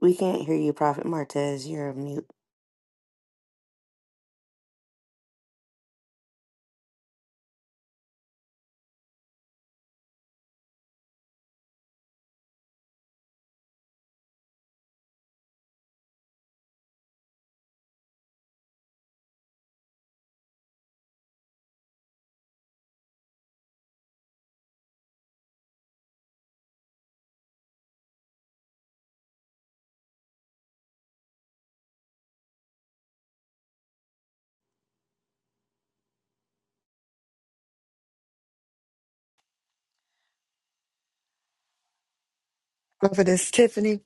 Speaker 7: We can't hear you, Prophet Martez. You're on mute.
Speaker 5: Prophetess Tiffany,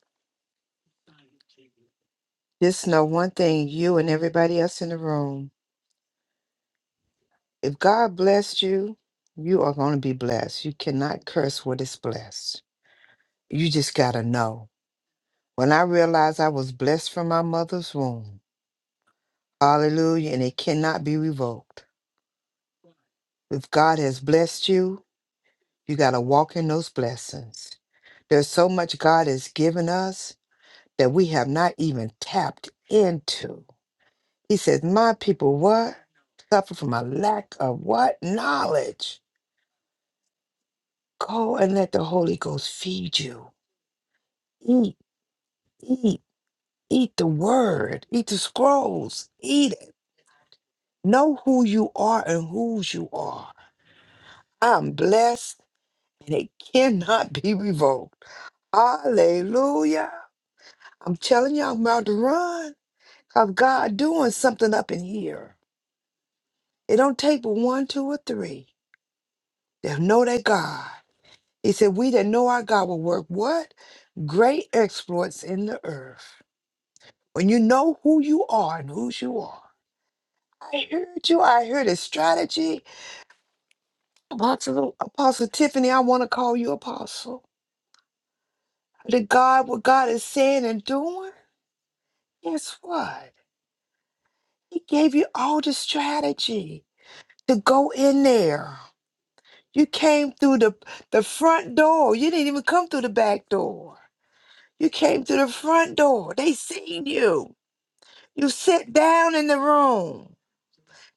Speaker 5: just know one thing, you and everybody else in the room. If God blessed you, you are gonna be blessed. You cannot curse what is blessed. You just gotta know. When I realized I was blessed from my mother's womb, hallelujah, and it cannot be revoked. If God has blessed you, you got to walk in those blessings. There's so much God has given us that we have not even tapped into. He says, My people, what? Suffer from a lack of what? Knowledge. Go and let the Holy Ghost feed you. Eat, eat, eat the word, eat the scrolls, eat it. Know who you are and whose you are. I'm blessed and it cannot be revoked. Hallelujah. I'm telling you, I'm about to run because God doing something up in here. It don't take but one, two, or three that know that God. He said, we that know our God will work what? Great exploits in the earth. When you know who you are and whose you are. I heard you. I heard a strategy. Apostle, Apostle Tiffany, I want to call you Apostle. The God, what God is saying and doing. Guess what? He gave you all the strategy to go in there. You came through the, the front door. You didn't even come through the back door. You came through the front door. They seen you. You sit down in the room.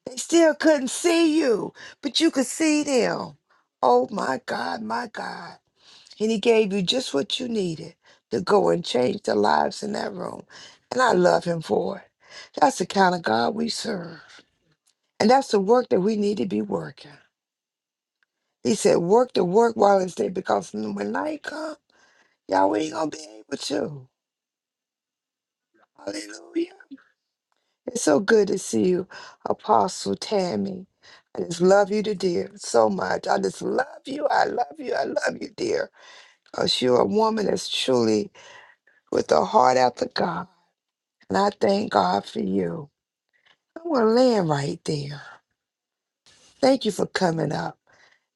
Speaker 5: They still couldn't see you, but you could see them. Oh my God, my God. And he gave you just what you needed to go and change the lives in that room. And I love him for it. That's the kind of God we serve. And that's the work that we need to be working. He said, work the work while it's day because when night comes, y'all we ain't gonna be able to. Hallelujah. It's so good to see you, Apostle Tammy. I just love you to dear so much. I just love you. I love you. I love you, dear. Because you're a woman that's truly with a heart after God. And I thank God for you. I'm gonna land right there. Thank you for coming up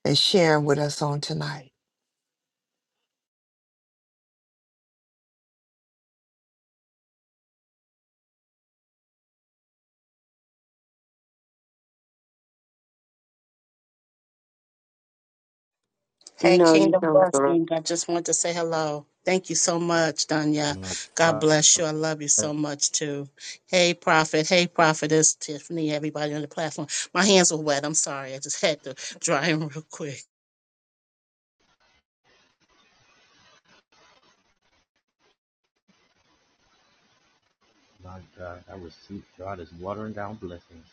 Speaker 5: and sharing with us on tonight.
Speaker 8: Hey,
Speaker 7: No, you
Speaker 8: Kingdom
Speaker 7: sound like a.
Speaker 8: Blessing. I just want to say hello. Thank you so much, Danya. God bless you. I love you so much, too. Hey, Prophet. Hey, Prophetess Tiffany, everybody on the platform. My hands are wet. I'm sorry. I just had to dry them real quick.
Speaker 9: My God, I receive God is watering down blessings.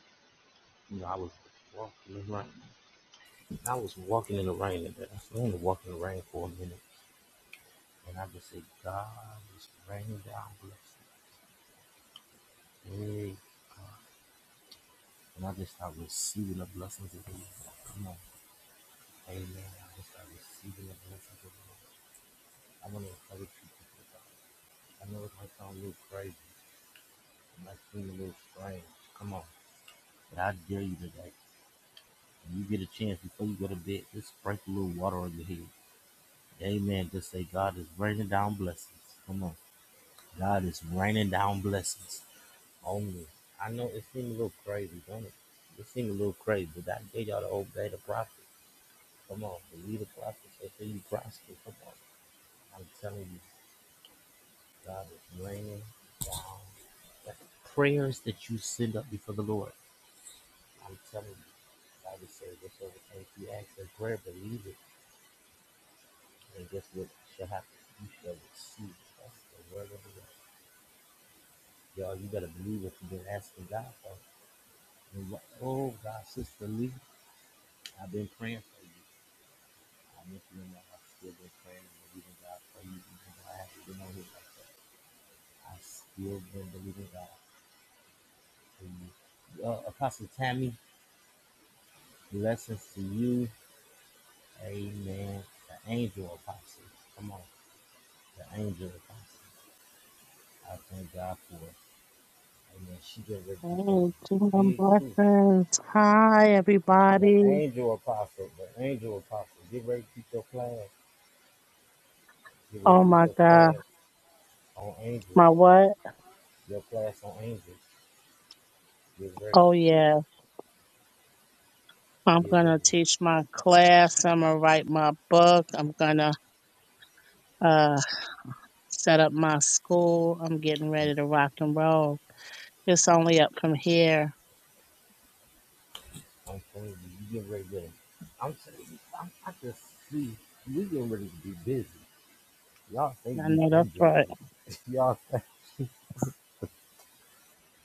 Speaker 9: You know, I was walking in the rain. I was walking in the rain today. I was only walking in the rain for a minute. And I just said, God is raining down blessings. Hey, God. And I just start receiving the blessings of the Lord. Come on. Amen. I just start receiving the blessings of the Lord. I want to encourage you people, God. I know it might sound a little crazy. It might seem a little strange. Come on. But I dare you today. When you get a chance, before you go to bed, just sprinkle a little water on your head. Amen. Just say God is raining down blessings. Come on. God is raining down blessings on me. I know it seems a little crazy, don't it? It seems a little crazy, but I dare y'all to obey the prophet. Come on, believe the prophet. Say so say you prosper. Come on. I'm telling you, God is raining down blessings. Prayers that you send up before the Lord. I'm telling you, God is saying whatsoever things you ask in prayer, believe it. And guess what shall happen? You shall receive. it. That's the word of the Lord. Y'all, you better believe what you've been asking God for. And what- Oh, God, Sister Lee, I've been praying for you. I meant you know I've still been praying and believing God for you. Even though I haven't been on here like that. I've still been believing God for you. Uh, Apostle Tammy, blessings to you. Amen. The angel apostle. Come on. The angel apostle. I thank God for it. Amen. She getting ready to become
Speaker 8: Hey, Kingdom
Speaker 9: big too.
Speaker 8: Blessings. Hi,
Speaker 9: The
Speaker 8: everybody.
Speaker 9: angel apostle. The angel apostle. Get ready to keep your plan. Get ready
Speaker 8: Oh,
Speaker 9: to keep
Speaker 8: my
Speaker 9: your
Speaker 8: God.
Speaker 9: class on angels.
Speaker 8: My what?
Speaker 9: Your class on angels. Get ready.
Speaker 8: Oh, yeah. I'm
Speaker 9: Get
Speaker 8: going
Speaker 9: ready.
Speaker 8: to teach my class. I'm going to write my book. I'm going to uh, set up my school. I'm getting ready to rock and roll. It's only up from here.
Speaker 9: I'm telling you, you get ready to I'm telling you, I'm, I can see we getting ready to be busy. Y'all think
Speaker 8: I
Speaker 9: we've
Speaker 8: know
Speaker 9: been
Speaker 8: that's right.
Speaker 9: busy. Y'all think,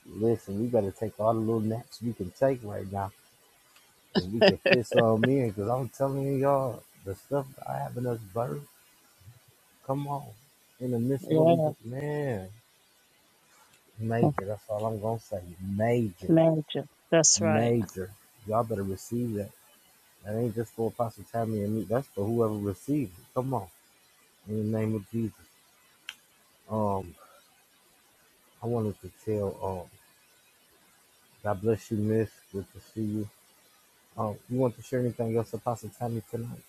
Speaker 9: listen, we better take all the little naps we can take right now and we can fit some in because I'm telling you, y'all, the stuff I having us burn, come on. In the midst of what we
Speaker 8: Yeah,
Speaker 9: go, man, major, that's all I'm going to say, major.
Speaker 8: major. That's right.
Speaker 9: Major. Y'all better receive that. That ain't just for Apostle Tammy and me. That's for whoever received it. Come on. In the name of Jesus. Um, I wanted to tell um God bless you, miss. Good to see you. Um, you want to share anything else, Apostle Tammy, tonight?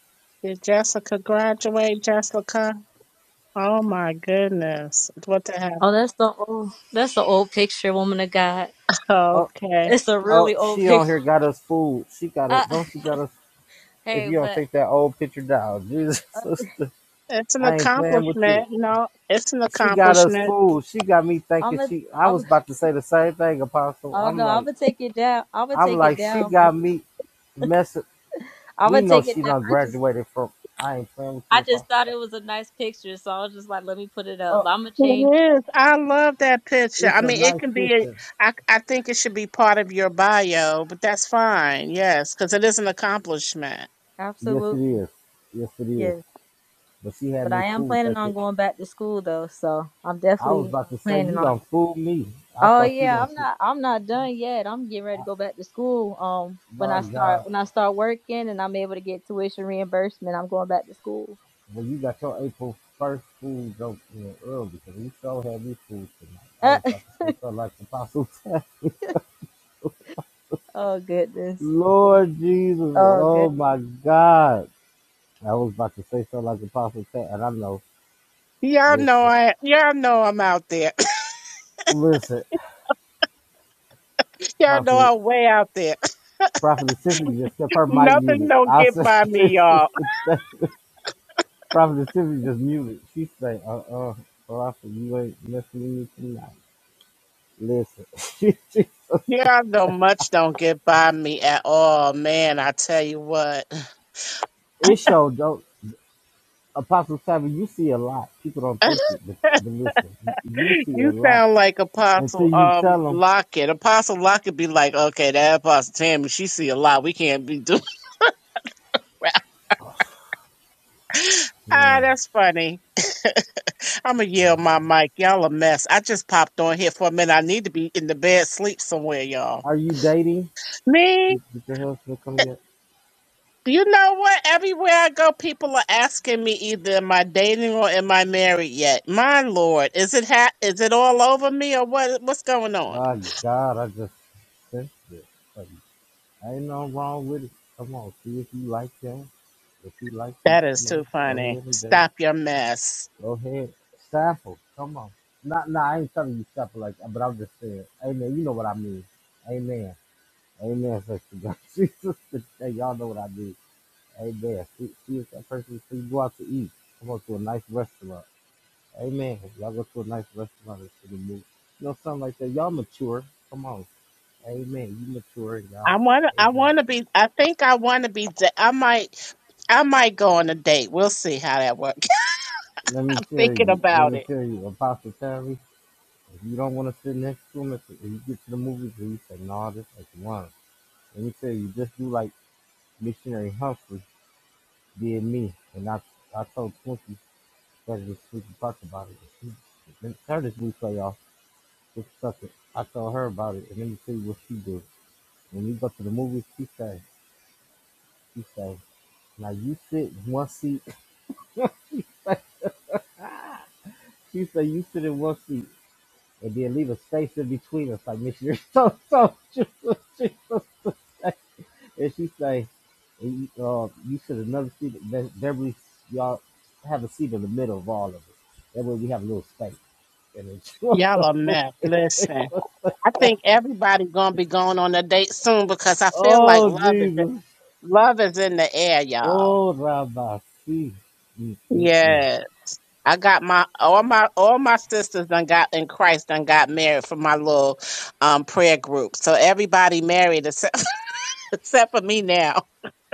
Speaker 8: Did Jessica graduate, Jessica? Oh my goodness. What the heck?
Speaker 6: Oh, that's the old, that's the old picture, woman of God.
Speaker 9: Oh
Speaker 8: Okay.
Speaker 6: It's a
Speaker 9: oh
Speaker 6: really old
Speaker 9: she on
Speaker 6: picture.
Speaker 9: here got us fooled. She got us
Speaker 6: Uh,
Speaker 9: don't she got us if
Speaker 6: hey,
Speaker 9: you don't
Speaker 6: but
Speaker 9: take that old picture down, Jesus sister.
Speaker 8: It's an
Speaker 9: I ain't playing with
Speaker 8: accomplishment.
Speaker 9: you.
Speaker 8: No, it's an
Speaker 9: She got us
Speaker 8: accomplishment.
Speaker 9: fooled. She got me
Speaker 6: I'm
Speaker 9: thinking
Speaker 6: gonna,
Speaker 9: she I
Speaker 6: I'm,
Speaker 9: was about to say the same thing, Apostle.
Speaker 6: oh
Speaker 9: I'm
Speaker 6: no, I'm
Speaker 9: like
Speaker 6: gonna take it down. I'm gonna
Speaker 9: I'm
Speaker 6: take it
Speaker 9: like, she
Speaker 6: down, but
Speaker 9: got me messing.
Speaker 6: I'm
Speaker 9: We
Speaker 6: gonna
Speaker 9: know
Speaker 6: take it
Speaker 9: she
Speaker 6: down.
Speaker 9: done
Speaker 6: I just,
Speaker 9: graduated from. I ain't playing with you,
Speaker 6: I
Speaker 9: Apostle.
Speaker 6: just thought
Speaker 9: Tucker.
Speaker 6: it was a nice picture, so I was just like, let me put it up.
Speaker 9: Oh,
Speaker 6: I'm gonna change it.
Speaker 8: It is. I love that picture. I
Speaker 9: it's a
Speaker 8: mean, it
Speaker 9: nice
Speaker 8: can be, a-
Speaker 9: picture.
Speaker 8: I, I think it should be part of your bio, but that's fine. Yes, because it is an accomplishment.
Speaker 9: Yes, it
Speaker 6: Absolutely,
Speaker 9: is. Yes, it is.
Speaker 6: yes.
Speaker 9: But she had
Speaker 6: But
Speaker 9: me
Speaker 6: I am
Speaker 9: fooled.
Speaker 6: planning
Speaker 9: Like
Speaker 6: on
Speaker 9: it.
Speaker 6: going back to school though, so I'm
Speaker 9: I was
Speaker 6: definitely
Speaker 9: about
Speaker 6: um,
Speaker 9: to say,
Speaker 6: planning
Speaker 9: you
Speaker 6: on.
Speaker 9: done fooled me. I
Speaker 6: Oh
Speaker 9: thought you
Speaker 6: yeah,
Speaker 9: done
Speaker 6: I'm
Speaker 9: fool.
Speaker 6: not I'm not done yet. I'm getting ready to go back to school. Um when
Speaker 9: My
Speaker 6: I start
Speaker 9: God.
Speaker 6: when I start working and I'm able to get tuition reimbursement, I'm going back to school.
Speaker 9: Well, you got your April first fool joke in early because you so had me fooled tonight. I was about to say so like the Apostle. Tucker.
Speaker 6: oh goodness.
Speaker 9: Lord Jesus.
Speaker 6: Oh
Speaker 9: Oh, my God. I was about to say something like the Apostle. Tucker, And I know.
Speaker 8: Y'all know
Speaker 9: Listen,
Speaker 8: I, y'all know I'm out there.
Speaker 9: listen,
Speaker 8: y'all know
Speaker 9: Prophet,
Speaker 8: I'm way out there.
Speaker 9: Prophet Tiffany just kept her mic
Speaker 8: Nothing
Speaker 9: muted.
Speaker 8: don't
Speaker 9: I
Speaker 8: get
Speaker 9: said,
Speaker 8: by me,
Speaker 9: Jesus,
Speaker 8: y'all.
Speaker 9: that- Prophet Tiffany just muted. She say, uh-uh, Prophet, you ain't messing with me tonight. Listen, she, she,
Speaker 8: Yeah, no much don't get by me at all, man. I tell you what,
Speaker 9: it show don't, Apostle Simon, you see a lot. People don't think it, but, but listen, you you see a
Speaker 8: you
Speaker 9: lot
Speaker 8: sound like
Speaker 9: until
Speaker 8: Apostle
Speaker 9: you
Speaker 8: um
Speaker 9: tell them,
Speaker 8: Lockett. Apostle Lockett be like, okay, that Apostle Tammy, she see a lot. We can't be doing. that. Ah,
Speaker 9: man,
Speaker 8: that's funny. I'ma
Speaker 9: huh,
Speaker 8: yell my mic. Y'all a mess. I just popped on here for a minute. I need to be in the bed, sleep somewhere, y'all.
Speaker 9: are you dating?
Speaker 8: Me?
Speaker 9: Did, did your husband come yet?
Speaker 8: You know what? Everywhere I go, people are asking me either am I dating or am I married yet? My lord, is it ha- is it all over me or what? What's going on?
Speaker 9: My God, I just sensed it. Like, Ain't nothing wrong with it. Come on, see if you like that. If you like you,
Speaker 8: That is
Speaker 9: you know,
Speaker 8: too
Speaker 9: go
Speaker 8: funny.
Speaker 9: ahead and date.
Speaker 8: Stop your mess.
Speaker 9: Go ahead. Sample. Come on. Not nah, I ain't telling you sample like that, but I'm just saying, Amen. You know what I mean. Amen. Amen, sister God. Jesus hey, y'all know what I mean. Amen. See, see if that person see you go out to eat. Come on to a nice restaurant. Amen. Y'all go to a nice restaurant and see the movie. You know, something like that. Y'all mature. Come on. Amen. You mature in God.
Speaker 8: I want to. I
Speaker 9: Amen.
Speaker 8: want to be. I think I want to be. da- I might. I might go on a date. We'll see how that works.
Speaker 9: Let me tell
Speaker 8: Thinking
Speaker 9: you, let
Speaker 8: about
Speaker 9: me
Speaker 8: it,
Speaker 9: tell you, Apostle Terry, if you don't want to sit next to him, if if you get to the movies and you say, no, nah, this is one. Let me tell you, just do like Missionary Humphrey did me. And I, I told Twinkie that this week we can talk about it. And She, and Curtis we tell y'all, just suck it. I told her about it, and let me tell you what she did. When we go to the movies, she say, she say, now you sit in one seat. she say, you sit in one seat. and then leave a space in between us, like missionary. So, so, Jesus, Jesus. And she say, and you, uh, you should have never seen it. Be- Beverly, y'all have a seat in the middle of all of it. That way we have a little space. And it's,
Speaker 8: y'all a mess. Listen, I think everybody gonna be going on a date soon because I feel like
Speaker 9: oh,
Speaker 8: love is
Speaker 9: Jesus.
Speaker 8: love is in the air, y'all.
Speaker 9: Oh, Rabbi. See, Mm, mm, mm.
Speaker 8: Yes. I got my all my all my sisters done got in Christ done got married for my little um prayer group. So everybody married except except for me now.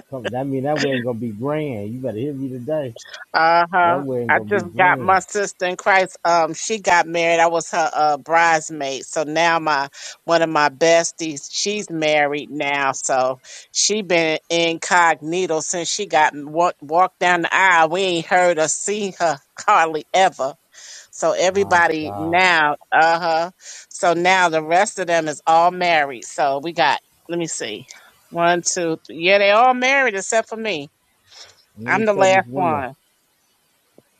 Speaker 9: Come, I mean, that way ain't going to be grand. You better hear me today.
Speaker 8: Uh
Speaker 9: That
Speaker 8: huh.
Speaker 9: way ain't
Speaker 8: I
Speaker 9: going to be
Speaker 8: just got my
Speaker 9: grand.
Speaker 8: sister in Christ. Um, she got married. I was her uh, bridesmaid. So now my one of my besties, she's married now. So she been incognito since she got walked walked down the aisle. We ain't heard or seen her hardly ever. So
Speaker 9: My
Speaker 8: everybody
Speaker 9: God.
Speaker 8: now, uh huh. So now the rest of them is all married. So we got, let me see, one, two, three. Yeah, they all married except for me.
Speaker 9: And Let
Speaker 8: I'm
Speaker 9: me
Speaker 8: the
Speaker 9: tell these
Speaker 8: last
Speaker 9: women.
Speaker 8: one.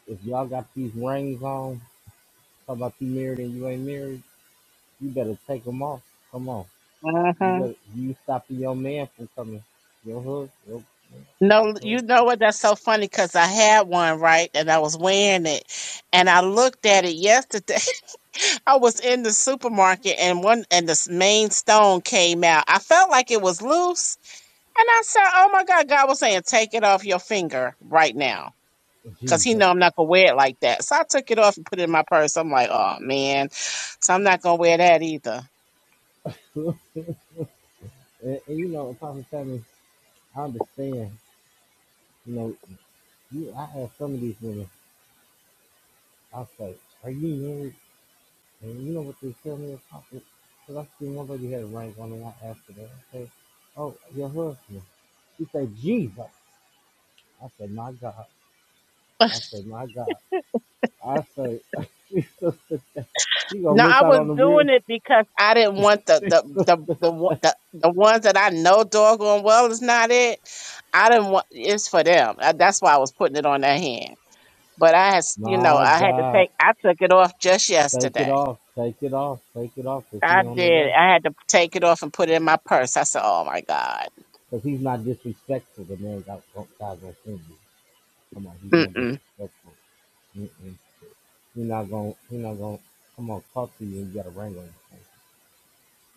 Speaker 9: If y'all got these rings on, talk about you married and you ain't married, you better take them off. Come on. You
Speaker 8: hmm
Speaker 9: better you stopping your man from coming. Your husband, your,
Speaker 8: No,
Speaker 9: your
Speaker 8: you know what? That's so funny because I had one right, and I was wearing it, and I looked at it yesterday. I was in the supermarket, and one and this main stone came out. I felt like it was loose, and I said, "Oh my God!" God was saying, "Take it off your finger right now."
Speaker 9: husband.
Speaker 8: Cause he
Speaker 9: Jesus.
Speaker 8: know I'm not gonna wear it like that. So I took it off and put it in my purse. I'm like, oh man. So I'm not gonna wear that either.
Speaker 9: and, and you know, Apostle Tammy, I understand, you know, you I have some of these women, I say, Are you married? And you know what they tell me Apostle? Because I see one lady had a ring on and I asked her that. I say, Oh, your husband. She said, Jesus. I said, My God. I said, My God. I say, she's so she gonna
Speaker 8: No,
Speaker 9: miss
Speaker 8: I
Speaker 9: out
Speaker 8: was
Speaker 9: on the real.
Speaker 8: doing it because I didn't want the
Speaker 9: She's
Speaker 8: the
Speaker 9: so,
Speaker 8: the the one- the, the ones that I know doggone well is not it. I didn't want it's for them. Uh, That's why I was putting it on their hand. But I has you know
Speaker 9: my
Speaker 8: I had to
Speaker 9: God,
Speaker 8: take I took it off just
Speaker 9: take it
Speaker 8: yesterday.
Speaker 9: off, take it off, take it off, cause
Speaker 8: I
Speaker 9: he on the
Speaker 8: did.
Speaker 9: way.
Speaker 8: I had to take it off and put it in my purse. I said, "Oh my God,
Speaker 9: Cause he's not disrespectful. The man got got- God gonna send you. Come on, he's not
Speaker 8: Mm-mm.
Speaker 9: disrespectful. Mm-mm. He not gonna, he not gonna. Come on, talk to you. and You got a ring on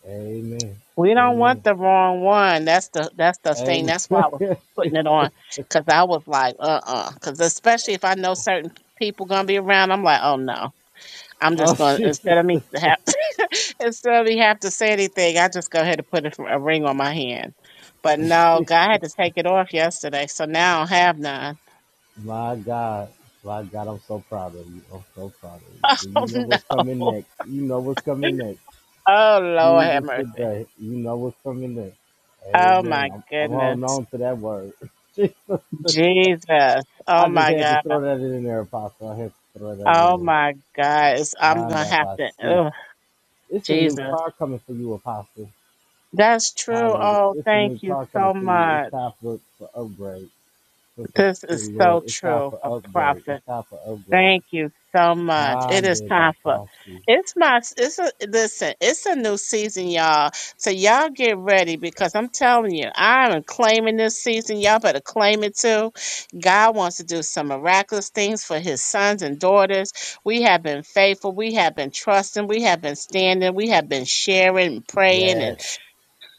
Speaker 9: your finger.
Speaker 8: we don't want
Speaker 9: Amen.
Speaker 8: the wrong one." That's the that's the thing.
Speaker 9: Amen.
Speaker 8: That's why I was
Speaker 9: Amen.
Speaker 8: putting it on because I was like, "Uh uh. Because especially if I know certain people gonna be around, I'm like, "Oh no." I'm just
Speaker 9: oh
Speaker 8: going to instead
Speaker 9: Jesus.
Speaker 8: of me to have instead of me have to say anything, I just go ahead and put a, a ring on my hand. But no, God had to take it off yesterday, so now I don't have none.
Speaker 9: My God, my God, I'm so proud of you. I'm so proud of you.
Speaker 8: Oh
Speaker 9: you know what's coming
Speaker 8: no!
Speaker 9: next? You know what's coming next.
Speaker 8: Oh Lord, have
Speaker 9: Jesus
Speaker 8: mercy!
Speaker 9: today, you know what's coming next.
Speaker 8: Oh my
Speaker 9: Amen. I'm, I'm holding
Speaker 8: goodness,
Speaker 9: on to that word.
Speaker 8: Jesus! Oh
Speaker 9: I just
Speaker 8: my
Speaker 9: had to
Speaker 8: God!
Speaker 9: throw that in there, Apostle. I had to throw that
Speaker 8: Oh
Speaker 9: in there.
Speaker 8: my God! It's, I'm
Speaker 9: I'm
Speaker 8: gonna have
Speaker 9: about
Speaker 8: to.
Speaker 9: to see.
Speaker 8: Oh
Speaker 9: It's a new
Speaker 8: Jesus,
Speaker 9: car coming for you, Apostle.
Speaker 8: that's true.
Speaker 9: Hallelujah.
Speaker 8: Oh,
Speaker 9: It's a
Speaker 8: thank
Speaker 9: new
Speaker 8: you
Speaker 9: car
Speaker 8: so
Speaker 9: coming for you. It's
Speaker 8: much.
Speaker 9: time for, for upgrade. Look at
Speaker 8: This
Speaker 9: good
Speaker 8: is so
Speaker 9: Lord. It's time
Speaker 8: true,
Speaker 9: for
Speaker 8: a
Speaker 9: upgrade.
Speaker 8: prophet.
Speaker 9: It's time for upgrade.
Speaker 8: Thank you so much. It is
Speaker 9: Hande
Speaker 8: time for
Speaker 9: Bakasi.
Speaker 8: it's my it's a listen, it's a new season, y'all. So y'all get ready because I'm telling you, I am claiming this season. Y'all better claim it too. God wants to do some miraculous things for his sons and daughters. We have been faithful, we have been trusting, we have been standing, we have been sharing, praying, and
Speaker 9: Yes.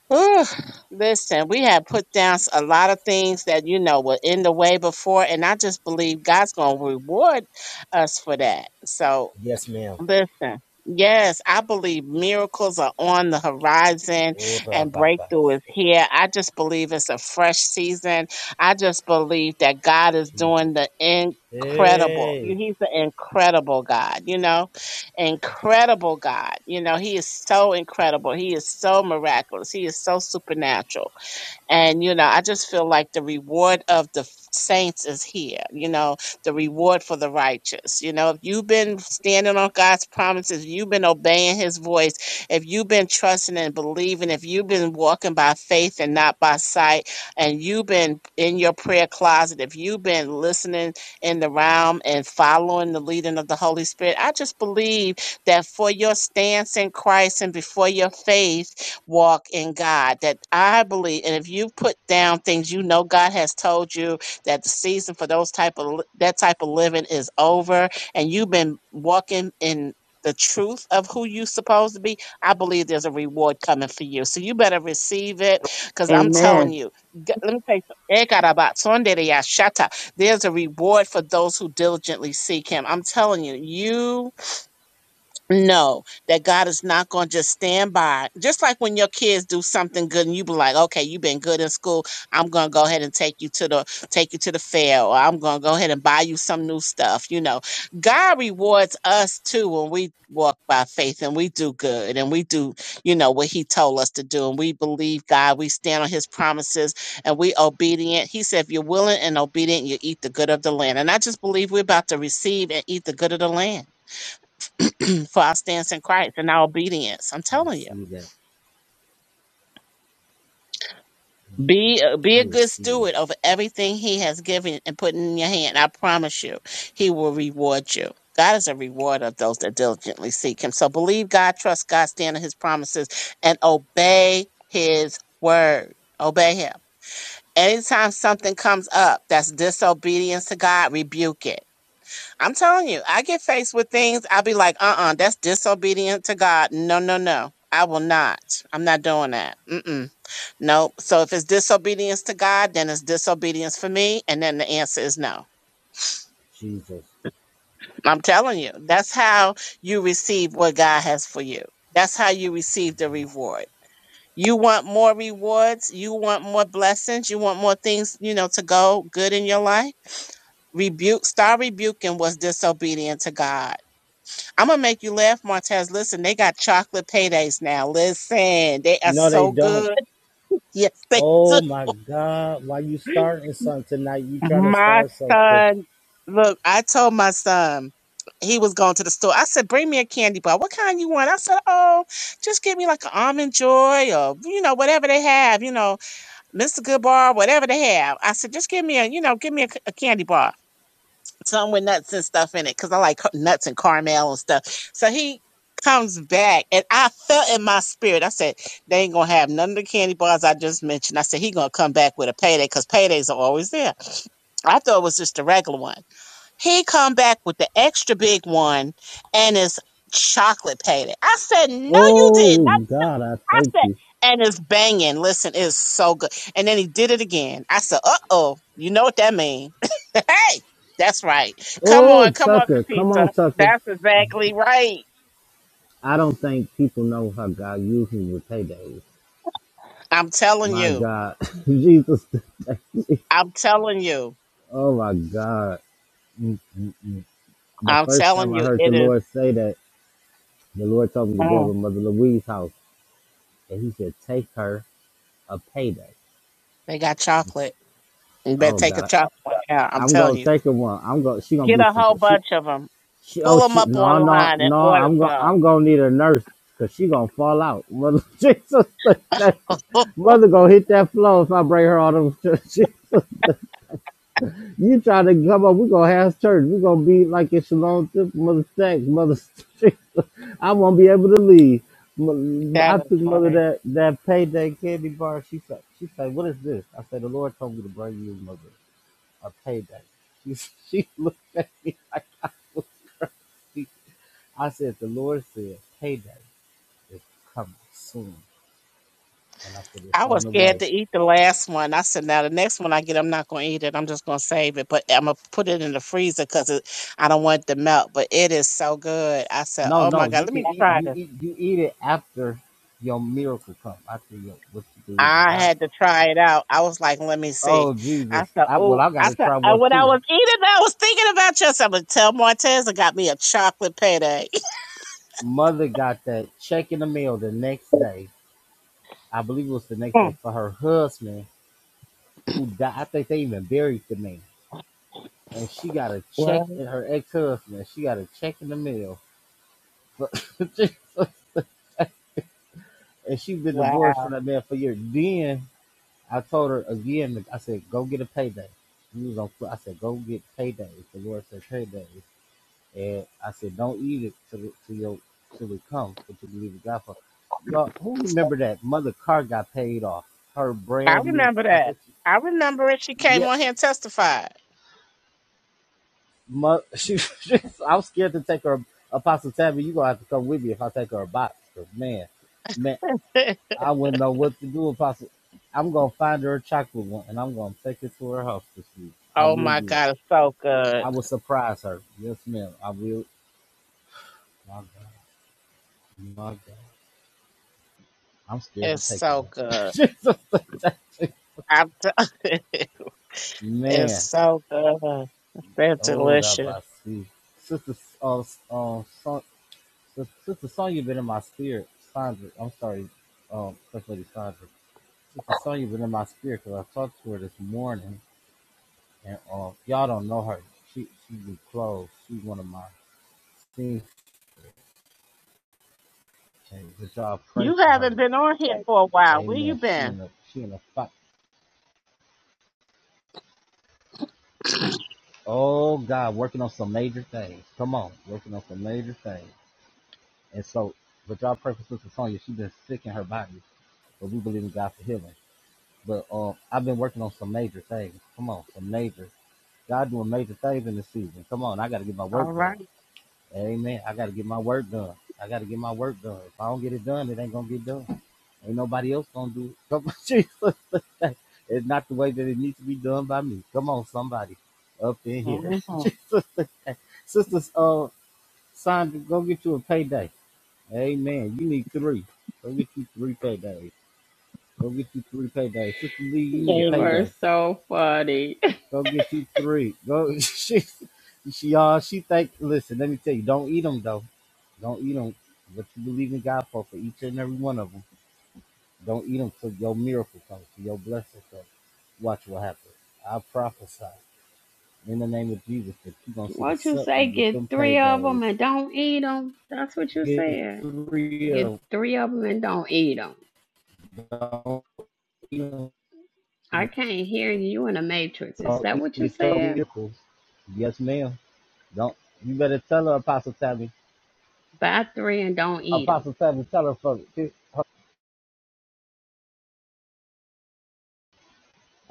Speaker 8: Whew. Listen, we have put down s- a lot of things that you know were in the way before, and I just believe God's going to reward us for that. So
Speaker 9: Yes, ma'am.
Speaker 8: Listen, yes, I believe miracles are on the horizon
Speaker 9: Oh,
Speaker 8: and
Speaker 9: Rababa.
Speaker 8: breakthrough is here. I just believe it's a fresh season. I just believe that God is
Speaker 9: Jesus.
Speaker 8: doing the incredible. You-
Speaker 9: Hey.
Speaker 8: He's an incredible God, you know? Incredible God. You know, He is so incredible. He is so miraculous. He is so supernatural. And, you know, I just feel like the reward of the f- saints is here, you know, the reward for the righteous. You know, if you've been standing on God's promises, you've been obeying his voice, if you've been trusting and believing, if you've been walking by faith and not by sight, and you've been in your prayer closet, if you've been listening in the realm and following the leading of the Holy Spirit, I just believe that for your stance in Christ and before your faith, walk in God. That I believe, and if you put down things you know God has told you that the season for those type of that type of living is over, and you've been walking in the truth of who you supposed to be, I believe there's a reward coming for you. So you better receive it, because I'm telling
Speaker 7: Amen.
Speaker 8: you, g- let me tell you, something. Ekarabasondereyashata. there's a reward for those who diligently seek Him. I'm telling you, you no, that God is not going to just stand by. Just like when your kids do something good and you be like, okay, you've been good in school. I'm going to go ahead and take you to the, take you to the fair or I'm going to go ahead and buy you some new stuff. You know, God rewards us too when we walk by faith and we do good and we do, you know, what he told us to do. And we believe God, we stand on his promises and we obedient. He said, if you're willing and obedient, you eat the good of the land. And I just believe we're about to receive and eat the good of the land. for our stance in Christ and our obedience. I'm
Speaker 9: I
Speaker 8: telling you,
Speaker 9: receive that.
Speaker 8: be uh, be
Speaker 9: I
Speaker 8: a good
Speaker 9: receive that.
Speaker 8: steward over everything He has given and put in your hand. I promise you, He will reward you. God is a rewarder of those that diligently seek Him. So believe God, trust God, stand on His promises, and obey His word. Obey Him. Anytime something comes up that's disobedience to God, rebuke it I'm telling you, I get faced with things, I'll be like, uh uh that's disobedient to God. No, no, no. I will not. I'm not doing that. Mm-mm. Nope. So if it's disobedience to God, then it's disobedience for me. And then the answer is no.
Speaker 9: Jesus.
Speaker 8: I'm telling you, that's how you receive what God has for you. That's how you receive the reward. You want more rewards. You want more blessings. You want more things, you know, to go good in your life. Rebuke, start rebuking what's disobedient to God I'm gonna make you laugh, Montez. Listen, they got chocolate paydays now. Listen, they are
Speaker 9: No, they
Speaker 8: so
Speaker 9: don't.
Speaker 8: good. Yes, they
Speaker 9: Oh my God. Why you starting
Speaker 8: do.
Speaker 9: something tonight? You trying to
Speaker 8: My
Speaker 9: start something.
Speaker 8: son, look, I told my son he was going to the store. I said, "Bring me a candy bar. What kind you want?" I said, "Oh, just give me like an almond joy or you know whatever they have. You know, Mr. Goodbar, whatever they have." I said, "Just give me a you know give me a a candy bar." some with nuts and stuff in it because I like ca- nuts and caramel and stuff. So he comes back and I felt in my spirit, I said, they ain't gonna have none of the candy bars I just mentioned. I said, he gonna come back with a payday because paydays are always there. I thought it was just a regular one. He come back with the extra big one and it's chocolate payday. I said, no, you did
Speaker 9: Oh
Speaker 8: not.
Speaker 9: God, I
Speaker 8: I
Speaker 9: thank
Speaker 8: said,
Speaker 9: you.
Speaker 8: and it's banging. Listen, it's so good. And then he did it again. I said, uh oh, you know what that means. Hey, that's right. Come
Speaker 9: Oh
Speaker 8: on, come on,
Speaker 9: Tucker, come
Speaker 8: Katisa.
Speaker 9: on, Tucker.
Speaker 8: That's exactly right.
Speaker 9: I don't think people know how God uses me with paydays.
Speaker 8: I'm telling
Speaker 9: My
Speaker 8: you.
Speaker 9: God. Jesus.
Speaker 8: I'm telling you.
Speaker 9: oh my God. Mm, mm, mm. the
Speaker 8: I'm
Speaker 9: first time
Speaker 8: telling
Speaker 9: I
Speaker 8: you.
Speaker 9: heard the
Speaker 8: It is.
Speaker 9: Lord say that, the Lord told me to go
Speaker 8: Mm,
Speaker 9: over to Mother Louise's house and he said, take her a payday.
Speaker 8: they got chocolate. You better
Speaker 9: Oh
Speaker 8: take a
Speaker 9: God,
Speaker 8: chocolate. Yeah, I'm
Speaker 9: I, am
Speaker 8: telling
Speaker 9: gonna
Speaker 8: you.
Speaker 9: take her one. I'm gonna she gonna
Speaker 8: Get
Speaker 9: be
Speaker 8: a
Speaker 9: sup-
Speaker 8: whole
Speaker 9: she
Speaker 8: bunch of them.
Speaker 9: she oh
Speaker 8: Pull them
Speaker 9: she
Speaker 8: up
Speaker 9: no no
Speaker 8: online and
Speaker 9: no
Speaker 8: order
Speaker 9: I'm gonna I'm
Speaker 8: some.
Speaker 9: gonna need a nurse because she gonna fall out. Mother Jesus, that- mother gonna hit that floor if I bring her all them. She, You try to come up, we're gonna have church. We're gonna be like in Shalom Mother Stacks, Mother Street. I won't be able to leave. M- I
Speaker 8: that is
Speaker 9: took mother
Speaker 8: funny.
Speaker 9: that, that payday candy bar. She said, she said, what is this? I said, the Lord told me to bring you mother a payday. She, s- she looked at me. I said, the Lord said payday is coming soon. And I said, it's
Speaker 8: I was
Speaker 9: on the
Speaker 8: scared
Speaker 9: way.
Speaker 8: to eat the last one. I said, now the next one I get, I'm not going to eat it. I'm just going to save it, but I'm going to put it in the freezer because I don't want it to melt. But it is so good. I said,
Speaker 9: No,
Speaker 8: oh my
Speaker 9: no,
Speaker 8: God,
Speaker 9: you
Speaker 8: let
Speaker 9: can
Speaker 8: me
Speaker 9: eat,
Speaker 8: try
Speaker 9: you
Speaker 8: this.
Speaker 9: eat, you eat it after your miracle come, after your, what you believe in
Speaker 8: I
Speaker 9: God
Speaker 8: had
Speaker 9: for.
Speaker 8: to try it out. I was like, let me see.
Speaker 9: Oh
Speaker 8: I
Speaker 9: Jesus!
Speaker 8: said,
Speaker 9: I well,
Speaker 8: oh,
Speaker 9: I got
Speaker 8: I
Speaker 9: to
Speaker 8: said,
Speaker 9: try
Speaker 8: uh,
Speaker 9: one
Speaker 8: when I
Speaker 9: too.
Speaker 8: was eating, I was thinking about you. I said, I'm going to tell Montez I got me a chocolate payday.
Speaker 9: Mother got that check in the mail the next day. I believe it was the next day
Speaker 8: Mm.
Speaker 9: for her husband who died. I think they even buried the man, and she got a check
Speaker 8: Wow.
Speaker 9: in her ex husband. She got a check in the mail for Jesus. and she been
Speaker 8: Wow.
Speaker 9: divorced from that man for years. Then I told her again. I said, "Go get a payday." He was on. I said, "Go get payday." The Lord said, "Payday." And I said, don't eat it till it, till your till it comes. But you believe in God for y'all. Who remember that mother car got paid off? Her
Speaker 8: I
Speaker 9: brand new.
Speaker 8: remember
Speaker 9: I
Speaker 8: that.
Speaker 9: think she,
Speaker 8: I remember it. She came
Speaker 9: yeah.
Speaker 8: on here and testified.
Speaker 9: Mo, she, she, I'm scared to take her. Apostle Tabby, you gonna have to come with me if I take her a box. 'cause man, man, I wouldn't know what to do. Apostle, I'm gonna find her a chocolate one, and I'm gonna take it to her house this week. I
Speaker 8: oh
Speaker 9: will
Speaker 8: my
Speaker 9: do it.
Speaker 8: God, it's so good.
Speaker 9: I will surprise her. Yes, ma'am. I will. My God. My God. I'm scared to
Speaker 8: It's
Speaker 9: take
Speaker 8: so good.
Speaker 9: it. back,
Speaker 8: I'm t- it's
Speaker 9: man.
Speaker 8: so good. They're
Speaker 9: Oh, that
Speaker 8: delicious.
Speaker 9: I see. Sister, uh, um, son, Sister Sonya been in my spirit. Sandra, I'm sorry, um, First Lady Sandra. Sister Sonya been in my spirit because I talked to her this morning, and um, y'all don't know her. She she be close. She's one of my things. But y'all pray
Speaker 8: You
Speaker 9: for her.
Speaker 8: haven't been on here for a while. Where you
Speaker 9: Amen. She
Speaker 8: been?
Speaker 9: in a, she in a fight. Oh God, working on some major things. Come on, working on some major things. And so, but y'all pray for Sister Sonya, She's been sick in her body, but we believe in God for healing. But um, I've been working on some major things. Come on, some major. God doing major things in this season. Come on, I got to get my work
Speaker 8: All
Speaker 9: done.
Speaker 8: right.
Speaker 9: Amen. I got to get my work done. I got to get my work done. If I don't get it done, it ain't gonna get done. Ain't nobody else gonna do it. Come on, Jesus. it's not the way that it needs to be done by me. Come on, somebody up in here.
Speaker 8: Mm-hmm.
Speaker 9: Jesus. Sisters, uh, Sandra, go get you a payday. Amen. You need three. Go get you three paydays. Go get you three paydays. Sister Lee, you need a
Speaker 10: You are
Speaker 8: Amen.
Speaker 9: payday.
Speaker 10: so funny.
Speaker 9: Go get you three. Go. She, she, y'all, she think. Listen, let me tell you. Don't eat them though. Don't eat them. What you believe in God for, for each and every one of them. Don't eat them till your miracle comes, till your blessing comes. Watch what happens. I prophesy in the name of Jesus that you're gonna see the
Speaker 10: What you
Speaker 9: subtlety
Speaker 10: say?
Speaker 9: with them
Speaker 10: Get three of
Speaker 9: paydays.
Speaker 10: them and don't eat them. That's what you
Speaker 9: Get
Speaker 10: said.
Speaker 9: three
Speaker 10: Get
Speaker 9: of
Speaker 10: three of them and don't eat them.
Speaker 9: them.
Speaker 10: I can't hear you You in the matrix. Is
Speaker 9: Don't
Speaker 10: that
Speaker 9: eat
Speaker 10: what
Speaker 9: and
Speaker 10: you
Speaker 9: get your
Speaker 10: said?
Speaker 9: miracles. Yes, ma'am. Don't. You better tell her, Apostle Tammy.
Speaker 10: Buy three and don't eat them.
Speaker 9: Apostle Tammy, tell her for.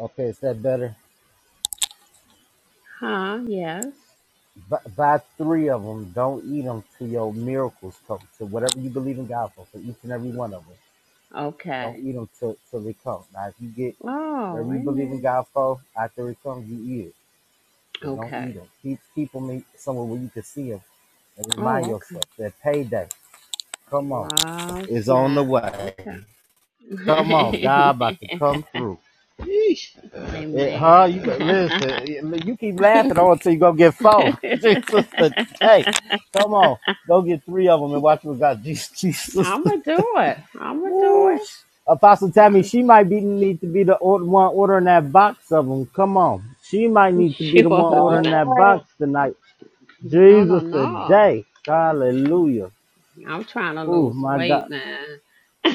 Speaker 9: Okay, is that better?
Speaker 10: Huh? Yes.
Speaker 9: Buy, buy three of them. Don't eat them till your miracles come. To whatever you believe in God for, for each and every
Speaker 10: Uh,
Speaker 9: one of them. Don't
Speaker 10: Okay.
Speaker 9: eat them till, till they come. Now, if you get whatever
Speaker 10: Oh,
Speaker 9: you believe in
Speaker 10: amen.
Speaker 9: God for after it comes, you eat it. But don't eat
Speaker 10: Okay.
Speaker 9: them. Keep, keep them somewhere where you can see them and remind
Speaker 10: Oh, okay.
Speaker 9: yourself that payday, come on,
Speaker 10: Wow,
Speaker 9: is on the
Speaker 10: snap.
Speaker 9: way.
Speaker 10: Okay.
Speaker 9: Come on, God about to come through. It, huh?
Speaker 10: amen.
Speaker 9: You but listen. eh, You keep laughing on until you go get four. Jesus,
Speaker 10: Amen.
Speaker 9: hey, come on, go get three of them and watch what God. Jesus, Jesus.
Speaker 10: I'm gonna do it. I'm gonna do
Speaker 9: Woo. Apostle Tammy,
Speaker 10: it.
Speaker 9: she might be need to be the or- one ordering that box of them. Come on, she might need to be
Speaker 10: Sure.
Speaker 9: the one ordering that
Speaker 8: All
Speaker 9: box tonight.
Speaker 10: no, no,
Speaker 9: Jesus,
Speaker 10: no.
Speaker 9: today. Hallelujah.
Speaker 10: I'm trying to
Speaker 9: Oh
Speaker 10: lose
Speaker 9: my God.
Speaker 10: weight, man.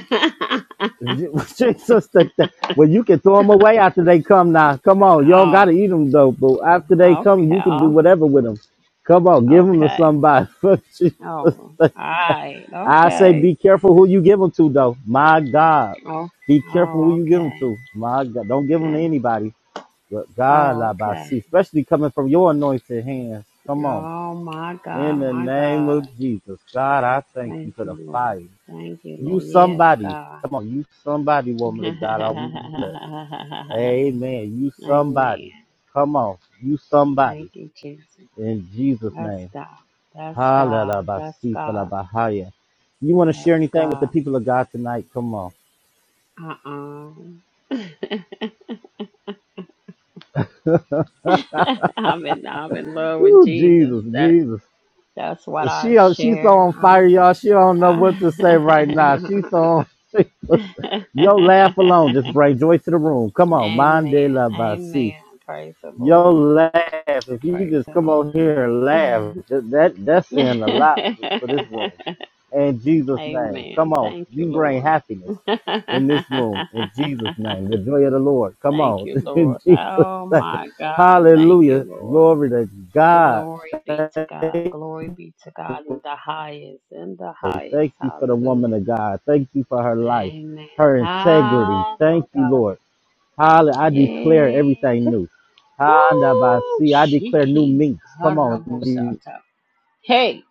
Speaker 9: Jesus, that, that, well, you can throw them away after they come now. Come on, y'all got
Speaker 10: oh,
Speaker 9: to eat them though. But after they come, you
Speaker 10: okay,
Speaker 9: can do
Speaker 10: oh,
Speaker 9: whatever with them. Come on, give them to
Speaker 10: okay.
Speaker 9: somebody. For Jesus,
Speaker 10: Oh, all
Speaker 9: sake.
Speaker 10: right,
Speaker 9: I say,
Speaker 10: okay.
Speaker 9: be careful who you give them to though. My God,
Speaker 10: Oh,
Speaker 9: be careful who
Speaker 10: oh,
Speaker 9: you give them
Speaker 10: okay.
Speaker 9: to. My God, don't give them to
Speaker 10: okay.
Speaker 9: anybody. But God, I
Speaker 10: Oh, okay.
Speaker 9: see, especially coming from your anointed hands. Come on,
Speaker 10: Oh my
Speaker 9: in
Speaker 10: God,
Speaker 9: the
Speaker 10: my
Speaker 9: name
Speaker 10: God.
Speaker 9: of Jesus, God, I thank you
Speaker 10: Thank
Speaker 9: for the
Speaker 10: you, Lord.
Speaker 9: fire.
Speaker 10: Thank you,
Speaker 9: You
Speaker 10: Lord. Yes,
Speaker 9: somebody.
Speaker 10: God.
Speaker 9: Come on, you somebody, woman of God. I want it. Amen. You
Speaker 10: Amen.
Speaker 9: somebody. Come on, you
Speaker 10: Thank
Speaker 9: somebody.
Speaker 10: you, Jesus.
Speaker 9: In Jesus'
Speaker 10: That's
Speaker 9: name.
Speaker 10: God. That's God.
Speaker 9: Hallelujah.
Speaker 10: That's God.
Speaker 9: You want to share
Speaker 10: That's
Speaker 9: anything with the
Speaker 10: God.
Speaker 9: people of God tonight? Come on.
Speaker 10: Uh-uh. I'm in I'm in love with
Speaker 9: Ooh,
Speaker 10: Jesus.
Speaker 9: Jesus,
Speaker 10: That
Speaker 9: Jesus.
Speaker 10: that's what I
Speaker 9: She on- she so
Speaker 10: share.
Speaker 9: on
Speaker 10: I'm
Speaker 9: fire, y'all. She don't know what
Speaker 10: Amen.
Speaker 9: to say right now. She so on. Your laugh alone just bring joy to the room. Come on, Mande la basi.
Speaker 10: Amen. Praise the
Speaker 9: Your
Speaker 10: Lord.
Speaker 9: laugh, if you
Speaker 10: Praise
Speaker 9: just
Speaker 10: the
Speaker 9: come over here and
Speaker 10: Lord.
Speaker 9: laugh, that, that that's saying a lot for this room. In Jesus' name,
Speaker 10: Amen.
Speaker 9: come on,
Speaker 10: Thank you,
Speaker 9: you bring
Speaker 10: Lord.
Speaker 9: happiness in this room. In Jesus' name, the joy of the Lord. Come
Speaker 10: Thank
Speaker 9: on,
Speaker 10: you,
Speaker 9: in
Speaker 10: Lord.
Speaker 9: Jesus'
Speaker 10: Oh
Speaker 9: name,
Speaker 10: my God. Thank you,
Speaker 9: Hallelujah,
Speaker 10: Lord.
Speaker 9: glory to God.
Speaker 10: Glory be to God. Glory be to God in the highest, in the
Speaker 9: Thank
Speaker 10: highest.
Speaker 9: you for the woman
Speaker 10: Hallelujah.
Speaker 9: of God. Thank you for her life,
Speaker 10: Amen.
Speaker 9: her integrity.
Speaker 10: Ah,
Speaker 9: Thank
Speaker 10: my
Speaker 9: you,
Speaker 10: God.
Speaker 9: Lord. Hallelujah. I declare everything
Speaker 10: Yeah.
Speaker 9: new.
Speaker 10: Woo.
Speaker 9: Handabasi. I declare new
Speaker 10: Shiki
Speaker 9: minks. Come on.
Speaker 10: harabosata. Hey,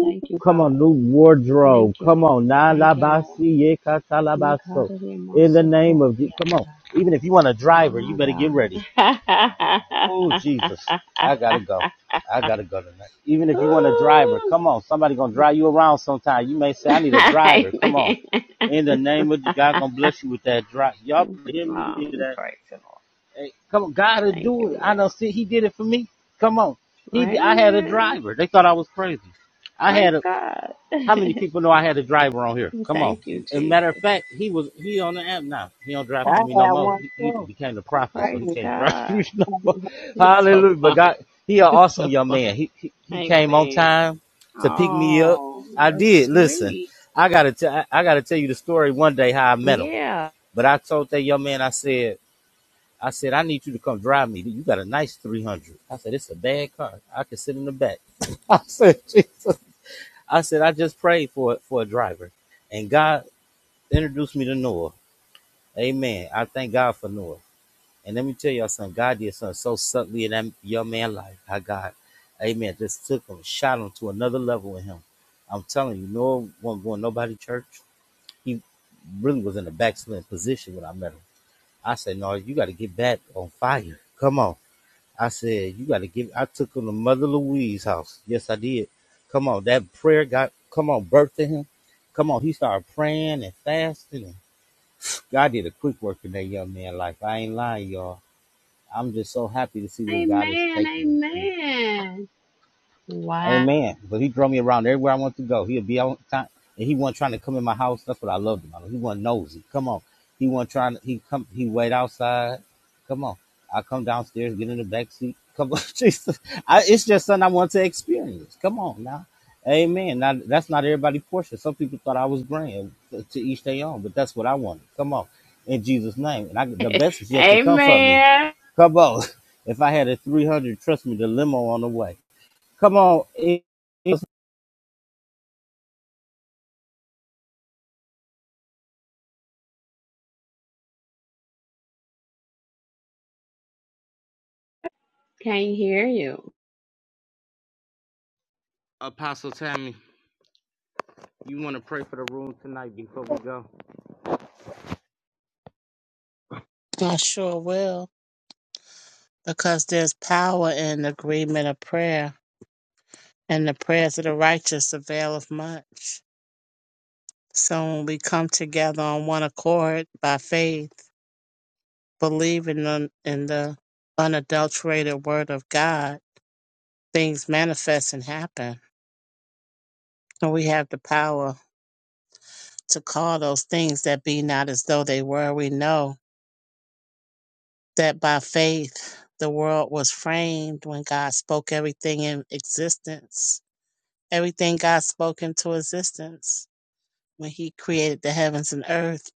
Speaker 10: thank you,
Speaker 9: Come on,
Speaker 10: God.
Speaker 9: new
Speaker 10: Thank
Speaker 9: wardrobe.
Speaker 10: you,
Speaker 9: Come
Speaker 10: Lord.
Speaker 9: on, na
Speaker 10: Thank you, Lord.
Speaker 9: labasi ye yekatalabaso. In the name of Jesus.
Speaker 10: Nkareremosokoriata.
Speaker 9: Come on. Even if you want a driver, you
Speaker 10: My
Speaker 9: better get ready.
Speaker 10: God.
Speaker 9: Oh Jesus. I gotta go. I gotta go tonight. Even if you want a driver,
Speaker 10: Woo.
Speaker 9: come on. Somebody gonna drive you around sometime. You may say, I need a driver. Come on.
Speaker 10: Amen.
Speaker 9: In the name of God, gonna bless you with that drive. Y'all hear me
Speaker 10: Um,
Speaker 9: today?
Speaker 10: praise the Lord.
Speaker 9: Hey, come on, God will
Speaker 10: Thank
Speaker 9: do
Speaker 10: you,
Speaker 9: it. I know. See, He
Speaker 10: Lord.
Speaker 9: did it for me. Come on. He, did- I had a
Speaker 10: Amen.
Speaker 9: driver. They thought I was crazy. I
Speaker 10: Praise
Speaker 9: had a
Speaker 10: God.
Speaker 9: how many people know I had a driver on here? Come on.
Speaker 10: Thank you,
Speaker 9: As a matter of
Speaker 10: Jesus.
Speaker 9: fact, he was he on the app now. He don't drive
Speaker 8: right. I
Speaker 9: for me no
Speaker 8: had
Speaker 9: more.
Speaker 8: one
Speaker 9: He, he
Speaker 8: too.
Speaker 9: became the
Speaker 8: I'm
Speaker 9: prophet, so
Speaker 10: Praise
Speaker 9: he
Speaker 8: telling you.
Speaker 9: can't drive for
Speaker 10: God.
Speaker 9: me no more.
Speaker 10: It's so
Speaker 9: Hallelujah. But
Speaker 10: fun.
Speaker 9: God, he an
Speaker 10: It's
Speaker 9: awesome
Speaker 10: so
Speaker 9: young
Speaker 10: fun.
Speaker 9: man. He he, he came on
Speaker 10: Amen.
Speaker 9: time to pick me up.
Speaker 10: Oh,
Speaker 9: I
Speaker 10: that's
Speaker 9: did. Listen,
Speaker 10: sweet.
Speaker 9: I gotta tell I I gotta tell you the story one day how I met him.
Speaker 10: Yeah.
Speaker 9: But I told that young man, I said, I said, I need you to come drive me. You got a nice 300. I said, it's a bad car. I can sit in the back. I said, Jesus. I said, I just prayed for for a driver, and God introduced me to Noah. Amen. I thank God for Noah. And let me tell y'all something. God did something so subtly in that young man's life. How God, Amen, just took him, shot him to another level with him. I'm telling you, Noah wasn't going to nobody church. He really was in a backslidden position when I met him. I said, No, you got to get back on fire. Come on. I said, you got to give. I took him to Mother Louise's house. Yes, I did. Come on, that prayer got, come on, birth to him. Come on, he started praying and fasting. And God did a quick work in that young man's life. I ain't lying, y'all. I'm just so happy to see where God is
Speaker 10: Amen.
Speaker 9: taking us to.
Speaker 10: Amen. Wow.
Speaker 9: Amen. But he drove me around everywhere I wanted to go. He'll be on time. And he wasn't trying to come in my house. That's what I loved about him. He wasn't nosy. Come on. He wasn't trying to he come he wait outside. Come on. I come downstairs, get in the back seat. Come on, Jesus. I, it's just something I want to experience. Come on now. Amen. Now that's not everybody portion. Some people thought I was grand to each their own, but that's what I wanted. Come on. In Jesus' name. And I, the best is yet to come for me.
Speaker 10: Amen.
Speaker 9: Come on. If I had a 300, trust me, the limo on the way. Come on. It- it's-
Speaker 10: Can't hear you.
Speaker 9: Apostle Tammy, you want to pray for the room tonight before we go?
Speaker 8: I sure will. Because there's power in the agreement of prayer, and the prayers of the righteous availeth much. So when we come together on one accord by faith, believing in, in the unadulterated word of God, things manifest and happen. And we have the power to call those things that be not as though they were. We know that by faith, the world was framed when God spoke everything in existence. Everything God spoke into existence when He created the heavens and earth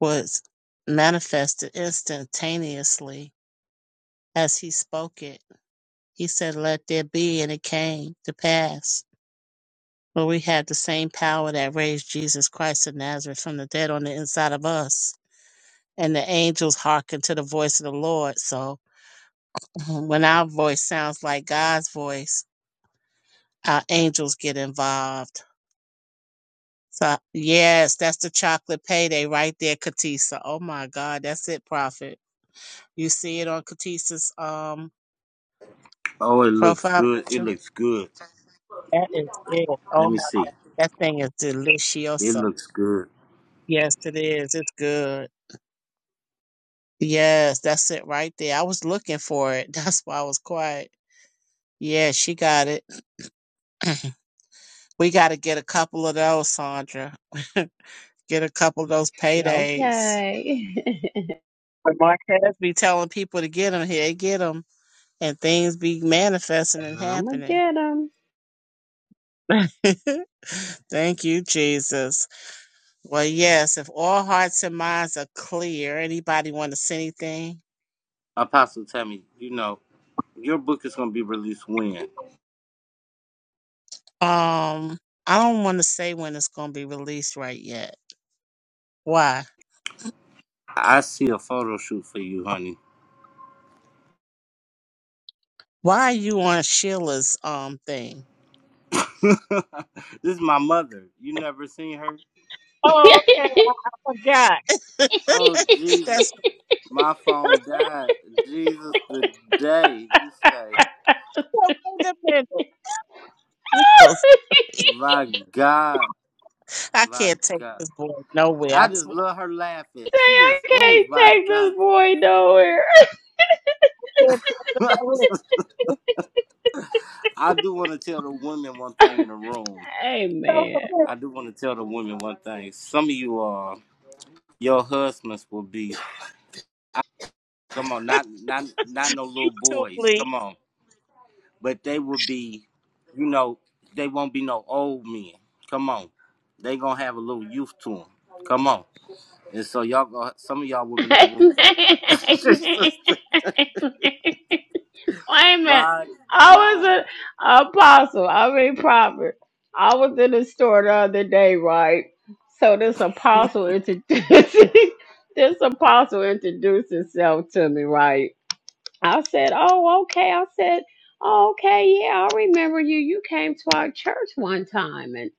Speaker 8: was manifested instantaneously as he spoke it. He said, Let there be, and it came to pass. For we have the same power that raised Jesus Christ of Nazareth from the dead on the inside of us. And the angels hearken to the voice of the Lord. So Mhm. when our voice sounds like God's voice, our angels get involved. So, yes, that's the chocolate payday right there, Katisa. Oh my God, that's it, Prophet. You see it on Katisa's um,
Speaker 1: Oh, it looks
Speaker 8: profile
Speaker 1: good. It
Speaker 8: picture?
Speaker 1: looks good.
Speaker 8: That is it.
Speaker 1: Let
Speaker 8: Oh
Speaker 1: me see.
Speaker 8: That thing is
Speaker 1: It
Speaker 8: delicioso.
Speaker 1: looks good.
Speaker 8: Yes, it is. It's good. Yes, that's it right there. I was looking for it. That's why I was quiet. Yeah, she got it. We got to get a couple of those, Sandra. get a couple of those paydays.
Speaker 10: Okay.
Speaker 8: But Marquez be telling people to get them here, get them, and things be manifesting and
Speaker 10: I'ma
Speaker 8: happening.
Speaker 10: get him.
Speaker 8: Thank you, Jesus. Well, yes, if all hearts and minds are clear, anybody want to say anything?
Speaker 1: Apostle Tammy, you know, your book is going to be released when?
Speaker 8: Um, I don't want to say when it's going to be released right yet. Why?
Speaker 1: I see a photo shoot you, honey.
Speaker 8: Why are you on Sheila's um thing?
Speaker 1: this is my mother. You never seen her?
Speaker 8: Oh, okay. I,
Speaker 1: Oh,
Speaker 8: forgot.
Speaker 1: Jesus.
Speaker 8: That's
Speaker 1: My phone died. Jesus, the day. You say,
Speaker 8: well, wait a minute. Look at those-
Speaker 1: my God,
Speaker 8: I
Speaker 1: my
Speaker 8: can't take
Speaker 1: God.
Speaker 8: this boy nowhere.
Speaker 1: I
Speaker 8: I
Speaker 1: just
Speaker 8: swear.
Speaker 1: love her laughing.
Speaker 10: Say
Speaker 1: She
Speaker 10: I
Speaker 1: just, oh,
Speaker 10: can't
Speaker 1: my
Speaker 10: take
Speaker 1: God.
Speaker 10: this boy nowhere.
Speaker 8: I Can't think about it. It's
Speaker 1: I do want to tell the women one thing in the room.
Speaker 10: Amen.
Speaker 8: so
Speaker 1: I do want to tell the women one thing. Some of you are. Your husbands will be come on, not not not no little boys,
Speaker 8: Totally
Speaker 1: come on. But they will be, you know, they won't be no old men. Come on, they gonna have a little youth to them. Come on, and so y'all, gonna, some of y'all women in the room.
Speaker 10: Amen.
Speaker 1: Jesus,
Speaker 10: Amen. Amen.
Speaker 1: my
Speaker 10: I was
Speaker 1: God,
Speaker 10: an apostle. I mean prophet. I was in the store the other day, right? So this apostle introduced this apostle introduced himself to me, right? I said, Oh, okay. I said, oh, Okay, yeah, I remember you. You came to our church one time. And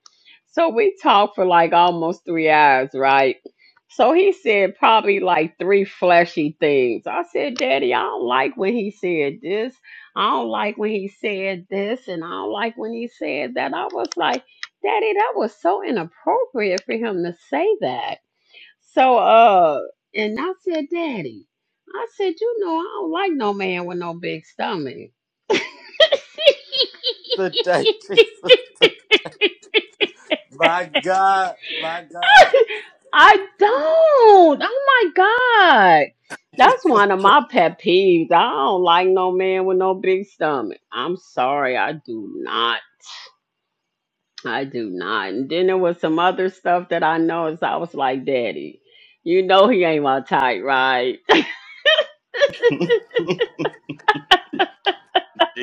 Speaker 10: so we talked for like almost three hours, right? So he said probably like three fleshy things. I said, Daddy, I don't like when he said this. I don't like when he said this. And I don't like when he said that. I was like, Daddy, that was so inappropriate for him to say that. So uh and I said, Daddy, I said, you know, I don't like no man with no big stomach.
Speaker 1: today, Jesus, my God, my God,
Speaker 10: I don't. Oh my God. That's
Speaker 1: Jesus.
Speaker 10: one of my pet peeves. I don't like no man with no big stomach. I'm sorry, I do not. I do not. And then there was some other stuff that I noticed. I was like, Daddy, you know he ain't my type, right?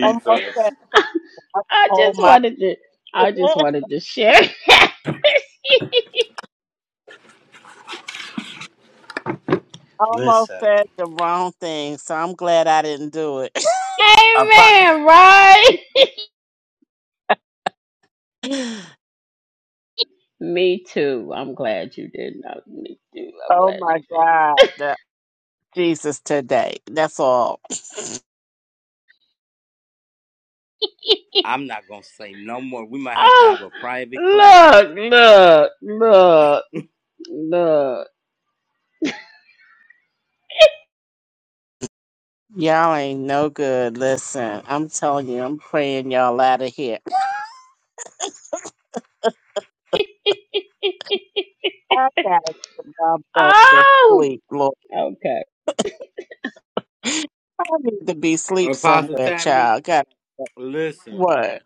Speaker 8: almost said something.
Speaker 10: I
Speaker 8: oh
Speaker 10: just
Speaker 8: my
Speaker 10: wanted to I just wanted to share.
Speaker 8: almost
Speaker 1: Listen,
Speaker 8: said the wrong thing, so I'm glad I didn't do it.
Speaker 1: Apo-
Speaker 10: Amen, right? Me too. I'm glad you did not. Me too. I'm
Speaker 8: oh
Speaker 10: glad
Speaker 8: my
Speaker 10: you.
Speaker 8: god. Jesus today. That's all.
Speaker 1: I'm not gonna say no more. We might have to
Speaker 10: Oh,
Speaker 1: have a private class.
Speaker 10: look, look, look, look.
Speaker 8: Y'all ain't no good. Listen, I'm telling you, I'm praying y'all out of here. I gotta get my butt to
Speaker 10: oh,
Speaker 8: sleep, Lord.
Speaker 10: okay.
Speaker 8: I need to be sleep
Speaker 1: Apostle
Speaker 8: somewhere,
Speaker 1: Tammy,
Speaker 8: child. Got
Speaker 1: listen.
Speaker 8: what?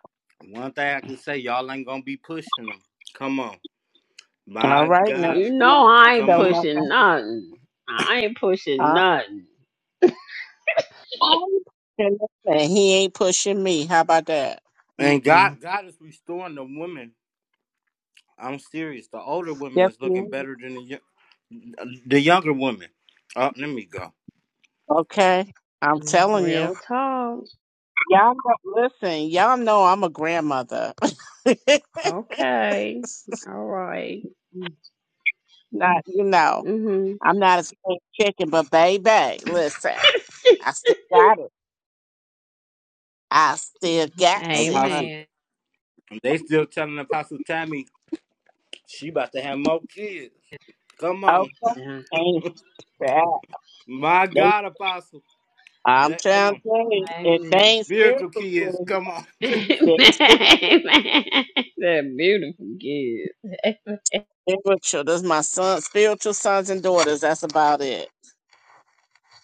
Speaker 1: One thing I can say, y'all ain't gonna be pushing them. Come on,
Speaker 8: All
Speaker 1: my
Speaker 8: right now.
Speaker 1: God,
Speaker 10: You
Speaker 8: Come on.
Speaker 10: know
Speaker 8: I
Speaker 10: I ain't
Speaker 1: come
Speaker 8: don't
Speaker 1: on.
Speaker 8: know.
Speaker 10: pushing nothing. I ain't pushing
Speaker 8: I,
Speaker 10: nothing.
Speaker 8: I'm pushing this man. He ain't pushing me. How about that?
Speaker 1: And God,
Speaker 8: Mm-mm.
Speaker 1: God is restoring the women. I'm serious. The older women
Speaker 8: Yes,
Speaker 1: is
Speaker 8: he
Speaker 1: looking
Speaker 8: is.
Speaker 1: better than the yo- the younger women. Oh, let me go.
Speaker 8: Okay. I'm telling
Speaker 10: Real
Speaker 8: you.
Speaker 10: talk.
Speaker 8: Y'all know, listen, y'all know I'm a grandmother.
Speaker 10: Okay. All right.
Speaker 8: Not, you know,
Speaker 10: Mhm.
Speaker 8: I'm not a spring chicken, but baby, listen, I still got it. I still got it. Huh?
Speaker 1: Apostle,
Speaker 10: Amen.
Speaker 1: they still telling Apostle Tammy she about to have more kids. Come on,
Speaker 8: Okay.
Speaker 10: Yeah.
Speaker 8: Ain't that-
Speaker 1: my
Speaker 8: they,
Speaker 1: God, Apostle,
Speaker 8: I'm
Speaker 1: that come
Speaker 8: trying to
Speaker 1: on,
Speaker 8: tell you, if they
Speaker 10: Amen.
Speaker 8: ain't spiritual,
Speaker 1: spiritual kids.
Speaker 8: children,
Speaker 1: Come on,
Speaker 10: Amen.
Speaker 8: they spiritual,
Speaker 10: That beautiful gift.
Speaker 8: spiritual. That's my son, spiritual sons and daughters. That's about it.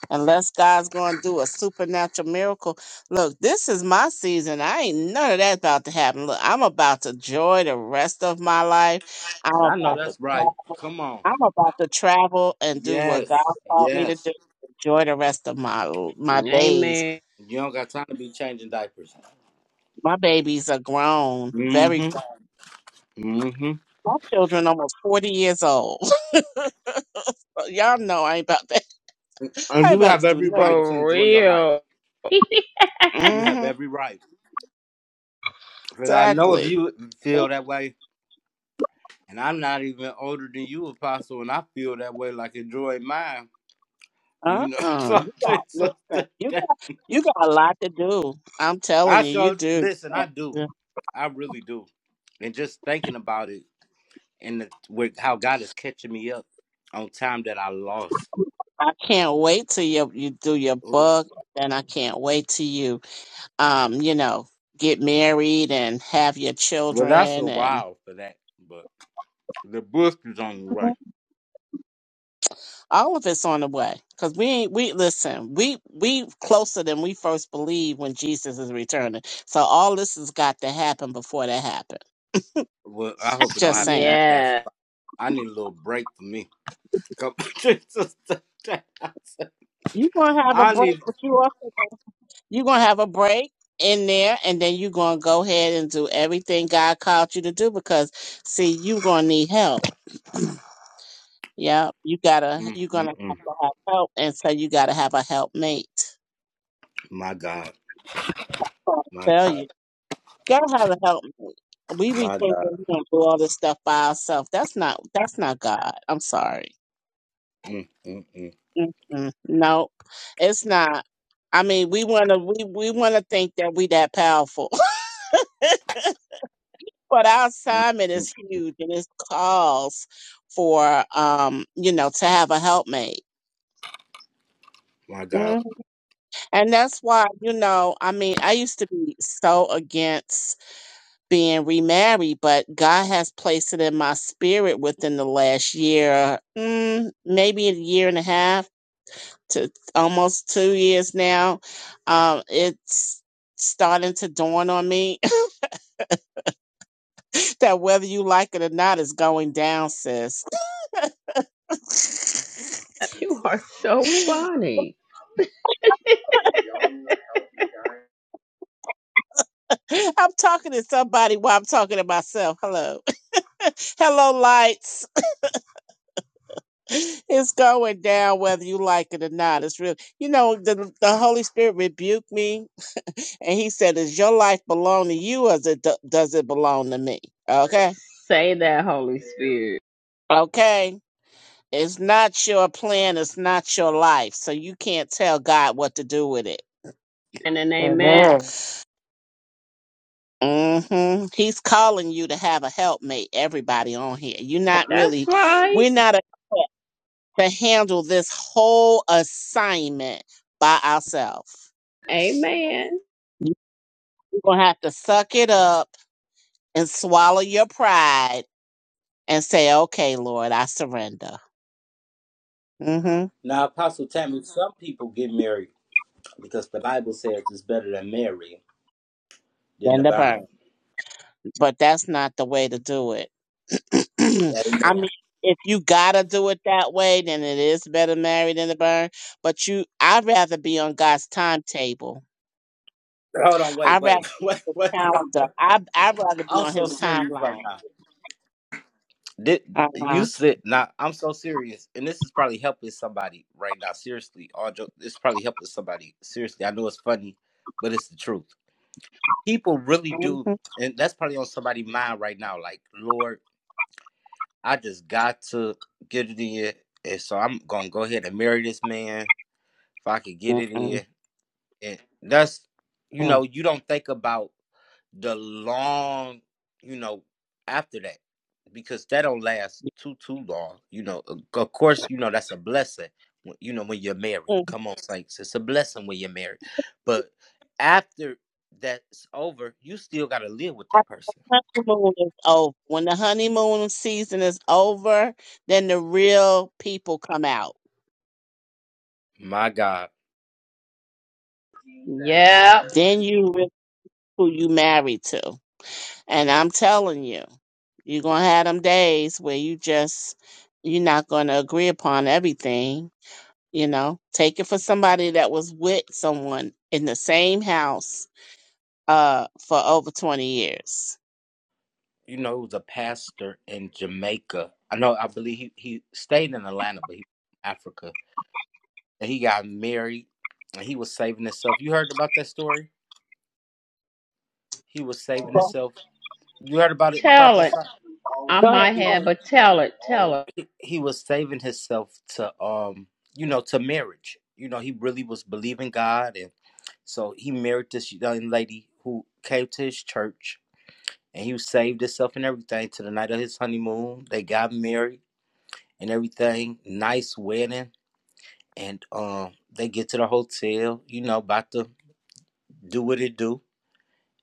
Speaker 8: Unless God's going to do a supernatural miracle. Look, this is my season. I ain't none of that about to happen. Look, I'm about to enjoy the rest of my life. I'm
Speaker 1: I know
Speaker 8: about
Speaker 1: that's
Speaker 8: to.
Speaker 1: right. Come on,
Speaker 8: I'm about to travel and do what God
Speaker 1: yes,
Speaker 8: called me to do.
Speaker 1: yes.
Speaker 8: Enjoy the rest of my my days.
Speaker 10: Amen.
Speaker 1: You don't got time to be changing diapers.
Speaker 8: My babies are grown,
Speaker 1: hmm
Speaker 8: very grown.
Speaker 1: hmm
Speaker 8: My children almost forty years old. Y'all know I ain't about that. I
Speaker 1: And
Speaker 8: ain't
Speaker 1: you
Speaker 8: about
Speaker 1: have
Speaker 8: to do
Speaker 1: every
Speaker 8: none of
Speaker 1: right to
Speaker 10: For
Speaker 1: enjoy your life.
Speaker 10: real.
Speaker 1: You
Speaker 8: that.
Speaker 1: have
Speaker 8: hmm
Speaker 1: every right. Because I know if
Speaker 8: Exactly.
Speaker 1: you feel that way, and I'm not even older than you, Apostle, and I feel that way, like enjoy mine. You
Speaker 8: Uh
Speaker 1: know,
Speaker 8: uh
Speaker 1: so,
Speaker 8: You got
Speaker 1: so
Speaker 8: listen.
Speaker 1: that-
Speaker 8: You got you got a lot to do. I'm telling
Speaker 1: I
Speaker 8: you, you
Speaker 1: so
Speaker 8: do.
Speaker 1: listen. I do. I really do. And just thinking about it, and the, with how God is catching me up on time that I lost.
Speaker 8: I can't wait till you you do your
Speaker 1: Ooh.
Speaker 8: book, and I can't wait till you. um, you know, get married and have your
Speaker 1: Well, that's
Speaker 8: children
Speaker 1: a
Speaker 8: and
Speaker 1: while for that, but the book is on the way.
Speaker 8: all of it's on the way because we ain't we listen we we closer than we first believe when jesus is returning so all this has got to happen before that happens
Speaker 1: Well, I hope it don't
Speaker 8: just
Speaker 1: happen
Speaker 8: saying
Speaker 1: that fast.
Speaker 10: yeah.
Speaker 1: I need a little break for me. Come, Jesus.
Speaker 8: you're gonna have a
Speaker 1: I
Speaker 8: break
Speaker 1: need.
Speaker 8: but you are you're gonna have a break in there and then you're gonna go ahead and do everything god called you to do because see you're gonna need help yeah you gotta
Speaker 1: Mm,
Speaker 8: you're gonna have to have help and so you gotta have a helpmate
Speaker 1: my God.
Speaker 8: I
Speaker 1: My
Speaker 8: tell
Speaker 1: God.
Speaker 8: you, God have to help me. We be
Speaker 1: My
Speaker 8: thinking
Speaker 1: God.
Speaker 8: we gonna do all this stuff by ourselves. That's not that's not God. I'm sorry.
Speaker 1: Mm-mm.
Speaker 8: Mm-mm. No, it's not. I mean, we wanna we we wanna think that we that powerful, but our assignment is huge, and it calls for um you know to have a helpmate. Mhm. And that's why, you know, I mean, I used to be so against being remarried, but God has placed it in my spirit within the last year, mm, maybe a year and a half to almost two years now. Um, it's starting to dawn on me that whether you like it or not is going down, sis.
Speaker 10: You are so funny.
Speaker 8: I'm talking to somebody while I'm talking to myself. Hello. Hello, lights. it's going down whether you like it or not. It's real. You know, the, the Holy Spirit rebuked me and he said, Does your life belong to you or does it, does it belong to me? Okay.
Speaker 10: Say that, Holy Spirit.
Speaker 8: Okay. It's not your plan. It's not your life. So you can't tell God what to do with it.
Speaker 10: And an amen.
Speaker 7: Amen.
Speaker 8: hmm He's calling you to have a helpmate, everybody on here. You're not
Speaker 10: That's
Speaker 8: really,
Speaker 10: right.
Speaker 8: we're not equipped to handle this whole assignment by ourselves.
Speaker 10: Amen.
Speaker 8: You're gonna have to suck it up and swallow your pride and say, "Okay, Lord, I surrender." Mm-hmm.
Speaker 1: Now, Apostle Tammy, some people get married because the Bible says it's better to marry than to
Speaker 8: Surrender
Speaker 1: burn.
Speaker 8: burn, but that's not the way to do it. I
Speaker 1: Amen.
Speaker 8: mean, if you gotta do it that way, then it is better married than to burn. But you, I'd rather be on God's timetable.
Speaker 1: Hold on, wait,
Speaker 8: I'd rather
Speaker 1: wait,
Speaker 8: be on
Speaker 1: wait,
Speaker 8: His
Speaker 1: wait. wait.
Speaker 8: calendar. I I'd rather be
Speaker 1: I'm
Speaker 8: on
Speaker 1: so
Speaker 8: His
Speaker 1: serious
Speaker 8: timeline.
Speaker 1: right now. Did
Speaker 8: Uh huh.
Speaker 1: you said now? I'm so serious, and this is probably helping somebody right now. Seriously, all joke. This is probably helping somebody. Seriously, I know it's funny, but it's the truth. People really do,
Speaker 8: Mm-hmm.
Speaker 1: and that's probably on somebody's mind right now. Like, Lord. I just got to get it in. And so I'm gonna go ahead and marry this man if I could get it
Speaker 8: Mm-mm.
Speaker 1: in. And that's you
Speaker 8: Mm.
Speaker 1: know, you don't think about the long, you know, after that. Because that don't last too too long. You know, of course, you know, that's a blessing. You know, when you're married. Come on, saints. It's a blessing when you're married. But after that's over, you still gotta live with that person.
Speaker 8: honeymoon is over. When the honeymoon season is over, then the real people come out.
Speaker 1: My God.
Speaker 10: Yep.
Speaker 8: Then you re- who you married to. And I'm telling you, you're gonna have them days where you just you're not gonna agree upon everything. You know, take it for somebody that was with someone in the same house uh for over 20 years.
Speaker 1: you know, he was a pastor in Jamaica. I know, I believe he, he stayed in Atlanta, but he from Africa. And he got married and he was saving himself. You heard about that story? He was saving
Speaker 8: Go
Speaker 1: himself. You heard about it,
Speaker 10: Tell
Speaker 1: Prophet?
Speaker 10: it.
Speaker 1: Si-
Speaker 10: I
Speaker 8: go ahead,
Speaker 10: might have,
Speaker 8: Chloe.
Speaker 10: but tell it. Tell it.
Speaker 1: He was saving himself to, um, you know, to marriage. You know, he really was believing God. And so he married this young lady who came to his church and he saved himself and everything to the night of his honeymoon. They got married and everything. Nice wedding and um they get to the hotel, you know, about to do what it do.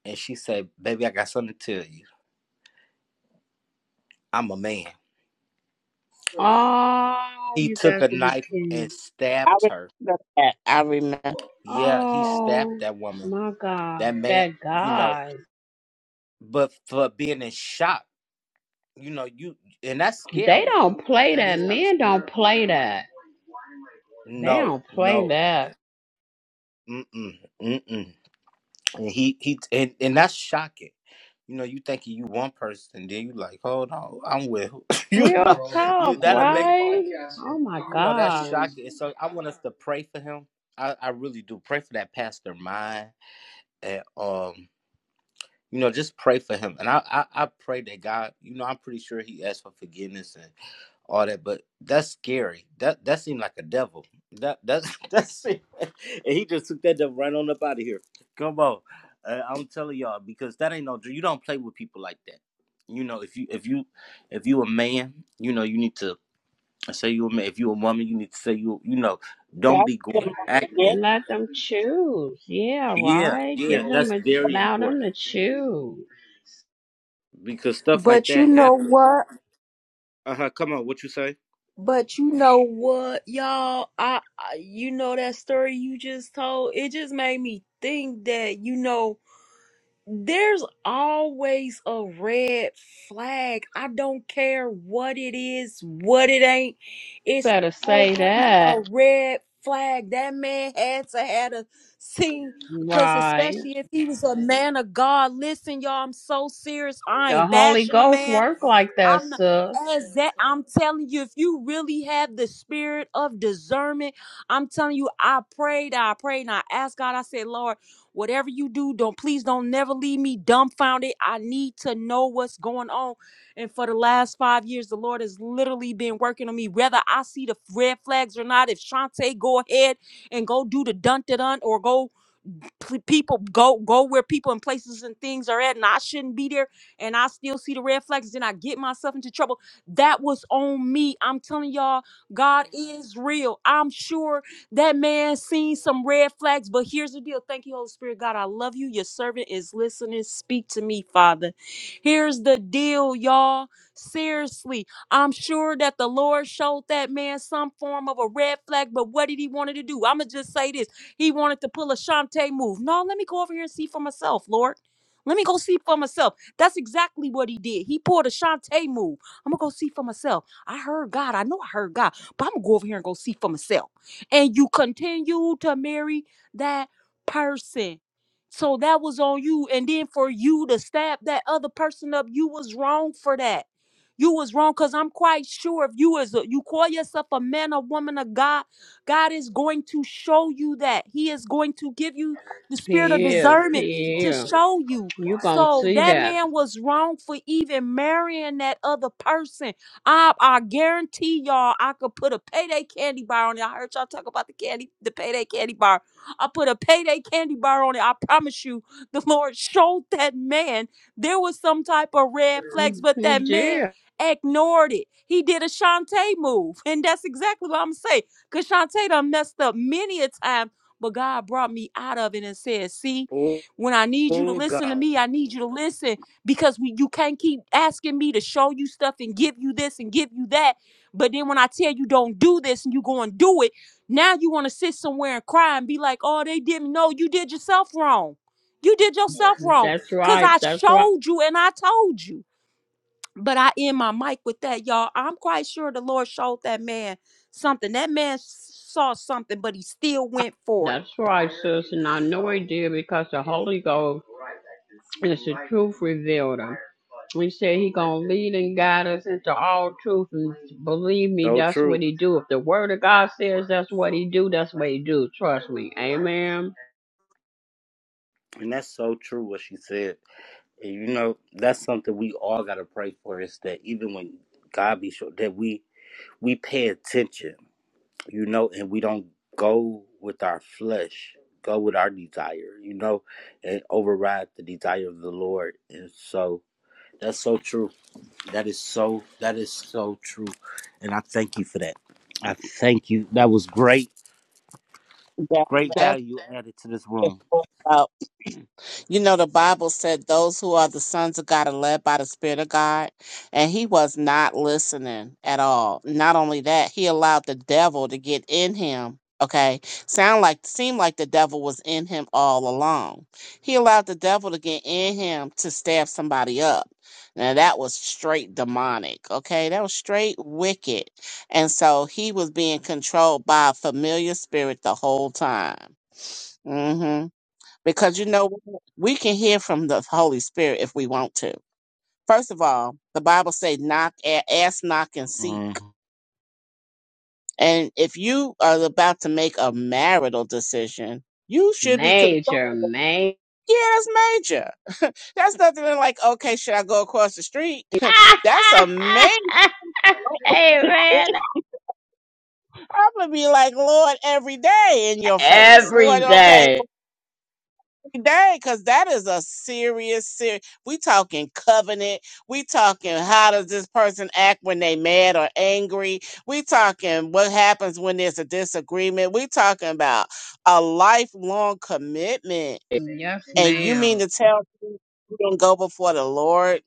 Speaker 1: And she said, Baby, I got something to tell you. I'm a man.
Speaker 10: Oh,
Speaker 1: He
Speaker 10: you
Speaker 1: took
Speaker 10: got
Speaker 1: a
Speaker 10: to be
Speaker 1: knife
Speaker 10: kidding. me.
Speaker 1: and
Speaker 8: I
Speaker 1: stabbed her.
Speaker 8: remember that. I remember.
Speaker 1: Yeah, he stabbed
Speaker 10: Oh
Speaker 1: that woman.
Speaker 10: my God,
Speaker 1: That man,
Speaker 10: that
Speaker 1: you know,
Speaker 10: guy.
Speaker 1: but for being in shock, you know, you and that's
Speaker 10: They
Speaker 1: scary.
Speaker 10: don't play
Speaker 1: That
Speaker 10: that.
Speaker 1: is kind of
Speaker 10: Men
Speaker 1: scary.
Speaker 10: don't play that. They
Speaker 1: No,
Speaker 10: don't play
Speaker 1: no,
Speaker 10: that.
Speaker 1: mm-mm, mm-mm. And he he and, and that's shocking. You know, you thinking you one person, then you like, hold on, I'm with who? you know
Speaker 10: Real talk,
Speaker 1: you that'll make
Speaker 10: right? Oh my
Speaker 1: You know, that's
Speaker 10: God.
Speaker 1: shocking. So I want us to pray for him. I, I really do. Pray for that pastor mind and um you know, just pray for him. And I, I I pray that God, you know, I'm pretty sure he asked for forgiveness and all that, but that's scary. That that seemed like a devil. That that that's it. And he just took that devil right on up out of here. Come on. Uh, I'm telling y'all, because that ain't no You You you you you you you don't play with people like that. know, know, if you if you if you a man, you know, you need to. Say you a man. If you a woman, you need to say you. You know, don't
Speaker 8: That's
Speaker 1: be
Speaker 8: the
Speaker 1: going
Speaker 8: moment.
Speaker 1: acting.
Speaker 10: And let them choose. Yeah,
Speaker 1: Yeah,
Speaker 10: right.
Speaker 1: yeah,
Speaker 10: Give them
Speaker 1: that's
Speaker 10: a,
Speaker 1: very
Speaker 10: allow them
Speaker 1: important
Speaker 10: to choose.
Speaker 1: because stuff like
Speaker 3: But you
Speaker 1: that
Speaker 3: know
Speaker 1: happens.
Speaker 3: what?
Speaker 1: Uh huh. Come on, what you say?
Speaker 3: But you know what, y'all? I, I you know that story you just told. It just made me think that you know. there's always a red flag. I don't care what it is, what it ain't. It's
Speaker 10: Better say
Speaker 3: always
Speaker 10: that.
Speaker 3: a red flag. That man had to had a scene because
Speaker 10: Right.
Speaker 3: especially if he was a man of God. Listen, y'all, I'm so serious. I
Speaker 10: The
Speaker 3: ain't
Speaker 10: Holy
Speaker 3: bashing the
Speaker 10: Ghost
Speaker 3: man.
Speaker 10: work like that,
Speaker 3: I'm not,
Speaker 10: sis.
Speaker 3: as that I'm telling you, if you really have the spirit of discernment, I'm telling you, I prayed, I prayed, and I asked God, I said, Lord, whatever you do, don't please don't never leave me dumbfounded. I need to know what's going on. And for the last five years, the Lord has literally been working on me, whether I see the red flags or not. If Shantae go ahead and go do the dun dun dun or go P- people go go where people and places and things are at, and I shouldn't be there, and I still see the red flags, then I get myself into trouble. That was on me. I'm telling y'all, God Mhm. is real. I'm sure that man seen some red flags, but here's the deal. Thank you, Holy Spirit. God, I love you. Your servant is listening. Speak to me, Father. Here's the deal, y'all. Seriously, I'm sure that the Lord showed that man some form of a red flag, but what did he wanted to do? I'ma just say this. He wanted to pull a Shantae move. No, let me go over here and see for myself, Lord. Let me go see for myself. That's exactly what he did. He pulled a Shantae move. I'm gonna go see for myself. I heard God. I know I heard God, but I'm gonna go over here and go see for myself. And you continue to marry that person. So that was on you. And then for you to stab that other person up, you was wrong for that. You was wrong because I'm quite sure if you is a, you call yourself a man, a woman, of God. God is going to show you that. He is going to give you the spirit of
Speaker 10: He is.
Speaker 3: discernment
Speaker 10: He
Speaker 3: to
Speaker 10: is.
Speaker 3: show you.
Speaker 10: You gonna
Speaker 3: So
Speaker 10: see
Speaker 3: that
Speaker 10: that.
Speaker 3: man was wrong for even marrying that other person. I, I guarantee y'all, I could put a payday candy bar on it. I heard y'all talk about the candy, the payday candy bar. I put a payday candy bar on it. I promise you, the Lord showed that man there was some type of red flags, but
Speaker 10: He
Speaker 3: that
Speaker 10: did.
Speaker 3: man ignored it. He did a Shantae move, and that's exactly what I'm saying. Because Shantae done messed up many a time, but God brought me out of it and said, see,
Speaker 1: Oh,
Speaker 3: when I need you to
Speaker 1: oh
Speaker 3: listen to
Speaker 1: God.
Speaker 3: me, I need you to listen because we, you can't keep asking me to show you stuff and give you this and give you that. But then when I tell you don't do this and you go and do it, now you want to sit somewhere and cry and be like, oh, they didn't know you did yourself wrong. You did yourself wrong
Speaker 10: That's
Speaker 3: because
Speaker 10: right.
Speaker 3: I
Speaker 10: That's right.
Speaker 3: showed you and I told you. But I end my mic with that, y'all. I'm quite sure the Lord showed that man something. That man saw something, but he still went for it.
Speaker 10: That's right, sis. And I know he did because the Holy Ghost is the truth revealer. We said he gonna lead and guide us into all truth. And believe me,
Speaker 1: So,
Speaker 10: that's what he do. If the word of God says that's what he do, that's what he do. Trust me. Amen.
Speaker 1: and that's so true what she said. And you know, that's something we all gotta pray for is that even when God be sure that we we pay attention, you know, and we don't go with our flesh, go with our desire, you know, and override the desire of the Lord. And so that's so true. That is so that is so true. And I thank you for that. I thank you. That was great,
Speaker 8: That's
Speaker 1: great
Speaker 8: that's
Speaker 1: value added to this
Speaker 8: It's
Speaker 1: room.
Speaker 8: all about- You know, the Bible said those who are the sons of God are led by the Spirit of God, and he was not listening at all. Not only that, he allowed the devil to get in him. Okay, sound like seemed like the devil was in him all along. He allowed the devil to get in him to stab somebody up. Now that was straight demonic. Okay, that was straight wicked, and so he was being controlled by a familiar spirit the whole time. Mm-hmm. Because you know what? we can hear from the Holy Spirit if we want to. First of all, the Bible say knock a- ask, knock and seek.
Speaker 1: Mhm.
Speaker 8: And if you are about to make a marital decision, you should be
Speaker 10: Major,
Speaker 8: consulted.
Speaker 10: major.
Speaker 8: Yeah, that's major. That's nothing like, okay, should I go across the street? that's a major.
Speaker 10: Amen.
Speaker 8: I'm gonna be like, Lord, every day in your face. Lord,
Speaker 10: Every
Speaker 8: okay.
Speaker 10: day.
Speaker 8: day because that is a serious serious we talking covenant we talking how does this person act when they mad or angry we talking what happens when there's a disagreement we talking about a lifelong commitment
Speaker 10: Yes,
Speaker 8: and you mean
Speaker 10: ma'am.
Speaker 8: to tell me you don't go before the lord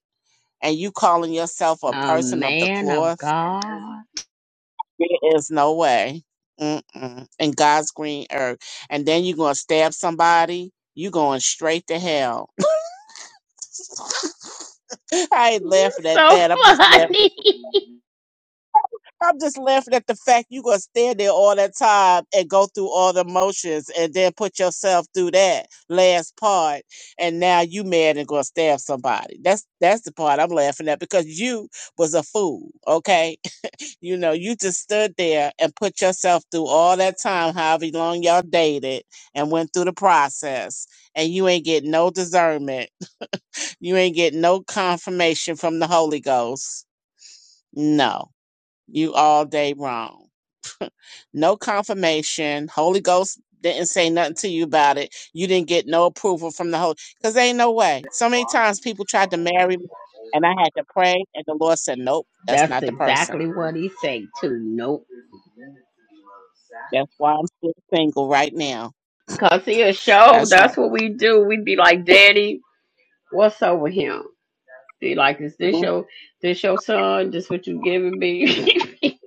Speaker 8: and you calling yourself a
Speaker 10: A
Speaker 8: person of the
Speaker 10: man of
Speaker 8: cloth
Speaker 10: God.
Speaker 8: there is no way Mm-mm. in god's green earth and then you're gonna stab somebody you going straight to hell I ain't
Speaker 10: You're
Speaker 8: laughing at
Speaker 10: so
Speaker 8: that. I'm just laughing.
Speaker 10: funny.
Speaker 8: I'm just laughing at the fact you gonna stand there all that time and go through all the motions and then put yourself through that last part and now you mad and gonna stab somebody. That's that's the part I'm laughing at because you was a fool, okay? You know, you just stood there and put yourself through all that time, however long y'all dated and went through the process and you ain't get no discernment. You ain't get no confirmation from the Holy Ghost No, you all day wrong. No confirmation. Holy Ghost didn't say nothing to you about it. You didn't get no approval from the Holy because ain't no way. So many times people tried to marry me and I had to pray and the Lord said, Nope, that's
Speaker 10: That's
Speaker 8: not the person.
Speaker 10: exactly what he say too. Nope.
Speaker 8: That's why I'm still single right now.
Speaker 10: Cause he a show.
Speaker 8: That's right.
Speaker 10: That's what we do. We be like, Daddy, what's over him? Be like, is this
Speaker 8: Exactly.
Speaker 10: your this your son? This what you giving me?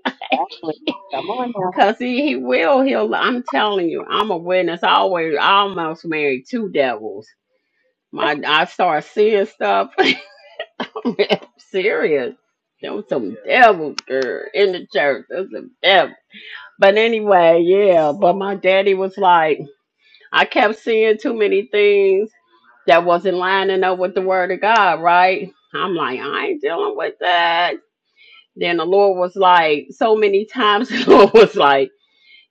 Speaker 8: Come on now.
Speaker 10: Cause he, he will. He'll. I'm telling you. I'm a witness. I always I almost married two devils. My I start seeing stuff. I'm serious. There was some devil girl in the church. There's a devil. But anyway, yeah, but my daddy was like, I kept seeing too many things that wasn't lining up with the word of God, right? I'm like, I ain't dealing with that. Then the Lord was like, so many times the Lord was like,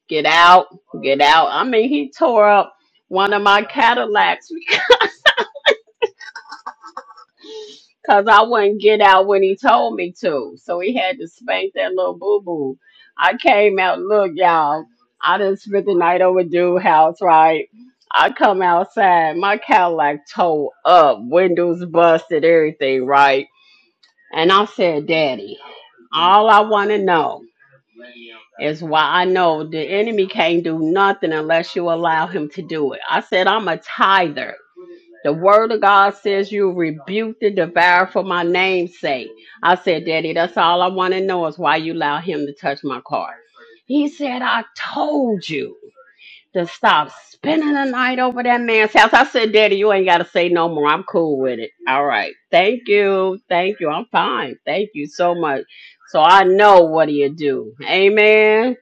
Speaker 10: get out, get out. I mean, he tore up one of my Cadillacs Cause I wouldn't get out when he told me to. So he had to spank that little boo boo. I came out, look, y'all, I done spent the night over dude house, right? I come outside, my Cadillac towed up, windows busted, everything, right? And I said, Daddy, all I wanna know is why I know the enemy can't do nothing unless you allow him to do it. I said, I'm a tither. The word of God says you rebuke the devourer for my name's sake. I said, Daddy, that's all I want to know is why you allow him to touch my car. He said, I told you to stop spending the night over that man's house. I said, Daddy, you ain't got to say no more. I'm cool with it. All right. Thank you. Thank you. I'm fine. Thank you so much. So I know what do you do. Amen.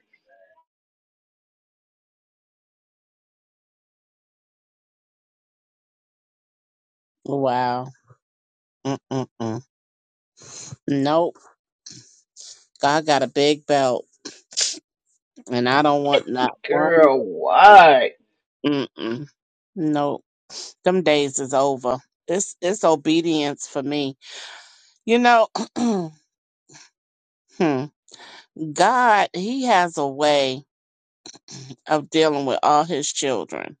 Speaker 8: Wow. Mm-mm-mm. Nope. God got a big belt and I don't want not one.
Speaker 10: Girl,
Speaker 8: little-
Speaker 10: what?
Speaker 8: Mm-mm. Nope. Them days is over. It's it's obedience for me. You know, hmm, God, He has a way of dealing with all His children,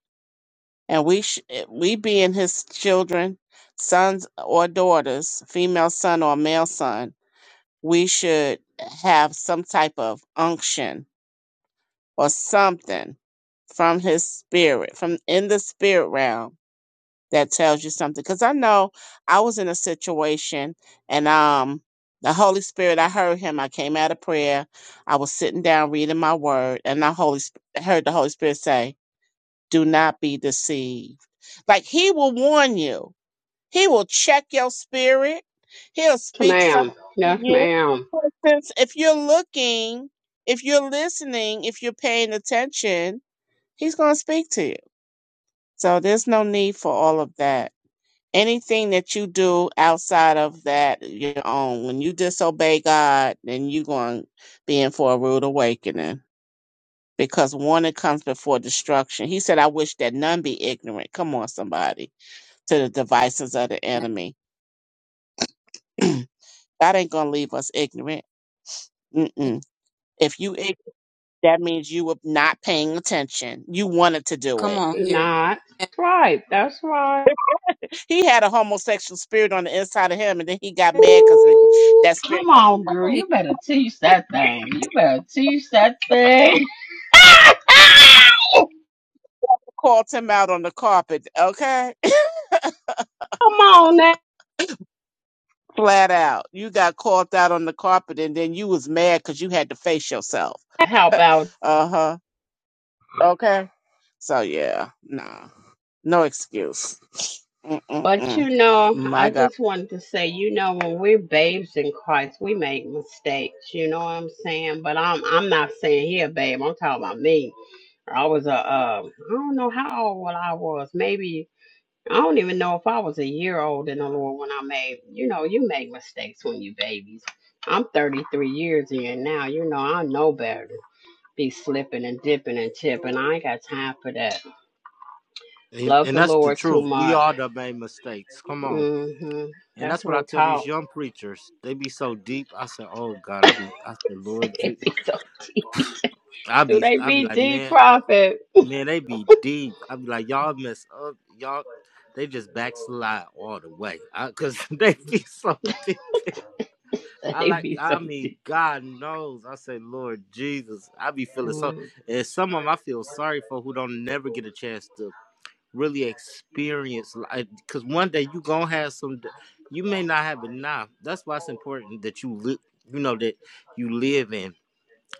Speaker 8: and we sh- we being His children, sons or daughters, female son or male son, we should have some type of unction or something from His Spirit, from in the spirit realm that tells you something. Because I know I was in a situation and um the Holy Spirit, I heard him. I came out of prayer. I was sitting down reading my word, and the Holy Sp- heard the Holy Spirit say, Do not be deceived. Like he will warn you. He will check your spirit. He'll
Speaker 10: Yes,
Speaker 8: speak something
Speaker 10: ma'am.
Speaker 8: to
Speaker 10: Yes,
Speaker 8: you.
Speaker 10: ma'am.
Speaker 8: For instance, if you're looking, if you're listening, if you're paying attention, he's gonna speak to you. So there's no need for all of that anything that you do outside of that your own when you disobey god then you're going to be in for a rude awakening because warning comes before destruction he said i wish that none be ignorant come on somebody to the devices of the enemy god ain't going to leave us ignorant Mm-mm. if you ignorant, that means you were not paying attention you wanted to do
Speaker 3: Come
Speaker 8: it
Speaker 3: on here.
Speaker 10: Not. right. That's right.
Speaker 8: he had a homosexual spirit on the inside of him and then he got mad because that spirit
Speaker 10: come on, girl. You better teach that thing. You better teach that thing. come
Speaker 8: called him out on the carpet, okay?
Speaker 10: on now.
Speaker 8: Flat out. You got called out on the carpet and then you was mad because you had to face yourself.
Speaker 10: Help out.
Speaker 8: Uh-huh. Okay. So yeah, nah. No excuse.
Speaker 10: But
Speaker 8: Mm-mm-mm.
Speaker 10: you know, I
Speaker 8: My God.
Speaker 10: just wanted to say, you know, when we're babes in Christ, we make mistakes. You know what I'm saying? But I'm I'm not saying here, babe. I'm talking about me. I was a um, I don't know how old I was. Maybe I don't even know if I was a year old in the Lord when I made, you know, you make mistakes when you babies. I'm 33 years in now. You know, I know better. Be slipping and dipping and tipping. I ain't got time for that.
Speaker 1: And,
Speaker 10: Love
Speaker 1: and
Speaker 10: the
Speaker 1: that's the
Speaker 10: Lord too
Speaker 1: truth. We
Speaker 10: much.
Speaker 1: all done made mistakes. Come on.
Speaker 10: mm hmm
Speaker 1: And that's
Speaker 10: That's
Speaker 1: what I
Speaker 10: real
Speaker 1: tell these
Speaker 10: talk.
Speaker 1: young preachers. They be so deep. I said, "Oh God," I be, I said, "Lord,"
Speaker 10: They
Speaker 1: Je-"
Speaker 10: be so,
Speaker 1: I
Speaker 10: do
Speaker 1: be,
Speaker 10: they
Speaker 1: I be
Speaker 10: be
Speaker 1: like,
Speaker 10: deep,
Speaker 1: "Man,
Speaker 10: prophet?
Speaker 1: man, they be deep." I be like, "Y'all mess up, y'all." They just backslide all the way, I, cause they be so deep. I
Speaker 10: They
Speaker 1: like,
Speaker 10: be so
Speaker 1: I mean,
Speaker 10: deep.
Speaker 1: God knows. I say, Lord Jesus, I be feeling so.
Speaker 10: Mm,
Speaker 1: And some of them I feel sorry for who don't never get a chance to really experience life. Because one day you gonna have some. d- You may not have it now. That's why it's important that you live. You know that you live in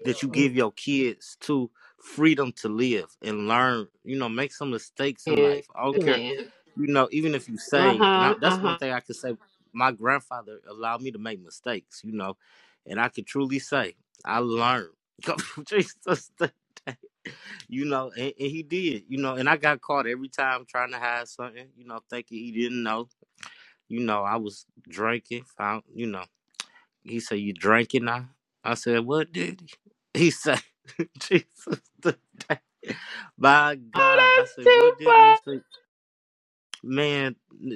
Speaker 1: that you
Speaker 10: mm.
Speaker 1: give your kids to freedom to live and learn, you know, make some mistakes in life. I don't
Speaker 10: And,
Speaker 1: care,
Speaker 10: man.
Speaker 1: you know, even if you saved. And I,
Speaker 10: Uh-huh,
Speaker 1: that's one
Speaker 10: uh-huh.
Speaker 1: thing I can say. My grandfather allowed me to make mistakes, you know, and I can truly say I learned. Jesus, you know, and, and he did, you know, and I got caught every time trying to hide something, you know, thinking he didn't know. You know, I was drinking, found, you know. He said, You drinking now? I said, What did he? He said, Jesus today. By
Speaker 10: Oh,
Speaker 1: God. I
Speaker 10: that's
Speaker 1: said,
Speaker 10: too
Speaker 1: What did he
Speaker 10: far.
Speaker 1: say? Man, i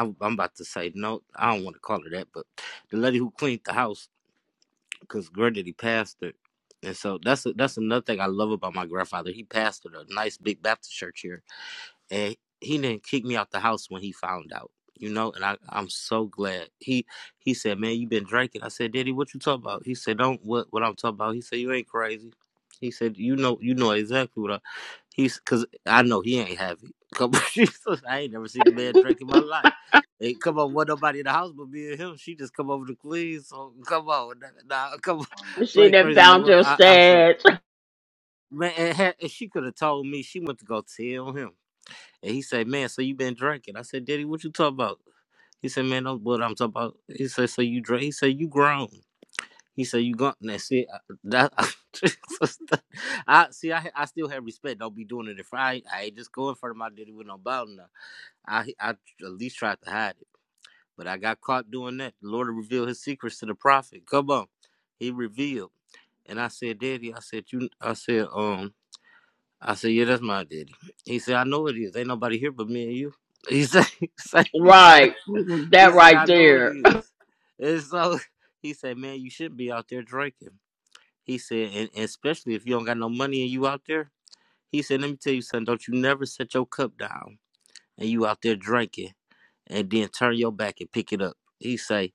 Speaker 1: am about to say no. I don't want to call her that, but the lady who cleaned the house, because granddaddy pastored. And so that's a, that's another thing I love about my grandfather. He pastored a nice big Baptist church here and he didn't kick me out the house when he found out you know and I, i'm so glad he he said man you been drinking i said daddy what you talking about he said don't what what i'm talking about he said you ain't crazy he said you know you know exactly what i he's because i know he ain't happy come on jesus i ain't never seen a man drink in my life Ain't come on what nobody in the house but me and him she just come over to queens so come on nah, nah, come on,
Speaker 10: She
Speaker 1: play
Speaker 10: done
Speaker 1: crazy
Speaker 10: found
Speaker 1: Well,
Speaker 10: your
Speaker 1: i i said
Speaker 10: stage.
Speaker 1: man and, had- and she could have told me she went to go tell him and he said, "Man, so you been drinking?" I said, "Daddy, what you talking about?" He said, "Man, that's what I'm talking about." He said, "So you drink?" He said, "You grown." He said, "You gone?" That's it. I, that I see. I I still have respect. Don't be doing it if I ain't- I ain't just going for my daddy with no bottle now. I I at least tried to hide it, but I got caught doing that. The Lord revealed His secrets to the prophet. Come on, He revealed, and I said, "Daddy," I said, "You," I said, "Um." I said, yeah, that's my daddy. He said, I know it is. Ain't nobody here but me and you. He said, he said, he said,
Speaker 10: Right.
Speaker 1: he
Speaker 10: That
Speaker 1: said,
Speaker 10: right
Speaker 1: I know it
Speaker 10: there.
Speaker 1: is. And so he said, man, you should be out there drinking. He said, and, and especially if you don't got no money and you out there. He said, let me tell you something. Don't you never set your cup down and you out there drinking and then turn your back and pick it up. He say,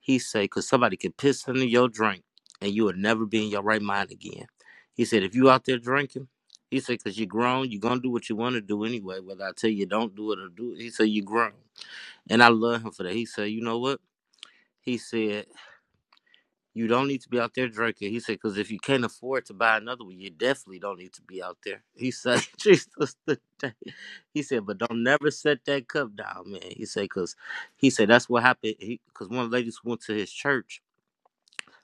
Speaker 1: he said, because somebody could piss into your drink and you would never be in your right mind again. He said, if you out there drinking, he said, because you're grown, you're going to do what you want to do anyway, whether I tell you don't do it or do it. He said, you're grown. And I love him for that. He said, you know what? He said, you don't need to be out there drinking. He said, because if you can't afford to buy another one, you definitely don't need to be out there. He said, Jesus, today. He said, but don't never set that cup down, man. He said, because he said, that's what happened. Because one of the ladies went to his church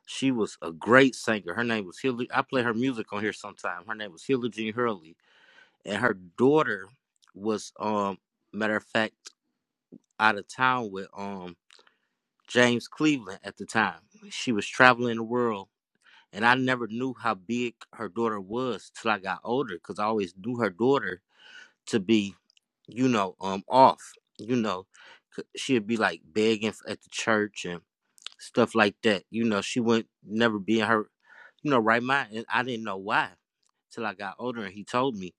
Speaker 1: she was a great singer. Her name was Hilary. I play her music on here sometime. Her name was Hilary Jean Hurley, and her daughter was, um, matter of fact, out of town with um James Cleveland at the time. She was traveling the world, and I never knew how big her daughter was till I got older, because I always knew her daughter to be, you know, um, off. You know, 'cause she'd be like begging at the church and stuff like that. You know, she wouldn't never be in her, you know, right mind. And I didn't know why till I got older and he told me.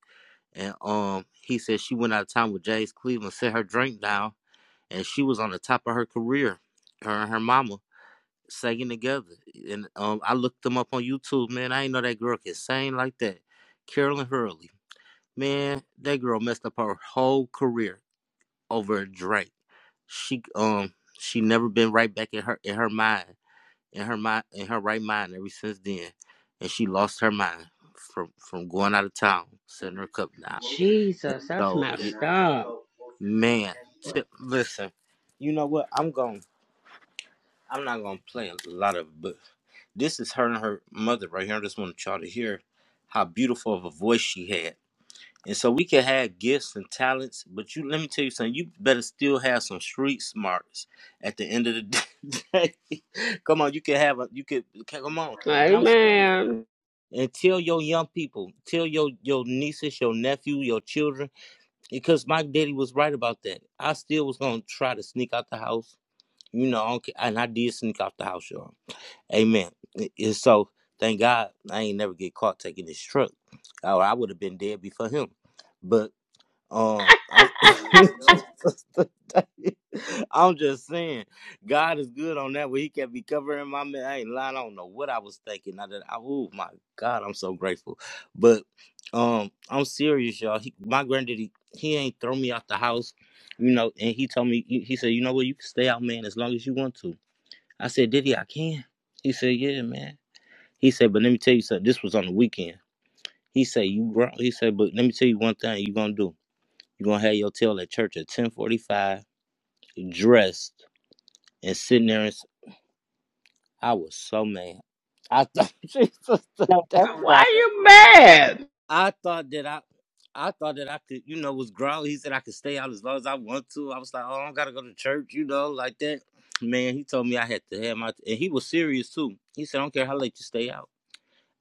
Speaker 1: And um, he said she went out of town with Jay's Cleveland, set her drink down, and she was on the top of her career. Her and her mama singing together. And um, I looked them up on YouTube, man. I ain't know that girl could sing like that. Carolyn Hurley, man, that girl messed up her whole career over a drink. She um, she never been right back in her in her mind in her mind in her right mind ever since then. And she lost her mind from from going out of town, setting her cup down. And
Speaker 10: Jesus, that's
Speaker 1: so
Speaker 10: messed up.
Speaker 1: man, tip, listen, you know what? I'm going I'm not gonna play a lot of but this is her and her mother right here. I just want y'all to hear how beautiful of a voice she had. And so we can have gifts and talents, but you let me tell you something, you better still have some street smarts at the end of the day. come on, you can have a you could come on. And I'm serious.
Speaker 10: Amen.
Speaker 1: and tell your young people, tell your your nieces, your nephew, your children, because my daddy was right about that. I still was gonna try to sneak out the house, you know, and I did sneak out the house, y'all. Amen. And so thank God I ain't never get caught taking this truck, or I would have been dead before him. But. Um, I'm, I'm just saying, God is good on that. Where He kept me covering my man. I ain't lying. I don't know what I was thinking. I did. I, oh my God, I'm so grateful. But um, I'm serious, y'all. He, my granddaddy, he ain't throw me out the house, you know. And he told me, he, he said, you know what, you can stay out, man, as long as you want to. I said, Diddy, I can. He said, Yeah, man. He said, but let me tell you something. This was on the weekend. He said, you grown. He said, but let me tell you one thing. You gonna do. You're gonna have your tail at church at 1045, dressed and sitting there and I was so mad. I thought Jesus
Speaker 8: No, that's right.
Speaker 10: Why you mad?
Speaker 1: I thought that I I thought that I could, you know, was growly. He said I could stay out as long as I want to. I was like, oh, I don't gotta go to church, you know, like that. Man, he told me I had to have my and he was serious too. He said, I don't care how late you stay out.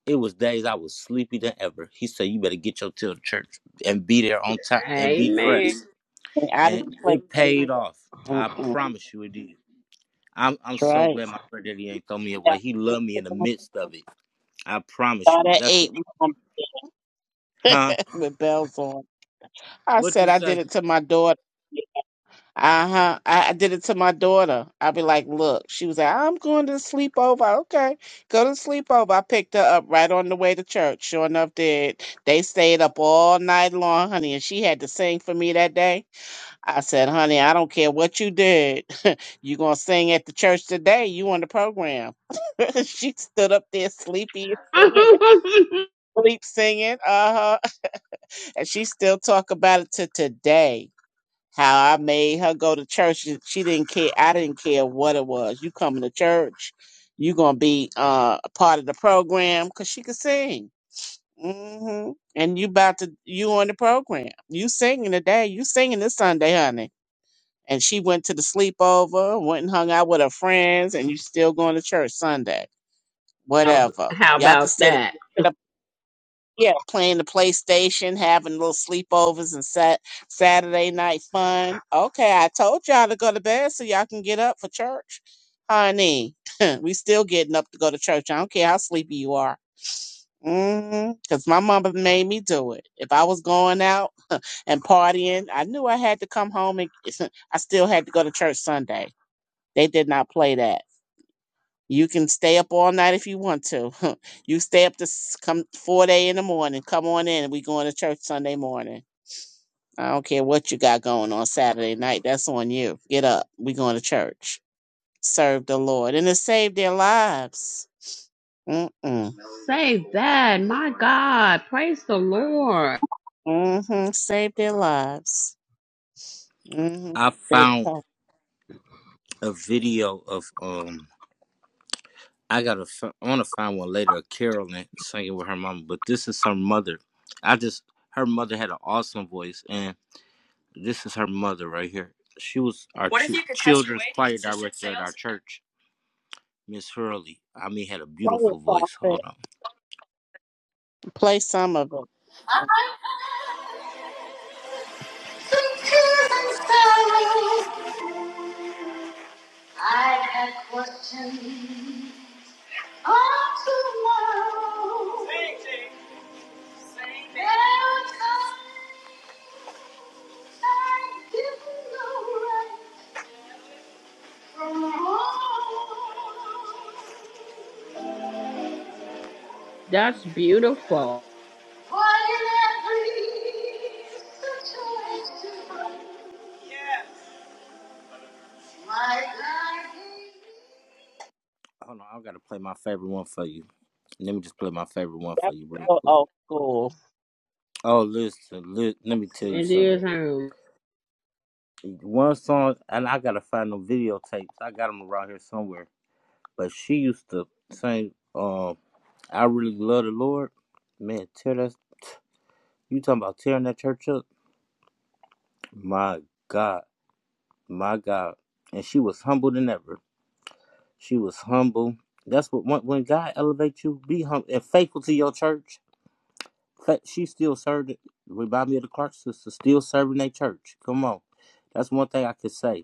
Speaker 1: It was days I was sleepy than ever. He said, You better get your tail to church and be there on time and be
Speaker 10: Amen.
Speaker 1: dressed.
Speaker 8: I didn't
Speaker 1: And
Speaker 8: play.
Speaker 1: it paid off. I
Speaker 8: Mm-mm.
Speaker 1: promise you it did. I'm I'm
Speaker 8: That's
Speaker 1: so
Speaker 8: right.
Speaker 1: glad my friend Diddy ain't throw me
Speaker 8: Yeah.
Speaker 1: away. He loved me in the midst of it. I promise
Speaker 8: Start
Speaker 1: you.
Speaker 8: at
Speaker 1: That's it.
Speaker 8: eight.
Speaker 1: Huh?
Speaker 8: with bells on. I
Speaker 1: What you
Speaker 8: said I did
Speaker 1: say?
Speaker 8: it to my daughter. Uh huh. I, I did it to my daughter. I'd be like, look, she was like, I'm going to sleepover. Okay, go to sleepover. I picked her up right on the way to church. Sure enough, did. They stayed up all night long, honey, and she had to sing for me that day. I said, honey, I don't care what you did. you going to sing at the church today. You on the program. she stood up there sleepy,
Speaker 10: how,
Speaker 8: singing, sleep singing. Uh huh. And she still talk about it to today how I made her go to church. She, she didn't care. I didn't care what it was. You coming to church? You gonna be uh, a part of the program because she could sing. hmm And you about to you on the program. You singing today. You singing this Sunday, honey. And she went to the sleepover, went and hung out with her friends, and you still going to church Sunday. Whatever. Y'all could
Speaker 10: about
Speaker 8: sit,
Speaker 10: that?
Speaker 8: sit up yeah, playing the PlayStation, having little sleepovers and sat Saturday night fun. Okay, I told y'all to go to bed so y'all can get up for church. Honey, we still getting up to go to church. I don't care how sleepy you are. Mm-hmm. Cause my mama made me do it. If I was going out and partying, I knew I had to come home and I still had to go to church Sunday. They did not play that. You can stay up all night if you want to. you stay up to s- come four day in the morning. Come on in. We going to church Sunday morning. I don't care what you got going on Saturday night. That's on you. Get up. We going to church. Serve the Lord and it saved their lives. Mm-mm.
Speaker 10: Say that. My God. Praise the Lord.
Speaker 8: Mm-hmm. Saved their lives. Mm-hmm.
Speaker 1: I
Speaker 8: They
Speaker 1: found
Speaker 8: come.
Speaker 1: a video of um. I gotta. f- I want to find one later of Carolyn singing with her mama, but this is her mother. I just her mother had an awesome voice, and this is her mother right here. She was our What if chi- you could touch children's your choir director at sales? our church, Miss Hurley. I mean, had a
Speaker 8: Play it,
Speaker 1: beautiful voice.
Speaker 8: prophet.
Speaker 1: Hold on.
Speaker 8: Play some of it.
Speaker 1: I had questions all tomorrow. Say, say that. There were times I didn't know right from wrong.
Speaker 10: That's beautiful.
Speaker 1: Why in every situation, yes. my God gave me Hold on, I've got to play my favorite one for you. Let me just play my favorite one for
Speaker 8: That's
Speaker 1: you real
Speaker 8: so
Speaker 1: quick.
Speaker 8: old school.
Speaker 1: Oh, listen, li- let me tell you
Speaker 10: It
Speaker 1: something.
Speaker 10: is him.
Speaker 1: one song, and I gotta find them videotapes. I got them around here somewhere. But she used to sing, um, "I really love the Lord." Man, tear that! You talking about tearing that church up? My God, my God! And she was humble than ever. She was humble. That's what when, when God elevates you, be humble and faithful to your church. She still served. it. Remind me of the Clark sisters still serving their church. Come on, that's one thing I could say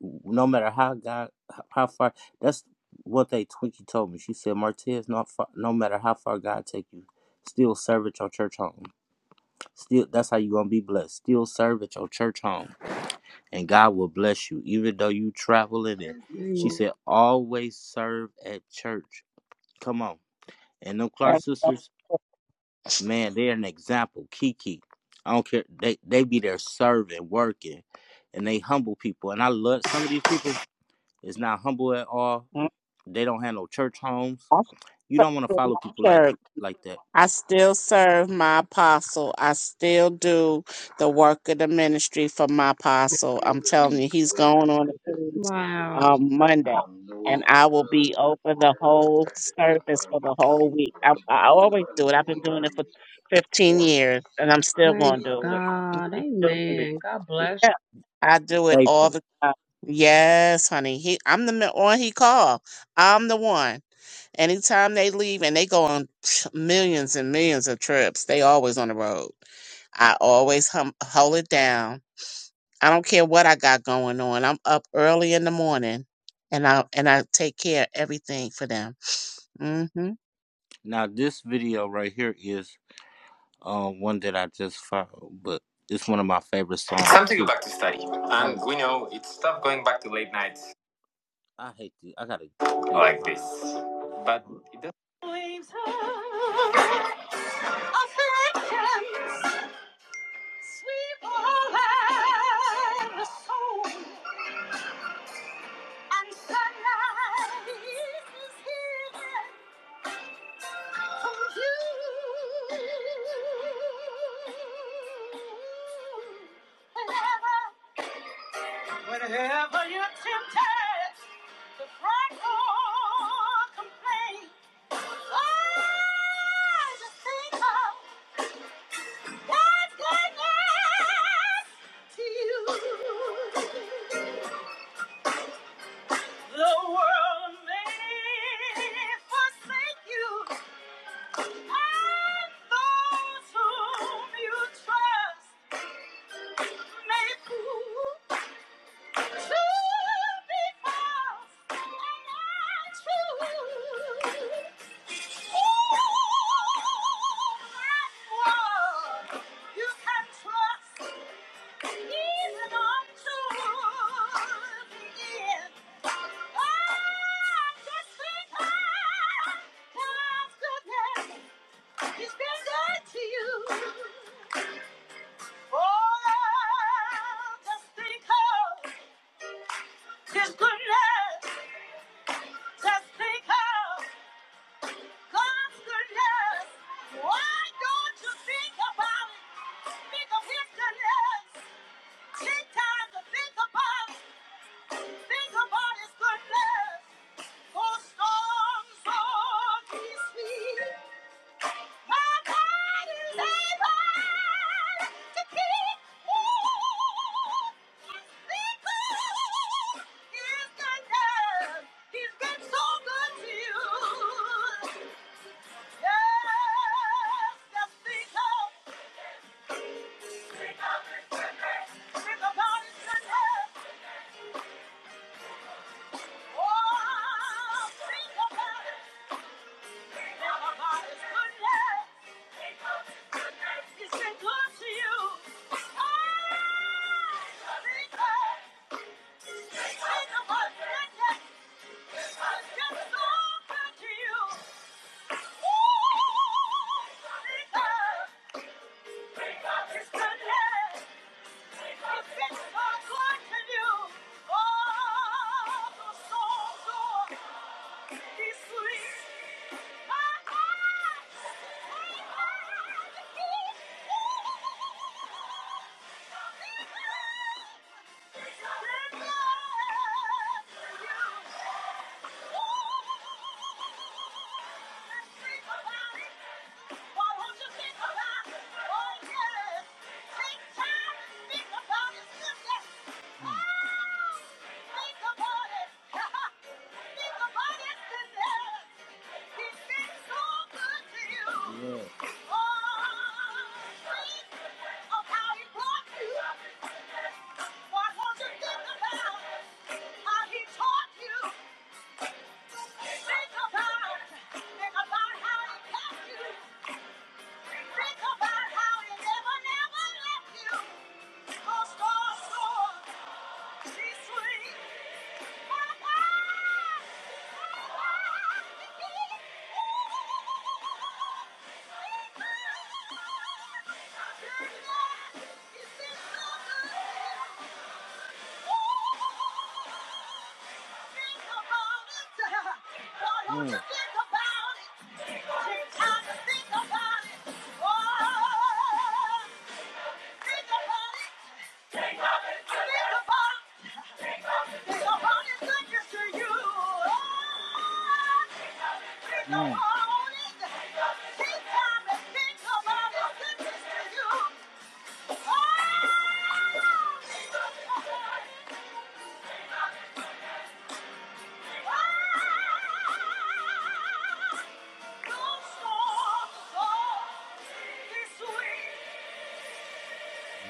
Speaker 1: no matter how God, how far. That's what they Twinkie told me. She said, Martez, not far, no matter how far God take you, still serve at your church home. Still, that's how you gonna be blessed. Still serve at your church home, and God will bless you, even though you travel in it. She said, always serve at church. Come on, and them Clark
Speaker 8: That's so.
Speaker 1: sisters, man, they're an example. Kiki, I don't care. They they be there serving, working, and they humble people. And I love some of these people It's not humble at all
Speaker 8: Mm,
Speaker 1: They don't have no church homes.
Speaker 8: I should
Speaker 1: You don't want to
Speaker 8: put
Speaker 1: follow
Speaker 8: my
Speaker 1: people
Speaker 8: church.
Speaker 1: like like that.
Speaker 8: I still serve my apostle. I still do the work of the ministry for my apostle. I'm telling you, he's going on the cruise
Speaker 10: Wow.
Speaker 8: um, Monday, and I will be open the whole service for the whole week. I, I always do it. I've been doing it for 15 years, and I'm still
Speaker 10: Praise
Speaker 8: going to do it. And
Speaker 10: God.
Speaker 8: keep doing it.
Speaker 10: Amen. God bless you.
Speaker 8: Yeah, I do it all
Speaker 1: Faithful.
Speaker 8: the time. Yes, honey. He, I'm the one he called. I'm the one. Anytime they leave and they go on millions and millions of trips, they always on the road. I always hum- hold it down. I don't care what I got going on. I'm up early in the morning, and I and I take care of everything for them. hmm
Speaker 1: Now this video right here is uh, one that I just found, but it's one of my favorite songs. It's time to go back to study, and we know it's tough going back to late nights. I hate this. I gotta Like this. But it doesn't. Waves afflictions The world may forsake you, and those whom you trust may prove. Oh, just think of his goodness. Just think of God's goodness. Why don't you think about it? Think of His goodness. Take time to think about it. Think about His goodness. For storms are His feet. My God is able to keep. Ooh, just think of His goodness. He's been so good to you. It's goodness. Think about it. Oh, yes. Take time to think about it. Thank you. Mm. Think about it. Think about it. Oh, Mm.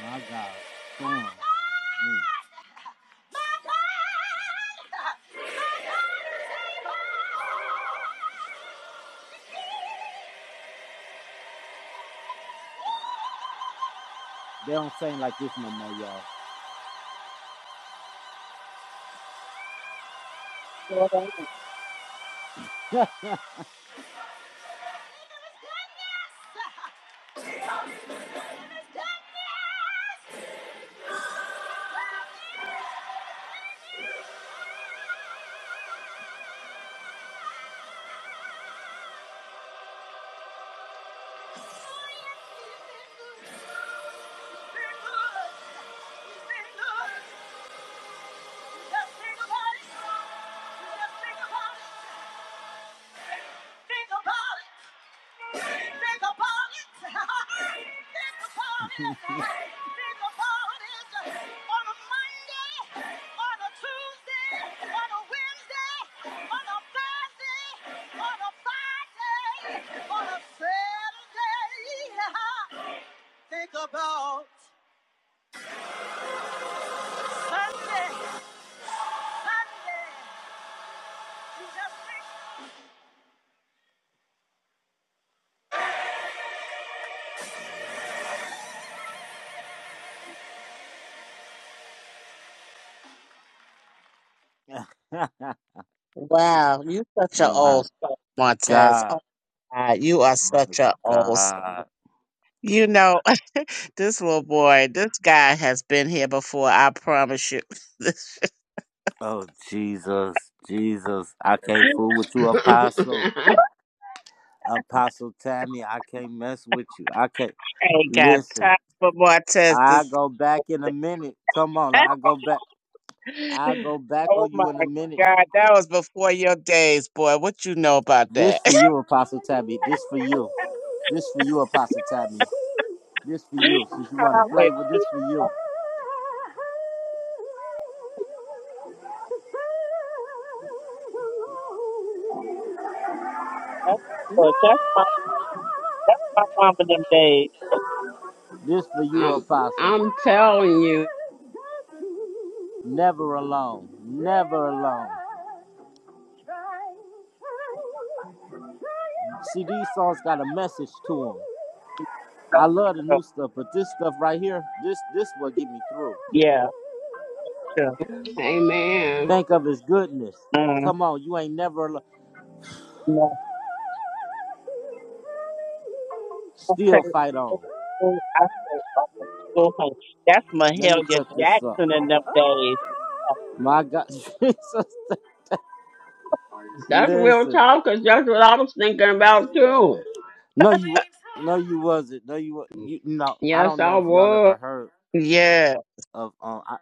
Speaker 1: My God, storm. They don't sing like this no more, y'all. Think about it. Think about it. Think about it. Think about it. On a Monday, on a Tuesday, on a Wednesday, on a Thursday, on a Friday, on a Saturday, Sunday, Sunday. You just think.
Speaker 8: Wow, you such an
Speaker 1: My
Speaker 8: old soul, Montez.
Speaker 1: God,
Speaker 8: Oh God, you are
Speaker 1: my
Speaker 8: such an old. soul.
Speaker 1: God.
Speaker 8: You know, this little boy, this guy has been here before. I promise you, this
Speaker 1: Oh Jesus, Jesus! I can't fool with you, Apostle, Apostle Tammy. I can't mess with you. I can't
Speaker 8: ain't got
Speaker 1: listen.
Speaker 8: time for Montez.
Speaker 1: I
Speaker 8: This.
Speaker 1: go back in a minute. Come on, I go back. I go back
Speaker 8: Oh
Speaker 1: on
Speaker 8: my
Speaker 1: you in a minute.
Speaker 8: God, that was before your days, boy. What you know about
Speaker 1: This
Speaker 8: that?
Speaker 1: for you, Apostle Tammy. This for you. This for you, Apostle Tammy. This for you. Since you want to play
Speaker 8: Hallelujah.
Speaker 1: with this for you.
Speaker 8: that's, that's That's my mom in them days.
Speaker 1: This for you,
Speaker 10: I'm
Speaker 1: Apostle.
Speaker 10: I'm telling you,
Speaker 1: Never alone. Never alone. See, these songs got a message to them.
Speaker 8: So
Speaker 1: I love the
Speaker 8: true.
Speaker 1: new stuff, but this stuff right here, this this will get me through.
Speaker 8: Yeah, true.
Speaker 10: Amen.
Speaker 1: Think of his goodness.
Speaker 8: Mm.
Speaker 1: Come on, you ain't never alo-
Speaker 8: No, I say,
Speaker 1: still fight on.
Speaker 8: I say, oh, school hunch. That's
Speaker 1: Let me
Speaker 8: Mahalia
Speaker 1: cut this up.
Speaker 8: Jackson in them days.
Speaker 1: My God, Jesus.
Speaker 10: That's real
Speaker 1: Listen.
Speaker 10: talk, 'cause that's what I was thinking about too.
Speaker 1: No, you wa- no, you wasn't. No, you wa- you no. I
Speaker 10: Yes,
Speaker 1: don't
Speaker 10: I
Speaker 1: know if y'all ever
Speaker 10: was.
Speaker 1: heard
Speaker 8: Yeah,
Speaker 1: of um. I,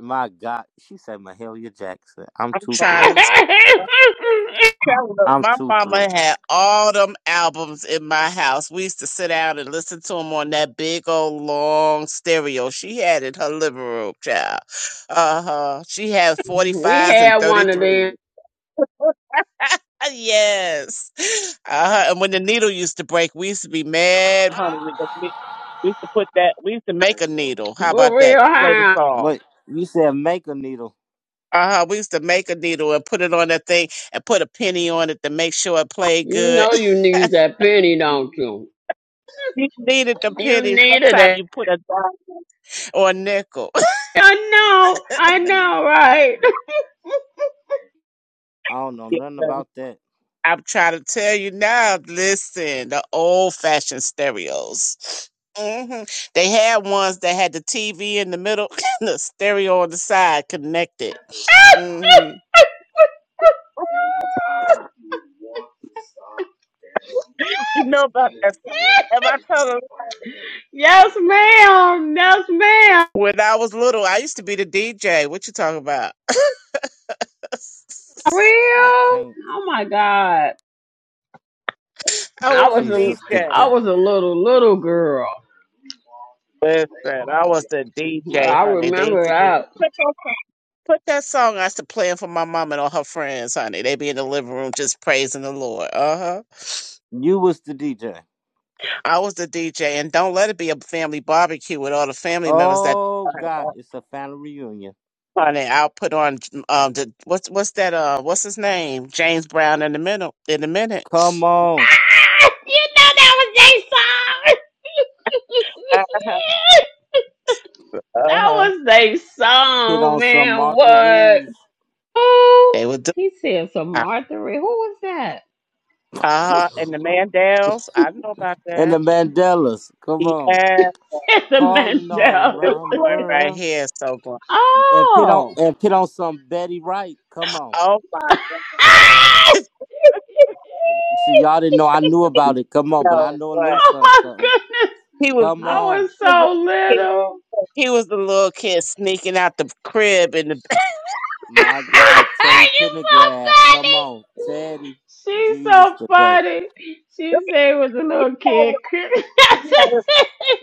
Speaker 1: my God, she said Mahalia Jackson. I'm
Speaker 8: I'm
Speaker 1: too
Speaker 8: trying
Speaker 1: through.
Speaker 8: to. Look,
Speaker 1: I'm
Speaker 8: my
Speaker 1: too through.
Speaker 8: mama had all them albums in my house. We used to sit out and listen to them on that big old long stereo she had in her living room, child. Uh huh. She had
Speaker 10: we
Speaker 8: 45s and
Speaker 10: had one of
Speaker 8: 33s.
Speaker 10: them
Speaker 8: yes. Uh huh. And when the needle used to break, we used to be mad, honey. because We we used to put that, we used to make a needle. How about
Speaker 10: for
Speaker 8: that?
Speaker 10: real,
Speaker 8: Play the
Speaker 10: huh?
Speaker 8: song.
Speaker 1: What you said? Make a needle.
Speaker 8: Uh huh. We used to make a needle and put it on that thing and put a penny on it to make sure it played
Speaker 10: You
Speaker 8: good.
Speaker 10: know you need that penny, don't you?
Speaker 8: You needed the
Speaker 10: You
Speaker 8: penny.
Speaker 10: needed
Speaker 8: Sometimes
Speaker 10: it.
Speaker 8: you put a dime or a nickel.
Speaker 10: I know, I know, right?
Speaker 1: I don't know
Speaker 8: Yes.
Speaker 1: nothing about that.
Speaker 8: I'm trying to tell you now. Listen, the old-fashioned stereos. hmm They had ones that had the TV in the middle, the stereo on the side connected. hmm You know about that? stuff. Am I tell them?
Speaker 10: yes, ma'am. Yes, ma'am.
Speaker 8: When I was little, I used to be the DJ. What you talking about?
Speaker 1: I
Speaker 10: Real?
Speaker 1: can't.
Speaker 10: Oh my God.
Speaker 8: I
Speaker 10: I
Speaker 8: was the
Speaker 10: was a
Speaker 1: Jesus
Speaker 8: DJ.
Speaker 10: I
Speaker 1: today.
Speaker 10: was a little little girl.
Speaker 8: Listen, I was the DJ,
Speaker 10: I
Speaker 8: honey. They used
Speaker 10: remember
Speaker 8: to be.
Speaker 10: that.
Speaker 8: Put that song I used to playing for my mom and all her friends, honey. They be in the living room just praising the Lord. Uh huh.
Speaker 1: You was the DJ.
Speaker 8: I was the DJ, and don't let it be a family barbecue with all the family members that.
Speaker 1: Oh God, it's a family reunion.
Speaker 8: Honey, I'll put on um the what's what's that uh what's his name James Brown in the middle in a minute.
Speaker 1: Come on,
Speaker 10: you know that was their song.
Speaker 8: Uh huh. Uh
Speaker 10: that
Speaker 8: huh.
Speaker 10: was their
Speaker 1: hit
Speaker 10: song,
Speaker 1: on some
Speaker 10: man.
Speaker 1: Martha
Speaker 10: What?
Speaker 1: Reeves
Speaker 10: Oh,
Speaker 8: They would do.
Speaker 10: he said some
Speaker 8: Uh
Speaker 10: Martha. Ray. Who was that?
Speaker 8: huh. And the Mandels, I know about
Speaker 1: and the
Speaker 8: that.
Speaker 1: Mandelas. Come
Speaker 8: Yeah,
Speaker 1: on,
Speaker 10: Said the
Speaker 1: calling all
Speaker 8: this
Speaker 10: Mandela.
Speaker 1: around the
Speaker 8: boy right
Speaker 1: world.
Speaker 8: here is so good.
Speaker 1: and put on
Speaker 10: Oh.
Speaker 1: and put on some Betty Wright. Come on.
Speaker 8: Oh my god,
Speaker 10: Ah!
Speaker 1: See, y'all didn't know I knew
Speaker 8: he's
Speaker 1: about it. Come on, but I
Speaker 8: so
Speaker 1: know a
Speaker 8: good.
Speaker 1: little something,
Speaker 10: oh my
Speaker 1: something.
Speaker 10: goodness!
Speaker 8: He was
Speaker 1: Come
Speaker 8: he
Speaker 10: I
Speaker 8: was
Speaker 1: on.
Speaker 10: was
Speaker 8: he was the
Speaker 10: so
Speaker 8: little kid
Speaker 10: little.
Speaker 8: he was the little kid sneaking out the crib in the
Speaker 10: you
Speaker 1: My
Speaker 8: with-
Speaker 1: God, Teddy
Speaker 10: so
Speaker 1: Pendergraph. Come on,
Speaker 10: funny.
Speaker 1: Teddy.
Speaker 10: She's so
Speaker 1: Jesus today.
Speaker 10: funny. She said it was a little kid.
Speaker 8: he had a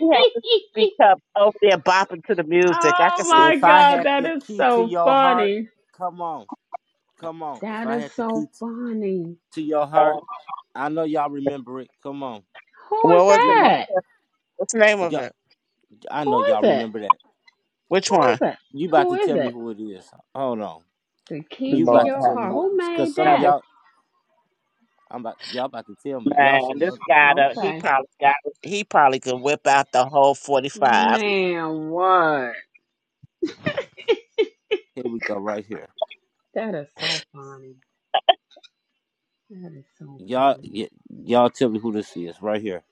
Speaker 8: he had a speak up over there bopping to the music. I can
Speaker 10: oh
Speaker 8: see
Speaker 10: my
Speaker 1: If I
Speaker 10: god,
Speaker 1: had
Speaker 10: that
Speaker 1: the
Speaker 10: is
Speaker 1: key to
Speaker 10: so
Speaker 1: your heart,
Speaker 10: funny.
Speaker 1: come on. Come on. If
Speaker 10: That
Speaker 1: I
Speaker 10: is
Speaker 1: had the key
Speaker 10: so
Speaker 1: t-
Speaker 10: funny.
Speaker 1: to your
Speaker 8: that.
Speaker 1: heart, I know y'all remember it. Come on.
Speaker 10: Who
Speaker 8: what
Speaker 10: is
Speaker 8: was it? Mo?
Speaker 1: You,
Speaker 10: that?
Speaker 8: What's the name of
Speaker 1: y'all,
Speaker 8: it?
Speaker 1: I
Speaker 10: Who
Speaker 1: know
Speaker 10: is
Speaker 1: y'all
Speaker 10: it?
Speaker 1: remember that.
Speaker 8: Which
Speaker 10: Who is
Speaker 8: one?
Speaker 10: it?
Speaker 1: You about
Speaker 10: Who
Speaker 1: to
Speaker 10: is
Speaker 1: tell me
Speaker 10: it?
Speaker 1: who it is. Hold on.
Speaker 10: The key
Speaker 1: You
Speaker 10: to
Speaker 1: about
Speaker 8: Lord,
Speaker 1: to
Speaker 10: your
Speaker 8: have-
Speaker 1: tell me
Speaker 10: heart.
Speaker 1: who, it
Speaker 10: Who
Speaker 1: is. because
Speaker 10: made
Speaker 1: some of
Speaker 8: now this
Speaker 10: that?
Speaker 1: y'all I'm about y'all about to tell me. Y'all
Speaker 8: man,
Speaker 1: should
Speaker 8: this
Speaker 1: know.
Speaker 8: guy, done- he
Speaker 10: Okay.
Speaker 8: probably got he probably could whip out the whole forty five.
Speaker 10: Man, what?
Speaker 1: Here we go, right here.
Speaker 10: That is so funny. That is so
Speaker 1: Y'all,
Speaker 10: funny.
Speaker 1: y- y'all tell me who this is, right here.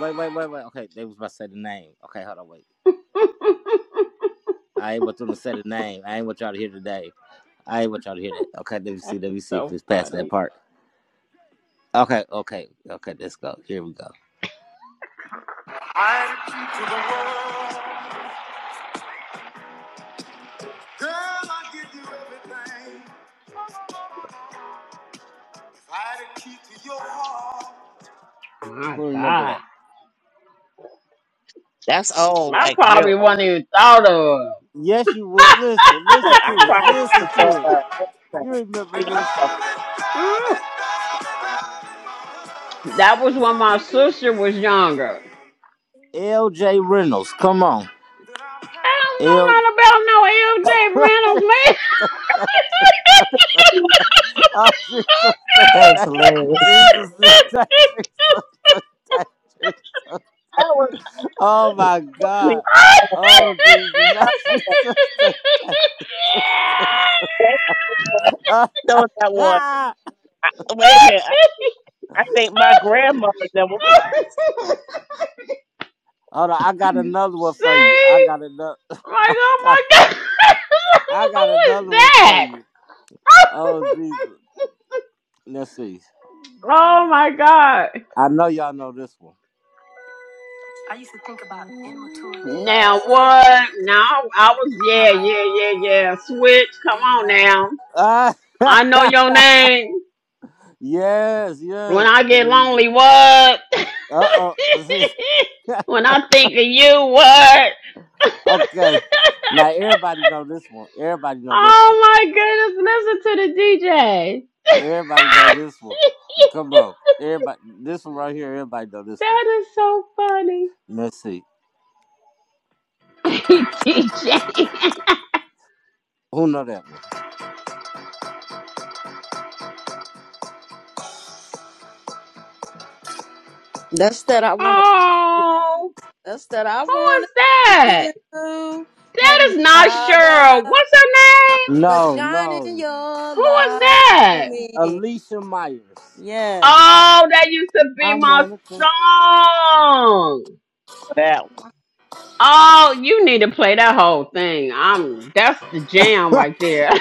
Speaker 1: Wait, wait, wait, wait. Okay, they was about to say the name. Okay, hold on, wait. I ain't want them to say the name. I ain't want y'all to hear today. I ain't want y'all to hear that. Okay, let me
Speaker 10: That
Speaker 1: see. Let
Speaker 10: is
Speaker 1: me see if
Speaker 10: so
Speaker 1: it's past that
Speaker 10: funny.
Speaker 1: part. Okay, okay, okay. Let's go. Here we go.
Speaker 10: My
Speaker 1: Who remember
Speaker 10: God.
Speaker 1: that?
Speaker 8: That's old,
Speaker 10: I
Speaker 8: like real.
Speaker 10: probably wasn't even thought of.
Speaker 1: Yes, you would. Listen,
Speaker 8: old.
Speaker 1: listen
Speaker 8: I
Speaker 1: to it.
Speaker 8: probably could
Speaker 1: Listen
Speaker 8: have thought
Speaker 1: to it.
Speaker 8: of.
Speaker 1: You
Speaker 8: everything. Yeah,
Speaker 1: remember
Speaker 8: I
Speaker 1: this?
Speaker 10: Mm, that was when my sister was younger.
Speaker 1: L.J. Reynolds. Come on,
Speaker 10: I don't know
Speaker 1: L.
Speaker 10: nothing about no L.J. Reynolds, man.
Speaker 1: Oh, Jesus,
Speaker 7: That was
Speaker 1: touch
Speaker 7: hilarious.
Speaker 1: Jesus, touch Jesus, touch Jesus. Oh, my God. Oh,
Speaker 8: was
Speaker 1: Jesus. Oh, Jesus, touch Jesus.
Speaker 8: So
Speaker 1: Oh,
Speaker 8: that one.
Speaker 1: ah.
Speaker 8: I, wait a minute. I, I think my grandmother that was
Speaker 1: Hold on, I got another one for you. I
Speaker 10: See?
Speaker 1: got another.
Speaker 10: Like, oh my god,
Speaker 1: I
Speaker 10: who
Speaker 1: got
Speaker 10: is
Speaker 1: another one for
Speaker 10: that?
Speaker 1: you. Oh Jesus, let's see.
Speaker 10: oh my god.
Speaker 1: I know y'all know this one. I used to think about immature things.
Speaker 10: Now what? Now I was
Speaker 1: You know,
Speaker 10: yeah,
Speaker 1: like,
Speaker 10: yeah, yeah, yeah. Switch,
Speaker 1: do
Speaker 10: come
Speaker 1: you
Speaker 10: on
Speaker 1: love me?
Speaker 10: now.
Speaker 1: Ah,
Speaker 10: I know your name.
Speaker 1: yes, yes.
Speaker 10: When I
Speaker 1: Okay, let
Speaker 10: get
Speaker 1: me.
Speaker 10: lonely, what?
Speaker 1: Uh oh.
Speaker 10: when I think of you, what?
Speaker 1: Okay. Now everybody know this one. Everybody know this one.
Speaker 10: oh my goodness, listen to the DJ.
Speaker 1: Everybody know this one. Come on. Everybody this one right here, everybody know this one.
Speaker 10: that is so funny.
Speaker 1: Let's see.
Speaker 10: TJ.
Speaker 1: Who know that one?
Speaker 3: That's that I want to.
Speaker 10: Oh,
Speaker 3: That's that I
Speaker 10: who is
Speaker 3: want to thank
Speaker 10: that?
Speaker 3: you,
Speaker 10: That is
Speaker 3: Heavenly
Speaker 10: not Cheryl.
Speaker 3: Father,
Speaker 10: What's her name?
Speaker 3: for
Speaker 1: No,
Speaker 3: shining
Speaker 1: no.
Speaker 3: your
Speaker 10: Who is
Speaker 3: light
Speaker 10: that?
Speaker 3: on me.
Speaker 1: Alicia Myers.
Speaker 3: Yes.
Speaker 10: Oh, that used to be
Speaker 1: I'm
Speaker 10: my
Speaker 1: one of them.
Speaker 10: song.
Speaker 8: that. one.
Speaker 10: Oh, you need to play that whole thing. I'm that's the jam right there.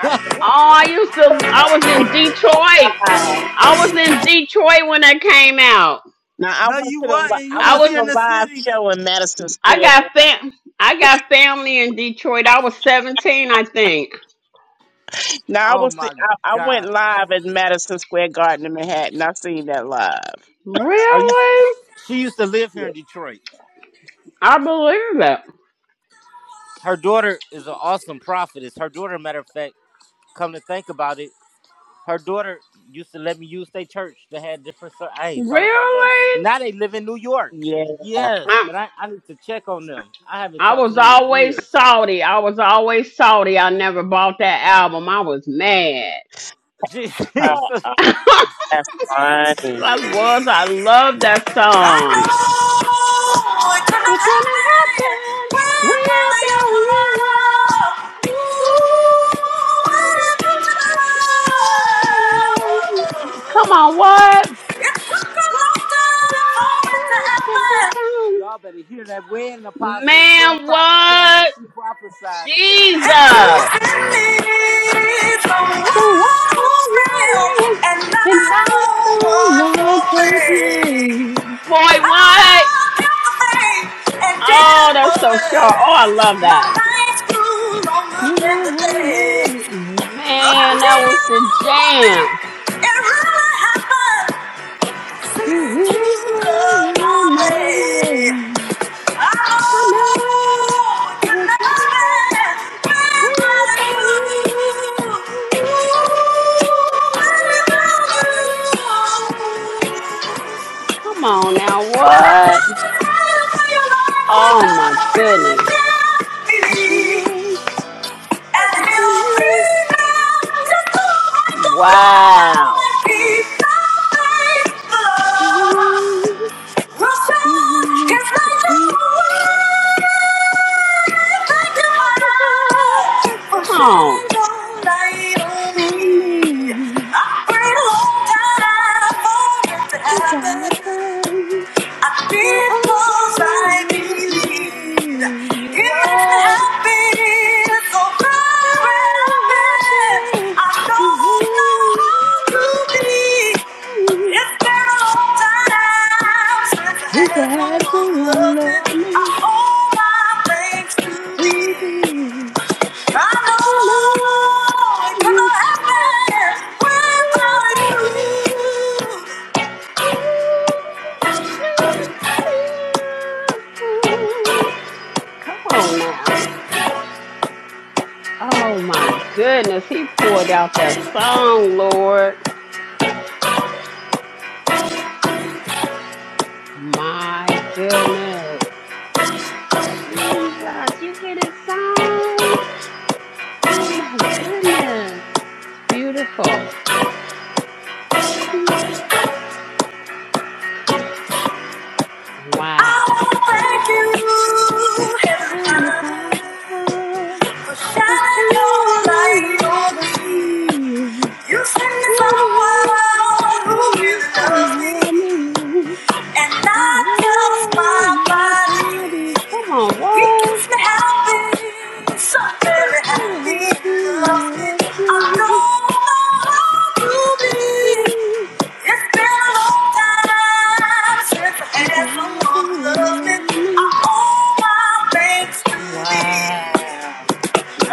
Speaker 8: I
Speaker 10: Oh, I used to. I was
Speaker 8: think
Speaker 10: in
Speaker 8: we had
Speaker 10: Detroit.
Speaker 8: five.
Speaker 10: I was in Detroit when that came out.
Speaker 8: Now I
Speaker 1: No,
Speaker 8: went
Speaker 1: you
Speaker 8: to the li-
Speaker 1: wasn't.
Speaker 8: I
Speaker 1: You
Speaker 10: I
Speaker 1: was
Speaker 8: went to
Speaker 1: here
Speaker 10: was.
Speaker 1: in
Speaker 8: the
Speaker 1: the
Speaker 8: live
Speaker 1: city.
Speaker 8: show in Madison
Speaker 10: I
Speaker 8: Square.
Speaker 10: got
Speaker 8: Gar-
Speaker 10: fam. I got family in Detroit. I was 17, I think.
Speaker 8: Now I
Speaker 1: Oh
Speaker 8: was the,
Speaker 1: my
Speaker 8: I, I went
Speaker 1: God.
Speaker 8: live at Madison Square Garden in Manhattan. I seen that live.
Speaker 1: Are you
Speaker 10: Really?
Speaker 1: she used to live here in Detroit.
Speaker 10: I believe it.
Speaker 1: Her daughter is an awesome prophetess. Her daughter, matter of fact, come to think about it. Her daughter used to let me use their church. They had different. ser- I ain't thought about that.
Speaker 10: Really?
Speaker 1: Now they live in New York.
Speaker 8: Yeah,
Speaker 1: Yes,
Speaker 10: I,
Speaker 1: and I, I need to check on them. I haven't
Speaker 10: I
Speaker 1: talked to
Speaker 10: was
Speaker 1: them in
Speaker 10: always
Speaker 1: years.
Speaker 10: salty. I was always salty. I never bought that album. I was mad. Cause
Speaker 1: Jesus.
Speaker 8: uh,
Speaker 10: I
Speaker 8: that's funny.
Speaker 10: was. I love that
Speaker 1: I
Speaker 10: song.
Speaker 1: know it could not
Speaker 10: It couldn't
Speaker 1: happen
Speaker 10: happen
Speaker 1: without
Speaker 10: without you, love.
Speaker 1: your
Speaker 10: Ooh, without you.
Speaker 1: love. Ooh, without
Speaker 10: Come
Speaker 1: your love.
Speaker 10: on, what?
Speaker 1: Y'all better hear that wedding apostle. We're
Speaker 10: Man,
Speaker 1: Apostle Tammy.
Speaker 10: what?
Speaker 1: She prophesied it. you and
Speaker 10: Jesus.
Speaker 1: and and me, the one
Speaker 10: So
Speaker 1: who's
Speaker 10: I
Speaker 1: real,
Speaker 10: live
Speaker 1: I don't
Speaker 10: and
Speaker 1: didn't no
Speaker 10: not
Speaker 1: one for
Speaker 10: someone
Speaker 1: me.
Speaker 10: proclaim. Boy, what?
Speaker 1: I kept the the faith and
Speaker 10: Oh,
Speaker 1: didn't
Speaker 10: that's so
Speaker 1: worry.
Speaker 10: sharp. Oh, I love
Speaker 1: My
Speaker 10: that.
Speaker 1: nights grew longer than
Speaker 10: Now I know.
Speaker 1: day
Speaker 10: Man,
Speaker 1: day
Speaker 10: that was the
Speaker 1: until one day,
Speaker 10: jam.
Speaker 1: it really happened. Thank
Speaker 10: It
Speaker 1: you.
Speaker 10: is round my way. I know we couldn't happen without you. Oh, without you. Come on now, what? Oh my goodness. Wow.
Speaker 1: Russia is like a wave.
Speaker 10: Come on. For me. This happens. Now all I will believe you are very happy.
Speaker 1: It's been a long time since I
Speaker 10: Since I
Speaker 1: had
Speaker 10: had
Speaker 1: someone
Speaker 10: someone
Speaker 1: loved
Speaker 10: love
Speaker 1: me. I
Speaker 10: me
Speaker 1: owe my thanks to
Speaker 10: to
Speaker 1: thee.
Speaker 10: be,
Speaker 1: I
Speaker 10: I
Speaker 1: know it
Speaker 10: know it
Speaker 1: not
Speaker 10: could
Speaker 1: happen
Speaker 10: happen
Speaker 1: without
Speaker 10: without you.
Speaker 1: you.
Speaker 10: Ooh, without you. Come on now. Oh my goodness, he poured out that song, Lord. My goodness. Jesus, you hear this song? Oh my goodness. It's beautiful.
Speaker 1: I
Speaker 10: Wow.
Speaker 1: wanna thank you, Heavenly
Speaker 10: Heavenly
Speaker 1: Father,
Speaker 10: Father,
Speaker 1: for
Speaker 10: let's
Speaker 1: shining your
Speaker 10: shine your
Speaker 1: light on
Speaker 10: light on
Speaker 1: me.
Speaker 10: me.
Speaker 1: You sent me
Speaker 10: Run
Speaker 1: someone who really
Speaker 10: around, I
Speaker 1: loves me.
Speaker 10: love you.
Speaker 1: And I
Speaker 10: I have
Speaker 1: tell my
Speaker 10: my body. Come on,
Speaker 1: body, he
Speaker 10: what?
Speaker 1: keeps me happy, so
Speaker 10: So
Speaker 1: very
Speaker 10: very
Speaker 1: happy.
Speaker 10: happy,
Speaker 1: He loves me.
Speaker 10: love
Speaker 1: I
Speaker 10: me. Just
Speaker 1: don't know how to be.
Speaker 10: me.
Speaker 1: It's been a long time since I
Speaker 10: You
Speaker 1: had
Speaker 10: guys
Speaker 1: someone
Speaker 10: don't
Speaker 1: who
Speaker 10: wanna
Speaker 1: loved me.
Speaker 10: love
Speaker 1: I
Speaker 10: me.
Speaker 1: owe my thanks to thee.
Speaker 10: Wow.
Speaker 1: And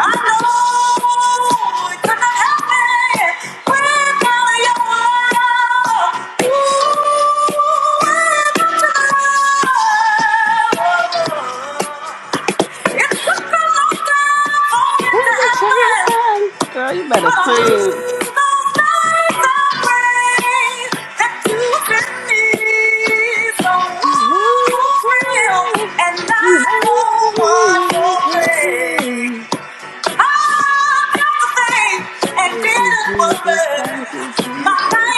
Speaker 10: What the happen? Girl, you better sing. So walk around and
Speaker 1: not
Speaker 10: know
Speaker 1: no
Speaker 10: someone will
Speaker 1: one
Speaker 10: go somewhere to
Speaker 1: for me.
Speaker 10: play.
Speaker 1: Thank
Speaker 10: Thank you, Jesus. Thank you, Jesus.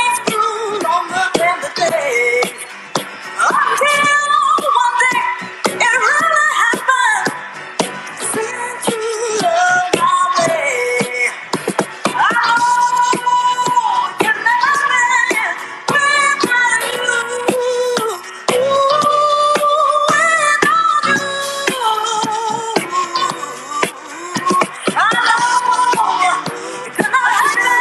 Speaker 1: you. I know Oh,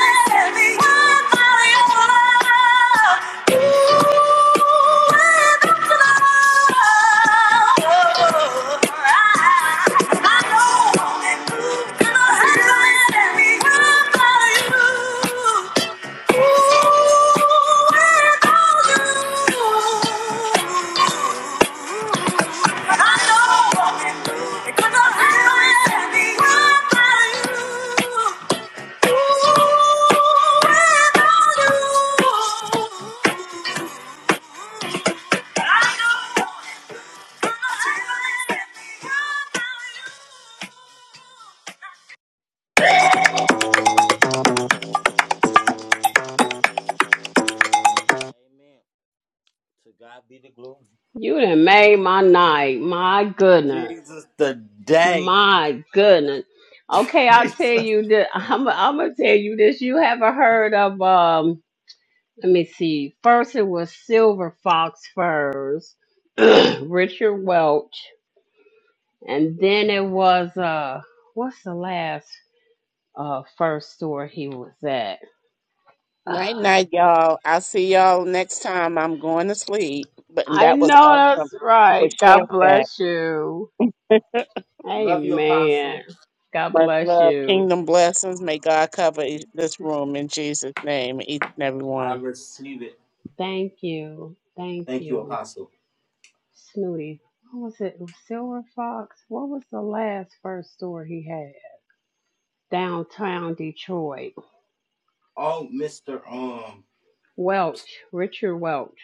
Speaker 1: because I'm happy, I'm happy. I'm happy. Amen. To God be the glory.
Speaker 10: You done made my night. My goodness.
Speaker 1: Jesus, today.
Speaker 10: My goodness. Okay, I'll tell
Speaker 1: Jesus.
Speaker 10: you that I'm, I'm gonna tell you this. You haven't heard of um let me see. First it was Silver Fox Furs, Richard Welch, and then it was uh what's the last uh first store he was at?
Speaker 8: Night night, y'all. I'll see y'all next time. I'm going to sleep. But and
Speaker 10: I
Speaker 8: that was
Speaker 10: know
Speaker 8: awesome Thank
Speaker 10: that's
Speaker 8: you for
Speaker 10: right. God
Speaker 8: sharing
Speaker 10: bless you.
Speaker 8: that.
Speaker 1: Love you,
Speaker 10: Amen.
Speaker 1: Apostle.
Speaker 10: God
Speaker 8: Much
Speaker 10: bless
Speaker 8: love.
Speaker 10: you.
Speaker 8: Kingdom blessings. May God cover each- this room in Jesus' name, each and every
Speaker 1: I
Speaker 8: one.
Speaker 1: receive it.
Speaker 10: Thank you. Thank
Speaker 1: Thank you,
Speaker 10: you.
Speaker 1: Apostle.
Speaker 10: Snooty. What was it? Silver Fox? What was the last first store he had? Downtown Detroit.
Speaker 1: Oh, Mr. Um,
Speaker 10: Welch, Richard Welch.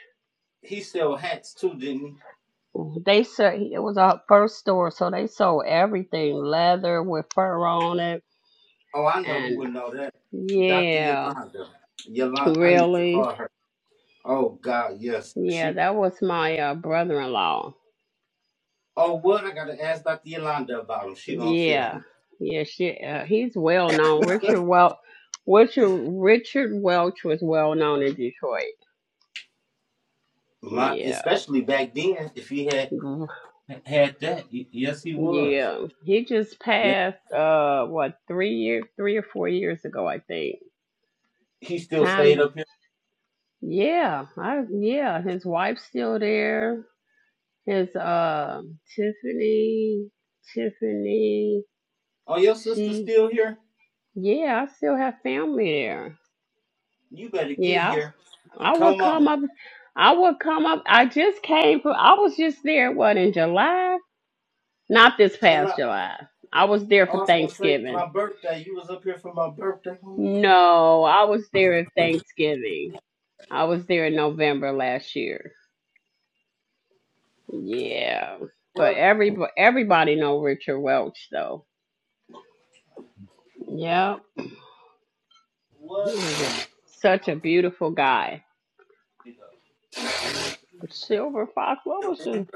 Speaker 1: he sell hats too, didn't he?
Speaker 10: They said it was a first store, so they sold everything leather with fur on it.
Speaker 1: Oh, I know who
Speaker 10: And
Speaker 1: would know that. Dr.
Speaker 10: yeah,
Speaker 1: Yolanda. Yolanda, I need to
Speaker 10: really?
Speaker 1: call her. Oh God, yes.
Speaker 10: Yeah,
Speaker 1: She.
Speaker 10: that was my uh, brother in law.
Speaker 1: Oh, what I gotta ask Dr. Yolanda about him. She gonna tell
Speaker 10: Yeah,
Speaker 1: me.
Speaker 10: yeah, she, uh, he's well known. Richard Welch. Richard, Richard Welch was well known in Detroit.
Speaker 1: My,
Speaker 10: Yeah.
Speaker 1: especially back then, if he had had that, y- yes, he was.
Speaker 10: Yeah, he just
Speaker 1: Yes,
Speaker 10: passed. Uh, what three years, three or four years ago, I think.
Speaker 1: he still stayed
Speaker 10: Time.
Speaker 1: up here.
Speaker 10: Yeah, I yeah. His wife's still there. His uh, Tiffany, Tiffany.
Speaker 1: Oh, your sister
Speaker 10: She.
Speaker 1: still here?
Speaker 10: Yeah, I still have family there.
Speaker 1: You better get
Speaker 10: Yeah,
Speaker 1: here.
Speaker 10: I would
Speaker 1: Come
Speaker 10: come
Speaker 1: on,
Speaker 10: up. I would come up. I just came from. I was just there. What in July? Not this
Speaker 1: chill
Speaker 10: past
Speaker 1: out.
Speaker 10: July. I was there
Speaker 1: Oh,
Speaker 10: for
Speaker 1: I was gonna say
Speaker 10: Thanksgiving.
Speaker 1: my birthday. You was up here for my birthday, homie.
Speaker 10: No, I was there at Thanksgiving. I was there in November last year. Yeah, but
Speaker 1: What?
Speaker 10: every everybody know Richard Welch though. Yep, he was a
Speaker 1: What?
Speaker 10: such a beautiful guy. Silver Fox, what was his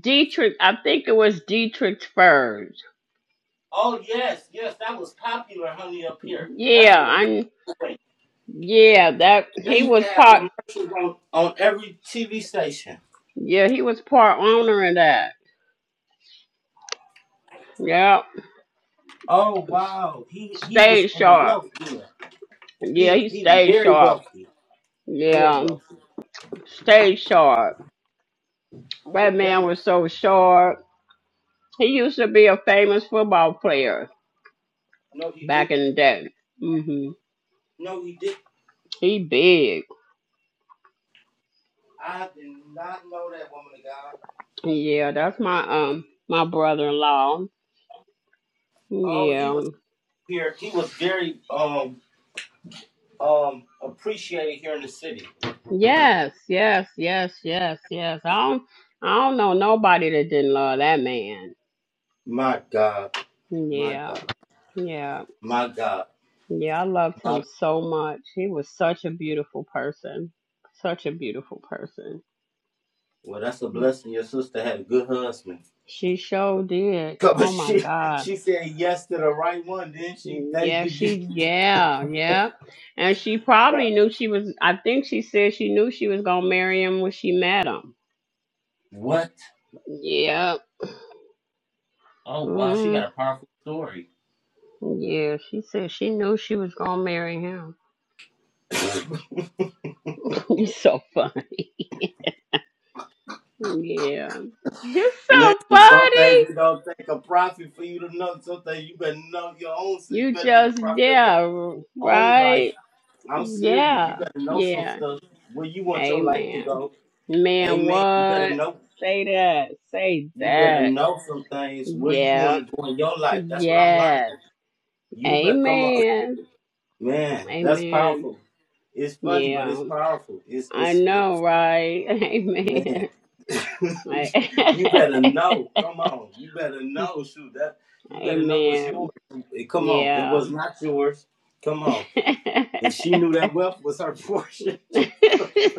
Speaker 10: Dietrich? I think it was Dietrich Furs.
Speaker 1: Oh yes, yes, that was popular, honey, up here.
Speaker 10: Yeah,
Speaker 1: That's what
Speaker 10: I
Speaker 1: originally.
Speaker 10: yeah that
Speaker 1: They
Speaker 10: he
Speaker 1: used to
Speaker 10: was
Speaker 1: have
Speaker 10: part.
Speaker 1: commercials on, on every TV station.
Speaker 10: Yeah, he was part owner in that. Yep,
Speaker 1: Oh wow, he he was
Speaker 10: stayed
Speaker 1: in the
Speaker 10: sharp.
Speaker 1: wealth deal. He
Speaker 10: Yeah, he
Speaker 1: he
Speaker 10: stayed
Speaker 1: very
Speaker 10: sharp.
Speaker 1: wealthy, very
Speaker 10: Yeah.
Speaker 1: wealthy.
Speaker 10: Stay sharp. That
Speaker 1: Damn
Speaker 10: man
Speaker 1: it!
Speaker 10: was so sharp. He used to be a famous football player
Speaker 1: No, he did.
Speaker 10: back in the day. Mhm.
Speaker 1: No, he did.
Speaker 10: He big.
Speaker 1: I did not know that woman of God.
Speaker 10: Yeah, that's my um my brother-in-law.
Speaker 1: Oh, he
Speaker 10: Yeah.
Speaker 1: was here. He was very um um appreciated here in the city.
Speaker 10: Yes, yes, yes, yes, yes. I don't I don't know nobody that didn't love that man.
Speaker 1: My God, my
Speaker 10: Yeah.
Speaker 1: God,
Speaker 10: Yeah.
Speaker 1: my God,
Speaker 10: Yeah, I loved
Speaker 1: my.
Speaker 10: him so much. He was such a beautiful person. Such a beautiful person.
Speaker 1: Well, that's a blessing. Your sister had a good husband.
Speaker 10: She sure did.
Speaker 1: But
Speaker 10: Oh my
Speaker 1: she
Speaker 10: God.
Speaker 1: she said yes to the right one, didn't she? Thank
Speaker 10: Yeah,
Speaker 1: you. Jesus.
Speaker 10: she, yeah, yeah. And she probably knew she was, I think she said she knew she was going to marry him when she met him.
Speaker 1: What?
Speaker 10: Yeah.
Speaker 1: Oh wow, she
Speaker 10: Mm,
Speaker 1: got a powerful story.
Speaker 10: yeah, she said she knew she was going to marry him. You're so funny. Yeah. You're so
Speaker 1: Listen,
Speaker 10: funny.
Speaker 1: sometimes you don't take a prophet for you to know. Sometimes you better know your own self. You
Speaker 10: You
Speaker 1: better be the
Speaker 10: just,
Speaker 1: prophet of your
Speaker 10: yeah,
Speaker 1: own life.
Speaker 10: right?
Speaker 1: I'm serious.
Speaker 10: Yeah,
Speaker 1: You better know some
Speaker 10: yeah.
Speaker 1: stuff where you want your life to
Speaker 10: Amen.
Speaker 1: go.
Speaker 10: Man,
Speaker 1: Amen. You better
Speaker 10: what?
Speaker 1: know.
Speaker 10: Say that. Say
Speaker 1: You better
Speaker 10: that.
Speaker 1: know some things where you
Speaker 10: Yeah.
Speaker 1: want to go in your life. That's what I'm learning.
Speaker 10: Yes.
Speaker 1: You better come on,
Speaker 10: Amen.
Speaker 1: man. That's
Speaker 10: Amen.
Speaker 1: powerful. It's funny, but it's
Speaker 10: Yeah.
Speaker 1: powerful. It's
Speaker 10: I
Speaker 1: it's.
Speaker 10: know, right?
Speaker 1: Man,
Speaker 10: Amen. Right.
Speaker 1: you better know. Come on, you better know. Shoot, that you better know what's yours.
Speaker 10: Amen.
Speaker 1: Eh, Come on, it
Speaker 10: Yeah.
Speaker 1: was not yours. Come on, and she knew that wealth was her portion.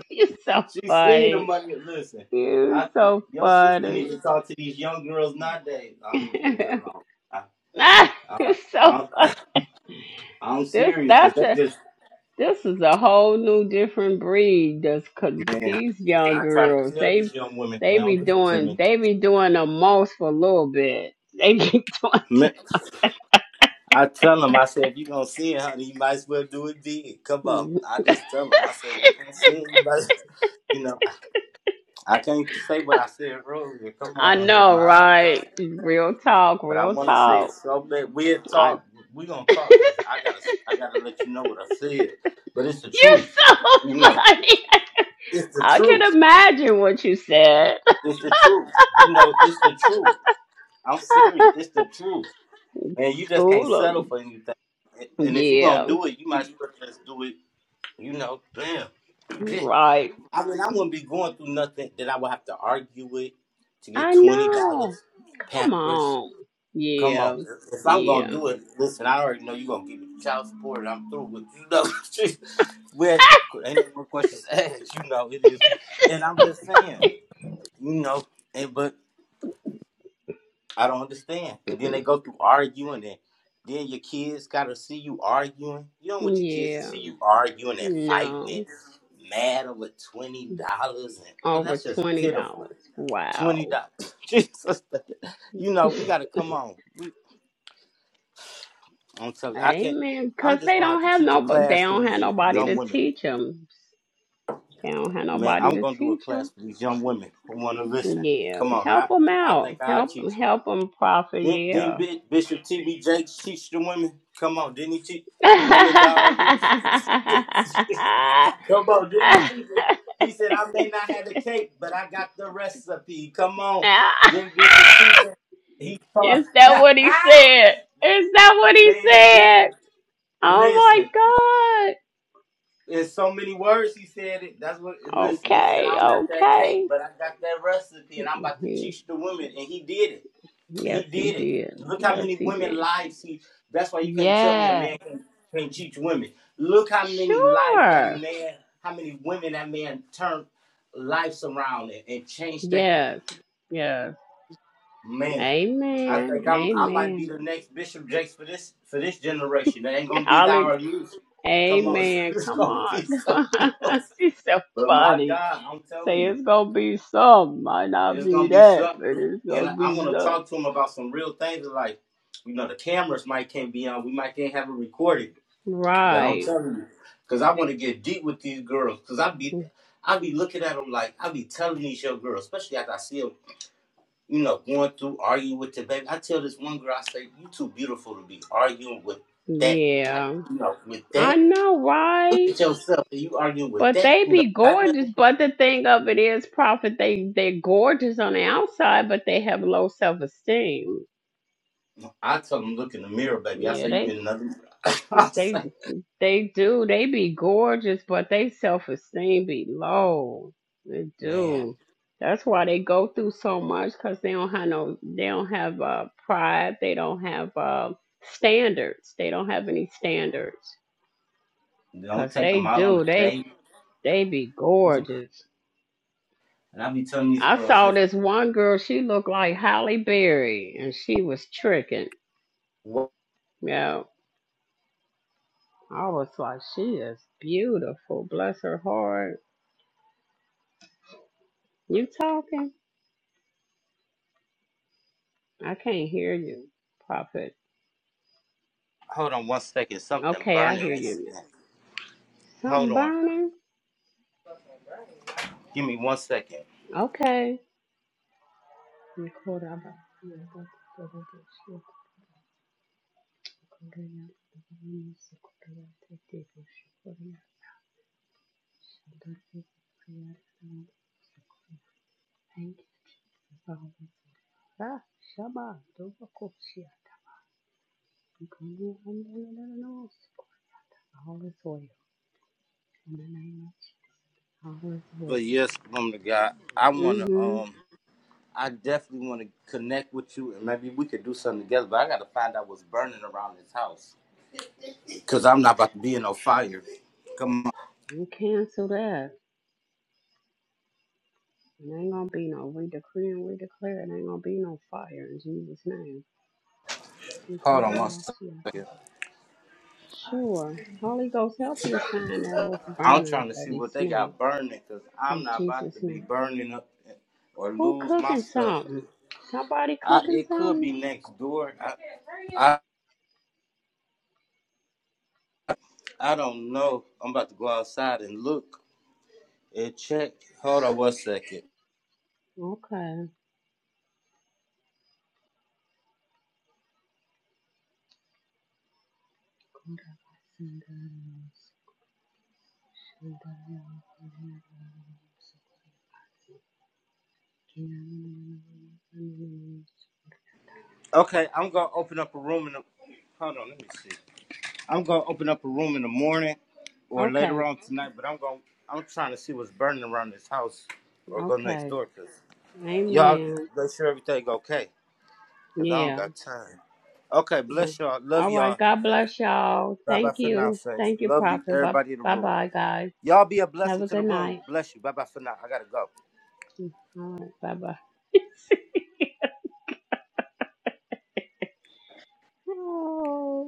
Speaker 10: You're so
Speaker 1: she seen the
Speaker 10: funny.
Speaker 1: money. Listen,
Speaker 10: You're
Speaker 1: I
Speaker 10: so
Speaker 1: your sister needs
Speaker 10: funny.
Speaker 1: to talk to these young girls nowadays. Oh, let me leave it alone. I,
Speaker 10: Ah,
Speaker 1: I,
Speaker 10: You're so
Speaker 1: I,
Speaker 10: funny.
Speaker 1: I'm
Speaker 10: This
Speaker 1: serious because
Speaker 10: that's
Speaker 1: they
Speaker 10: a
Speaker 1: just
Speaker 10: This is a whole new different breed. This, cause
Speaker 1: man.
Speaker 10: these young
Speaker 1: I try to
Speaker 10: girls,
Speaker 1: tell
Speaker 10: they
Speaker 1: these young women they
Speaker 10: they
Speaker 1: don't
Speaker 10: be
Speaker 1: listen
Speaker 10: doing
Speaker 1: to
Speaker 10: they be doing the most for a little bit. They be
Speaker 1: me. I tell him, I said, if you gonna sin, honey, you might as well do it big. Come on.
Speaker 10: doing.
Speaker 1: I just tell him, I said, if you gonna sin, you might as well. you know, I can't say what I said earlier. Come
Speaker 10: I
Speaker 1: on on here,
Speaker 10: know,
Speaker 1: my God.
Speaker 10: right? Real talk,
Speaker 1: But I
Speaker 10: real
Speaker 1: want to say it
Speaker 10: talk.
Speaker 1: so bad. We'll
Speaker 10: I,
Speaker 1: talk. We gonna talk because I gotta, I gotta let you know what I said. But it's the
Speaker 10: you're
Speaker 1: truth,
Speaker 10: so
Speaker 1: you know.
Speaker 10: funny.
Speaker 1: It's the
Speaker 10: I
Speaker 1: truth.
Speaker 10: can imagine what you said.
Speaker 1: It's the truth. You know, it's the truth. I'm serious. It's the truth, and you just can't
Speaker 10: School
Speaker 1: settle
Speaker 10: 'em.
Speaker 1: for anything. And and if you gonna
Speaker 10: Yeah,
Speaker 1: do it, you might as well just do it. You know, damn.
Speaker 10: right.
Speaker 1: I mean, I wouldn't be going through nothing that I would have to argue with to get
Speaker 10: I
Speaker 1: twenty dollars
Speaker 10: know. Come
Speaker 1: Pampers.
Speaker 10: on.
Speaker 1: Come
Speaker 10: Yeah,
Speaker 1: on, if I'm gonna
Speaker 10: yeah.
Speaker 1: do it, listen. I already know you gonna give me the child support. And I'm through with you know. Where ain't no more questions asked. You know it is, and I'm just saying, you know. And but I don't understand. And then they go through arguing, and then your kids gotta see you arguing. You don't want your kids to
Speaker 10: Yeah,
Speaker 1: see you arguing and fighting and
Speaker 10: no,
Speaker 1: mad over twenty dollars, and well,
Speaker 10: over
Speaker 1: that's just
Speaker 10: twenty
Speaker 1: pitiful.
Speaker 10: dollars.
Speaker 1: Twenty
Speaker 10: Wow.
Speaker 1: dollars. Jesus, you know we got to come on. We, I'm telling you, I can't.
Speaker 10: Amen.
Speaker 1: I'm
Speaker 10: Cause
Speaker 1: just
Speaker 10: they
Speaker 1: gonna have
Speaker 10: don't
Speaker 1: to
Speaker 10: have
Speaker 1: teach a
Speaker 10: no, but they
Speaker 1: class to
Speaker 10: don't
Speaker 1: these
Speaker 10: have
Speaker 1: y-
Speaker 10: nobody
Speaker 1: young
Speaker 10: to
Speaker 1: women,
Speaker 10: teach them. They don't have
Speaker 1: man.
Speaker 10: nobody
Speaker 1: I'm
Speaker 10: to
Speaker 1: gonna do a
Speaker 10: teach
Speaker 1: class
Speaker 10: them.
Speaker 1: for these young women who want to listen.
Speaker 10: Yeah,
Speaker 1: Come on,
Speaker 10: help
Speaker 1: I
Speaker 10: them
Speaker 1: I think
Speaker 10: out.
Speaker 1: I'll
Speaker 10: Help
Speaker 1: teach
Speaker 10: them.
Speaker 1: them.
Speaker 10: Help them, prophet.
Speaker 1: Did, did
Speaker 10: Yeah.
Speaker 1: Bi- Bishop T.B. Jakes teach the women? Come on, didn't he teach woman that are loose? Come on, didn't he teach them? He said, I may not have the cake, but I got the recipe. Come on, then Bishop teach them. He,
Speaker 10: Is that what he said? Is that what he
Speaker 1: man,
Speaker 10: said?
Speaker 1: Bishop,
Speaker 10: Oh
Speaker 1: listen.
Speaker 10: my
Speaker 1: in so many words he said it. That's what
Speaker 10: God.
Speaker 1: listen, he said, I
Speaker 10: Okay.
Speaker 1: don't got that
Speaker 10: Okay.
Speaker 1: cake, but I got that recipe and I'm about to
Speaker 10: He,
Speaker 1: teach the women. And he did it. He
Speaker 10: yes, he
Speaker 1: did it.
Speaker 10: did.
Speaker 1: Look how
Speaker 10: Yes,
Speaker 1: many
Speaker 10: he
Speaker 1: women
Speaker 10: did.
Speaker 1: lives he that's why you can't tell me a
Speaker 10: Yes,
Speaker 1: man can can teach women. Look how many lives that
Speaker 10: sure.
Speaker 1: man, how many women that man turned lives around and, and changed that
Speaker 10: Yes, yes.
Speaker 1: man. I
Speaker 10: Amen.
Speaker 1: think I'm I might be
Speaker 10: Amen.
Speaker 1: the next Bishop Jakes for this for this generation. That ain't gonna be thou
Speaker 10: Holly,
Speaker 1: or me. Come on,
Speaker 10: amen.
Speaker 1: it's
Speaker 10: Come
Speaker 1: gonna
Speaker 10: on.
Speaker 1: be something else.
Speaker 10: She's so
Speaker 1: But my
Speaker 10: funny.
Speaker 1: God, I'm telling
Speaker 10: Say
Speaker 1: you,
Speaker 10: it's gonna be some. Might not
Speaker 1: it's
Speaker 10: be
Speaker 1: gonna be
Speaker 10: that, but
Speaker 1: something.
Speaker 10: it's gonna
Speaker 1: And I'm
Speaker 10: be
Speaker 1: gonna
Speaker 10: some.
Speaker 1: talk to him about some real things like, you know, the cameras might can't be on, we might can't have it recorded. But I'm
Speaker 10: Right.
Speaker 1: telling you, cause I want to get deep with these girls, cause I be, I be looking at them like I be telling these young girls, especially after I see them, you know, going through arguing with the baby. I tell this one girl, I say, you too beautiful to be arguing with that, like,
Speaker 10: Yeah.
Speaker 1: you know, with
Speaker 10: I
Speaker 1: that.
Speaker 10: know,
Speaker 1: Look
Speaker 10: right?
Speaker 1: at yourself, and you arguing with
Speaker 10: But
Speaker 1: that
Speaker 10: they
Speaker 1: who don't
Speaker 10: be
Speaker 1: got nothing.
Speaker 10: gorgeous. But the thing of it is, Prophet, they they're gorgeous on the outside, but they have low self esteem.
Speaker 1: I tell them, look in the mirror, baby. I
Speaker 10: Yeah,
Speaker 1: say, you
Speaker 10: they
Speaker 1: get another. I
Speaker 10: they
Speaker 1: say,
Speaker 10: they do. They be gorgeous, but they self esteem be low. They
Speaker 1: man,
Speaker 10: do. That's why they go through so much because they don't have no. They don't have uh, pride. They don't have uh, standards. They don't have any standards
Speaker 1: don't
Speaker 10: because
Speaker 1: take them
Speaker 10: they
Speaker 1: out on
Speaker 10: do.
Speaker 1: a
Speaker 10: They
Speaker 1: date.
Speaker 10: they be
Speaker 1: Ooh.
Speaker 10: gorgeous.
Speaker 1: And I be telling these
Speaker 10: I
Speaker 1: girls
Speaker 10: saw
Speaker 1: this.
Speaker 10: this one girl, she looked like Halle Berry and she was tricking. Yeah. I was like, she is beautiful. Bless her heart. You talking? I can't hear you, Prophet.
Speaker 1: Hold on one second. Something
Speaker 10: Okay, I
Speaker 1: burning.
Speaker 10: hear
Speaker 1: They
Speaker 10: you now.
Speaker 1: saying. Hold
Speaker 10: Something
Speaker 1: on.
Speaker 10: burning?
Speaker 1: Give me one second.
Speaker 10: Okay. Thank you. Ah, Shabbat, Dobakosia, all is well. In the name of all is well.
Speaker 1: But yes, woman of God, I want to,
Speaker 10: Mm-hmm.
Speaker 1: um, I definitely want to connect with you and maybe we could do something together. But I got to find out what's burning around this house. Because I'm not about to be in no fire. Come on.
Speaker 10: We cancel that. It ain't gonna be no we decree and we declare it ain't gonna be no fire in Jesus' name.
Speaker 1: Hold on one second.
Speaker 10: Sure. Holy Ghost help him find that what's
Speaker 1: I'm
Speaker 10: burning
Speaker 1: trying to
Speaker 10: that
Speaker 1: see
Speaker 10: he
Speaker 1: what they
Speaker 10: smelled
Speaker 1: got burning because I'm
Speaker 10: In
Speaker 1: not about to
Speaker 10: Jesus'
Speaker 1: be
Speaker 10: name.
Speaker 1: burning up or
Speaker 10: Who
Speaker 1: lose my
Speaker 10: cooking
Speaker 1: stuff.
Speaker 10: something? Somebody
Speaker 1: I,
Speaker 10: cooking
Speaker 1: it could
Speaker 10: something?
Speaker 1: be next door. I, I I don't know. I'm about to go outside and look and check. Hold on one second.
Speaker 10: Okay.
Speaker 1: Okay, I'm gonna open up a room in the. Hold on, let me see. I'm gonna open up a room in the morning or later
Speaker 10: Okay,
Speaker 1: on tonight. But I'm gonna I'm trying to see what's burning around this house or go next
Speaker 10: okay.
Speaker 1: door because y'all
Speaker 10: Amen.
Speaker 1: make sure everything okay. Cause I don't
Speaker 10: Yeah.
Speaker 1: got time. Okay,
Speaker 10: yeah.
Speaker 1: bless y'all. Love
Speaker 10: All right.
Speaker 1: y'all.
Speaker 10: God bless y'all.
Speaker 1: Bye bye
Speaker 10: Thank
Speaker 1: for now,
Speaker 10: you.
Speaker 1: sex.
Speaker 10: Thank you,
Speaker 1: Love you,
Speaker 10: Prophet. Bye
Speaker 1: everybody in the room.
Speaker 10: bye, guys.
Speaker 1: Y'all be a
Speaker 10: Have
Speaker 1: blessing
Speaker 10: a
Speaker 1: to the
Speaker 10: good
Speaker 1: room.
Speaker 10: night.
Speaker 1: Bless you. Bye bye for now. I gotta go.
Speaker 10: All right. Bye bye. Oh.